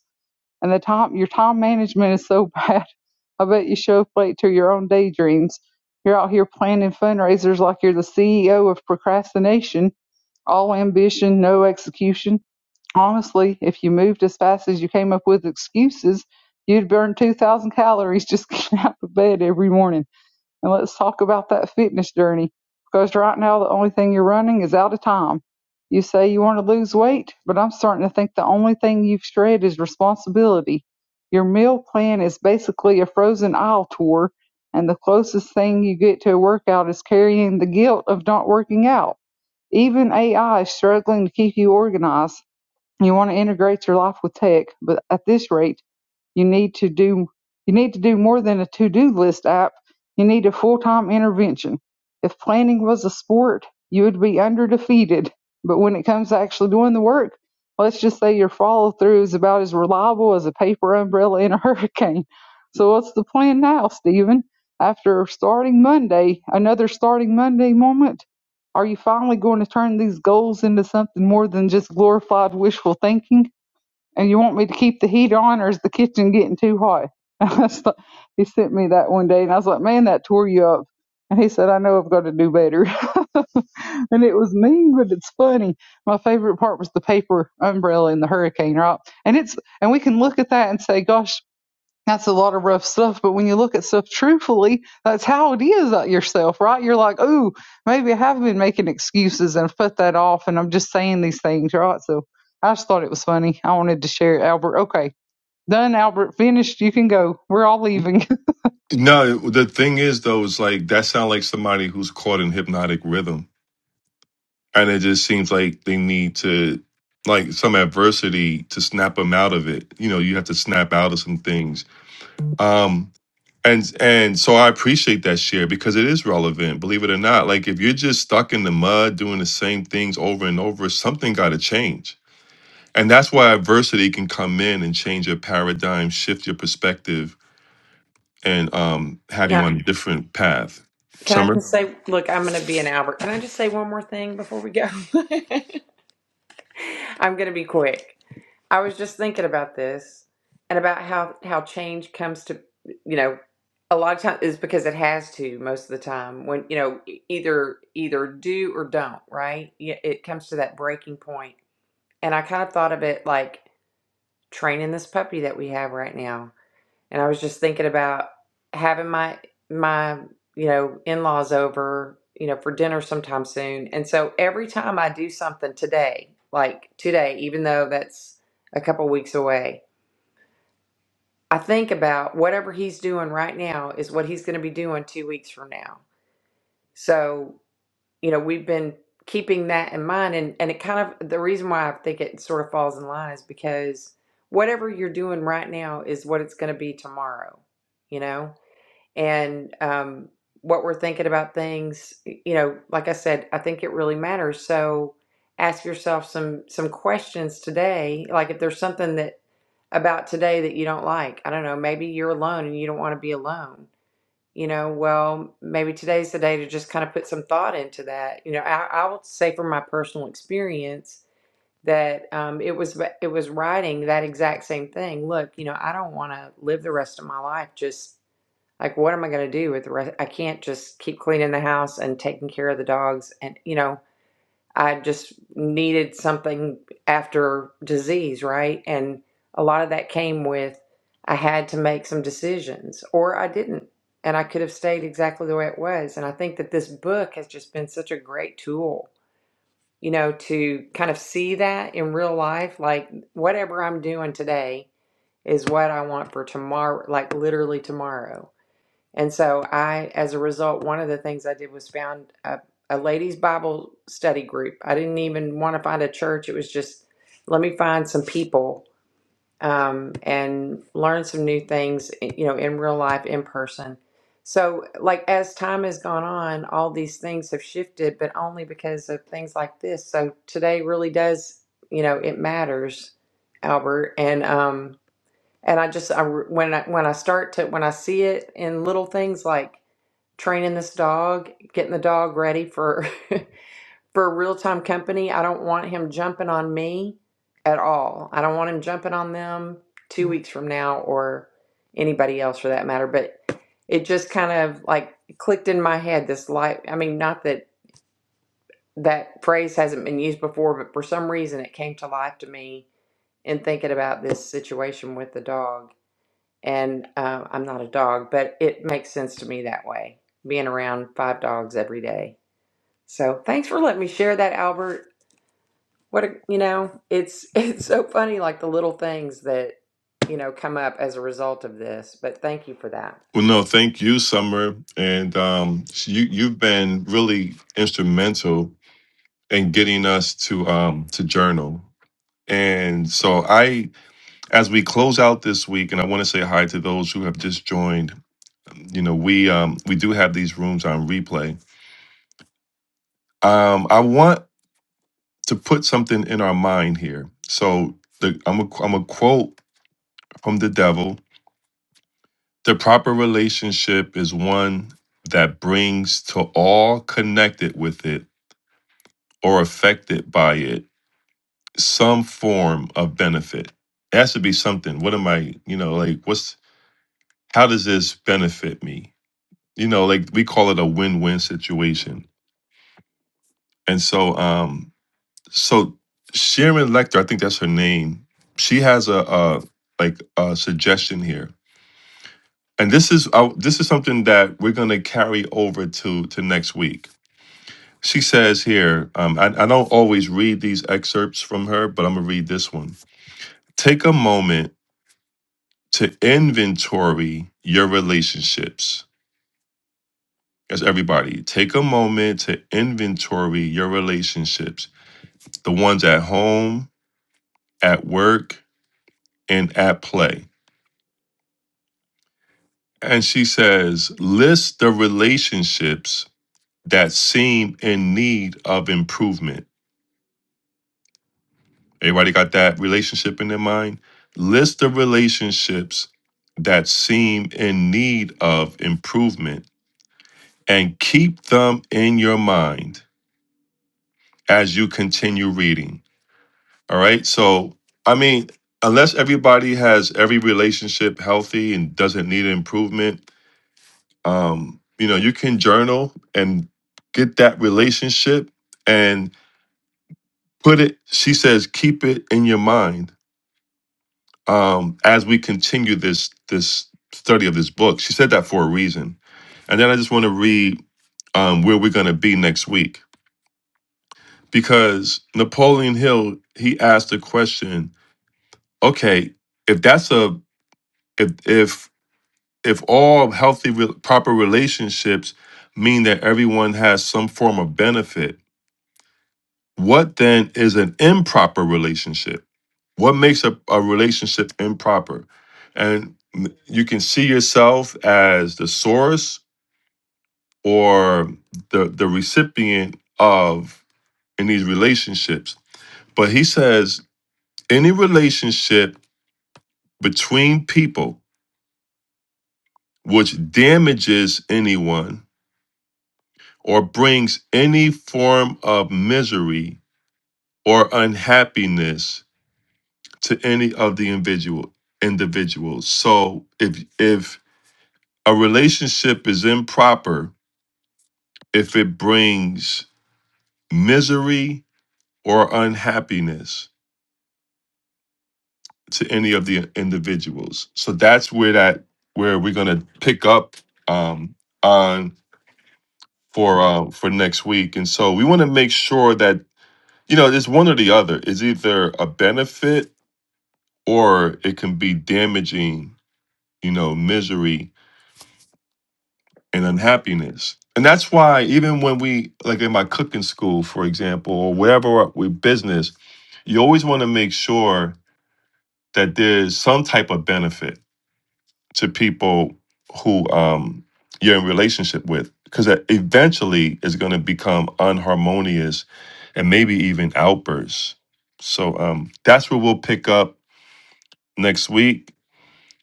Speaker 4: And the time your time management is so bad. I bet you show up late to your own daydreams. You're out here planning fundraisers like you're the CEO of procrastination all ambition, no execution. Honestly, if you moved as fast as you came up with excuses, you'd burn 2,000 calories just getting out of bed every morning. And let's talk about that fitness journey because right now the only thing you're running is out of time. You say you want to lose weight, but I'm starting to think the only thing you've shred is responsibility. Your meal plan is basically a frozen aisle tour, and the closest thing you get to a workout is carrying the guilt of not working out even AI is struggling to keep you organized. You want to integrate your life with tech, but at this rate, you need to do you need to do more than a to-do list app. You need a full-time intervention. If planning was a sport, you would be under defeated. But when it comes to actually doing the work, let's just say your follow-through is about as reliable as a paper umbrella in a hurricane. So what's the plan now, Stephen? After starting Monday, another starting Monday moment, are you finally going to turn these goals into something more than just glorified wishful thinking? and you want me to keep the heat on or is the kitchen getting too hot? I was like, he sent me that one day and I was like, man, that tore you up. And he said, I know I've got to do better. and it was mean, but it's funny. My favorite part was the paper umbrella in the hurricane, right? And it's, and we can look at that and say, gosh, that's a lot of rough stuff, but when you look at stuff truthfully, that's how it is at yourself, right? You're like, oh, maybe I have been making excuses and put that off, and I'm just saying these things, right? So I just thought it was funny. I wanted to share it, Albert. Okay, done, Albert. Finished. You can go. We're all leaving.
Speaker 1: No, the thing is though, is like that sounds like somebody who's caught in hypnotic rhythm, and it just seems like they need to like some adversity to snap them out of it. You know, you have to snap out of some things. Um, and and so I appreciate that share because it is relevant. Believe it or not, like if you're just stuck in the mud doing the same things over and over, something got to change. And that's why adversity can come in and change your paradigm, shift your perspective, and um, have you
Speaker 2: Yeah.
Speaker 1: on a different path.
Speaker 2: Can I
Speaker 1: Summer?
Speaker 2: just say, look, I'm going to be an Albert. Can I just say one more thing before we go? I'm going to be quick. I was just thinking about this and about how how change comes to you know a lot of times is because it has to most of the time when you know e- either either do or don't right Y- it comes to that breaking point and I kind of thought of it like training this puppy that we have right now and I was just thinking about having my my you know in-laws over you know for dinner sometime soon and so every time I do something today like today even though that's a couple weeks away I think about whatever he's doing right now is what he's going to be doing 2 weeks from now so you know we've been keeping that in mind and and it kind of the reason why I think it sort of falls in line is because whatever you're doing right now is what it's going to be tomorrow you know and um, what we're thinking about things. You know, like I said, I think it really matters. So ask yourself some some questions today. Like if there's something that about today that you don't like, I don't know, maybe you're alone and you don't want to be alone. You know, well, maybe today's the day to just kind of put some thought into that. You know, I, I will say from my personal experience that um, it was it was writing that exact same thing. Look, you know, I don't want to live the rest of my life just like, what am I going to do with the rest? I can't just keep cleaning the house and taking care of the dogs. And, you know, I just needed something after disease, right? And a lot of that came with I had to make some decisions or I didn't. And I could have stayed exactly the way it was. And I think that this book has just been such a great tool, you know, to kind of see that in real life. Like, whatever I'm doing today is what I want for tomorrow, like literally tomorrow and so I, as a result, one of the things I did was found a, a ladies' Bible study group. I didn't even want to find a church. It was just, let me find some people um, and learn some new things, eh, you know, in real life, in person. So, like, as time has gone on, all these things have shifted, but only because of things like this. So, today really does, you know, it matters, Albert. And, um, and I just, I, when I, when I start to, when I see it in little things like, training this dog, getting the dog ready for for real-time company. I don't want him jumping on me at all. I don't want him jumping on them 2 weeks from now or anybody else for that matter, but it just kind of like clicked in my head this light. I mean, not that that phrase hasn't been used before, but for some reason it came to life to me in thinking about this situation with the dog. And uh, I'm not a dog, but it makes sense to me that way, being around five dogs every day. So thanks for letting me share that, Albert. What a, you know, it's it's so funny, like the little things that you know come up as a result of this. But thank you for that.
Speaker 1: Well, no, thank you, Summer. And um, you, you've been really instrumental in getting us to um, to journal. And so I, as we close out this week, and I want to say hi to those who have just joined. You know, we um, we do have these rooms on replay. Um, I want to put something in our mind here. So the, I'm a, I'm a quote from the devil The proper relationship is one that brings to all connected with it or affected by it some form of benefit. It has to be something. What am I, you know, like, what's, how does this benefit me? You know, like we call it a win win situation. And so, um, so Sharon Lecter, I think that's her name, she has a, a like a suggestion here. And this is uh, this is something that we're gonna carry over to to next week She says here, um, I, I don't always read these excerpts from her, but I'm going to read this one. Take a moment to inventory your relationships. That's everybody. Take a moment to inventory your relationships, the ones at home, at work, and at play. And she says, list the relationships that seem in need of improvement Everybody got that relationship in their mind? List the relationships that seem in need of improvement and keep them in your mind as you continue reading. All right. So, I mean, unless everybody has every relationship healthy and doesn't need improvement, um, you know, you can journal and get that relationship and put it, she says, keep it in your mind um, as we continue this this study of this book. She said that for a reason. And then I just want to read um, where we're going to be next week because Napoleon Hill he asked the question: Okay, if that's a if if if all healthy re- proper relationships mean that everyone has some form of benefit, what then is an improper relationship? What makes a, a relationship improper? And m- you can see yourself as the source or the the recipient of in these relationships. But he says any relationship between people which damages anyone or brings any form of misery or unhappiness to any of the individual individuals. So if if A relationship is improper if it brings misery or unhappiness to any of the individuals. So that's where that where we're gonna pick up um, on for uh, for next week. And so we want to make sure that you know it's one or the other. It's either a benefit or it can be damaging. You know, misery and unhappiness. And that's why even when we like in my cooking school, for example, or wherever we business, you always want to make sure that there's some type of benefit to people who um, you're in relationship with, because that eventually is going to become unharmonious and maybe even outbursts. So um, that's where we'll pick up next week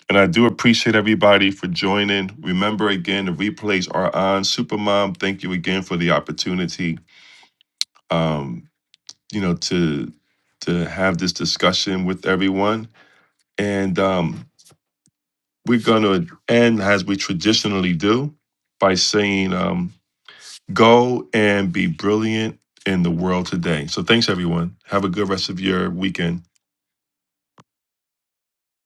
Speaker 1: And I do appreciate everybody for joining. Remember again, the replays are on. Supermom, thank you again for the opportunity. Um, you know, to to have this discussion with everyone. And um, we're gonna end as we traditionally do by saying, um, go and be brilliant in the world today. So thanks everyone. Have a good rest of your weekend.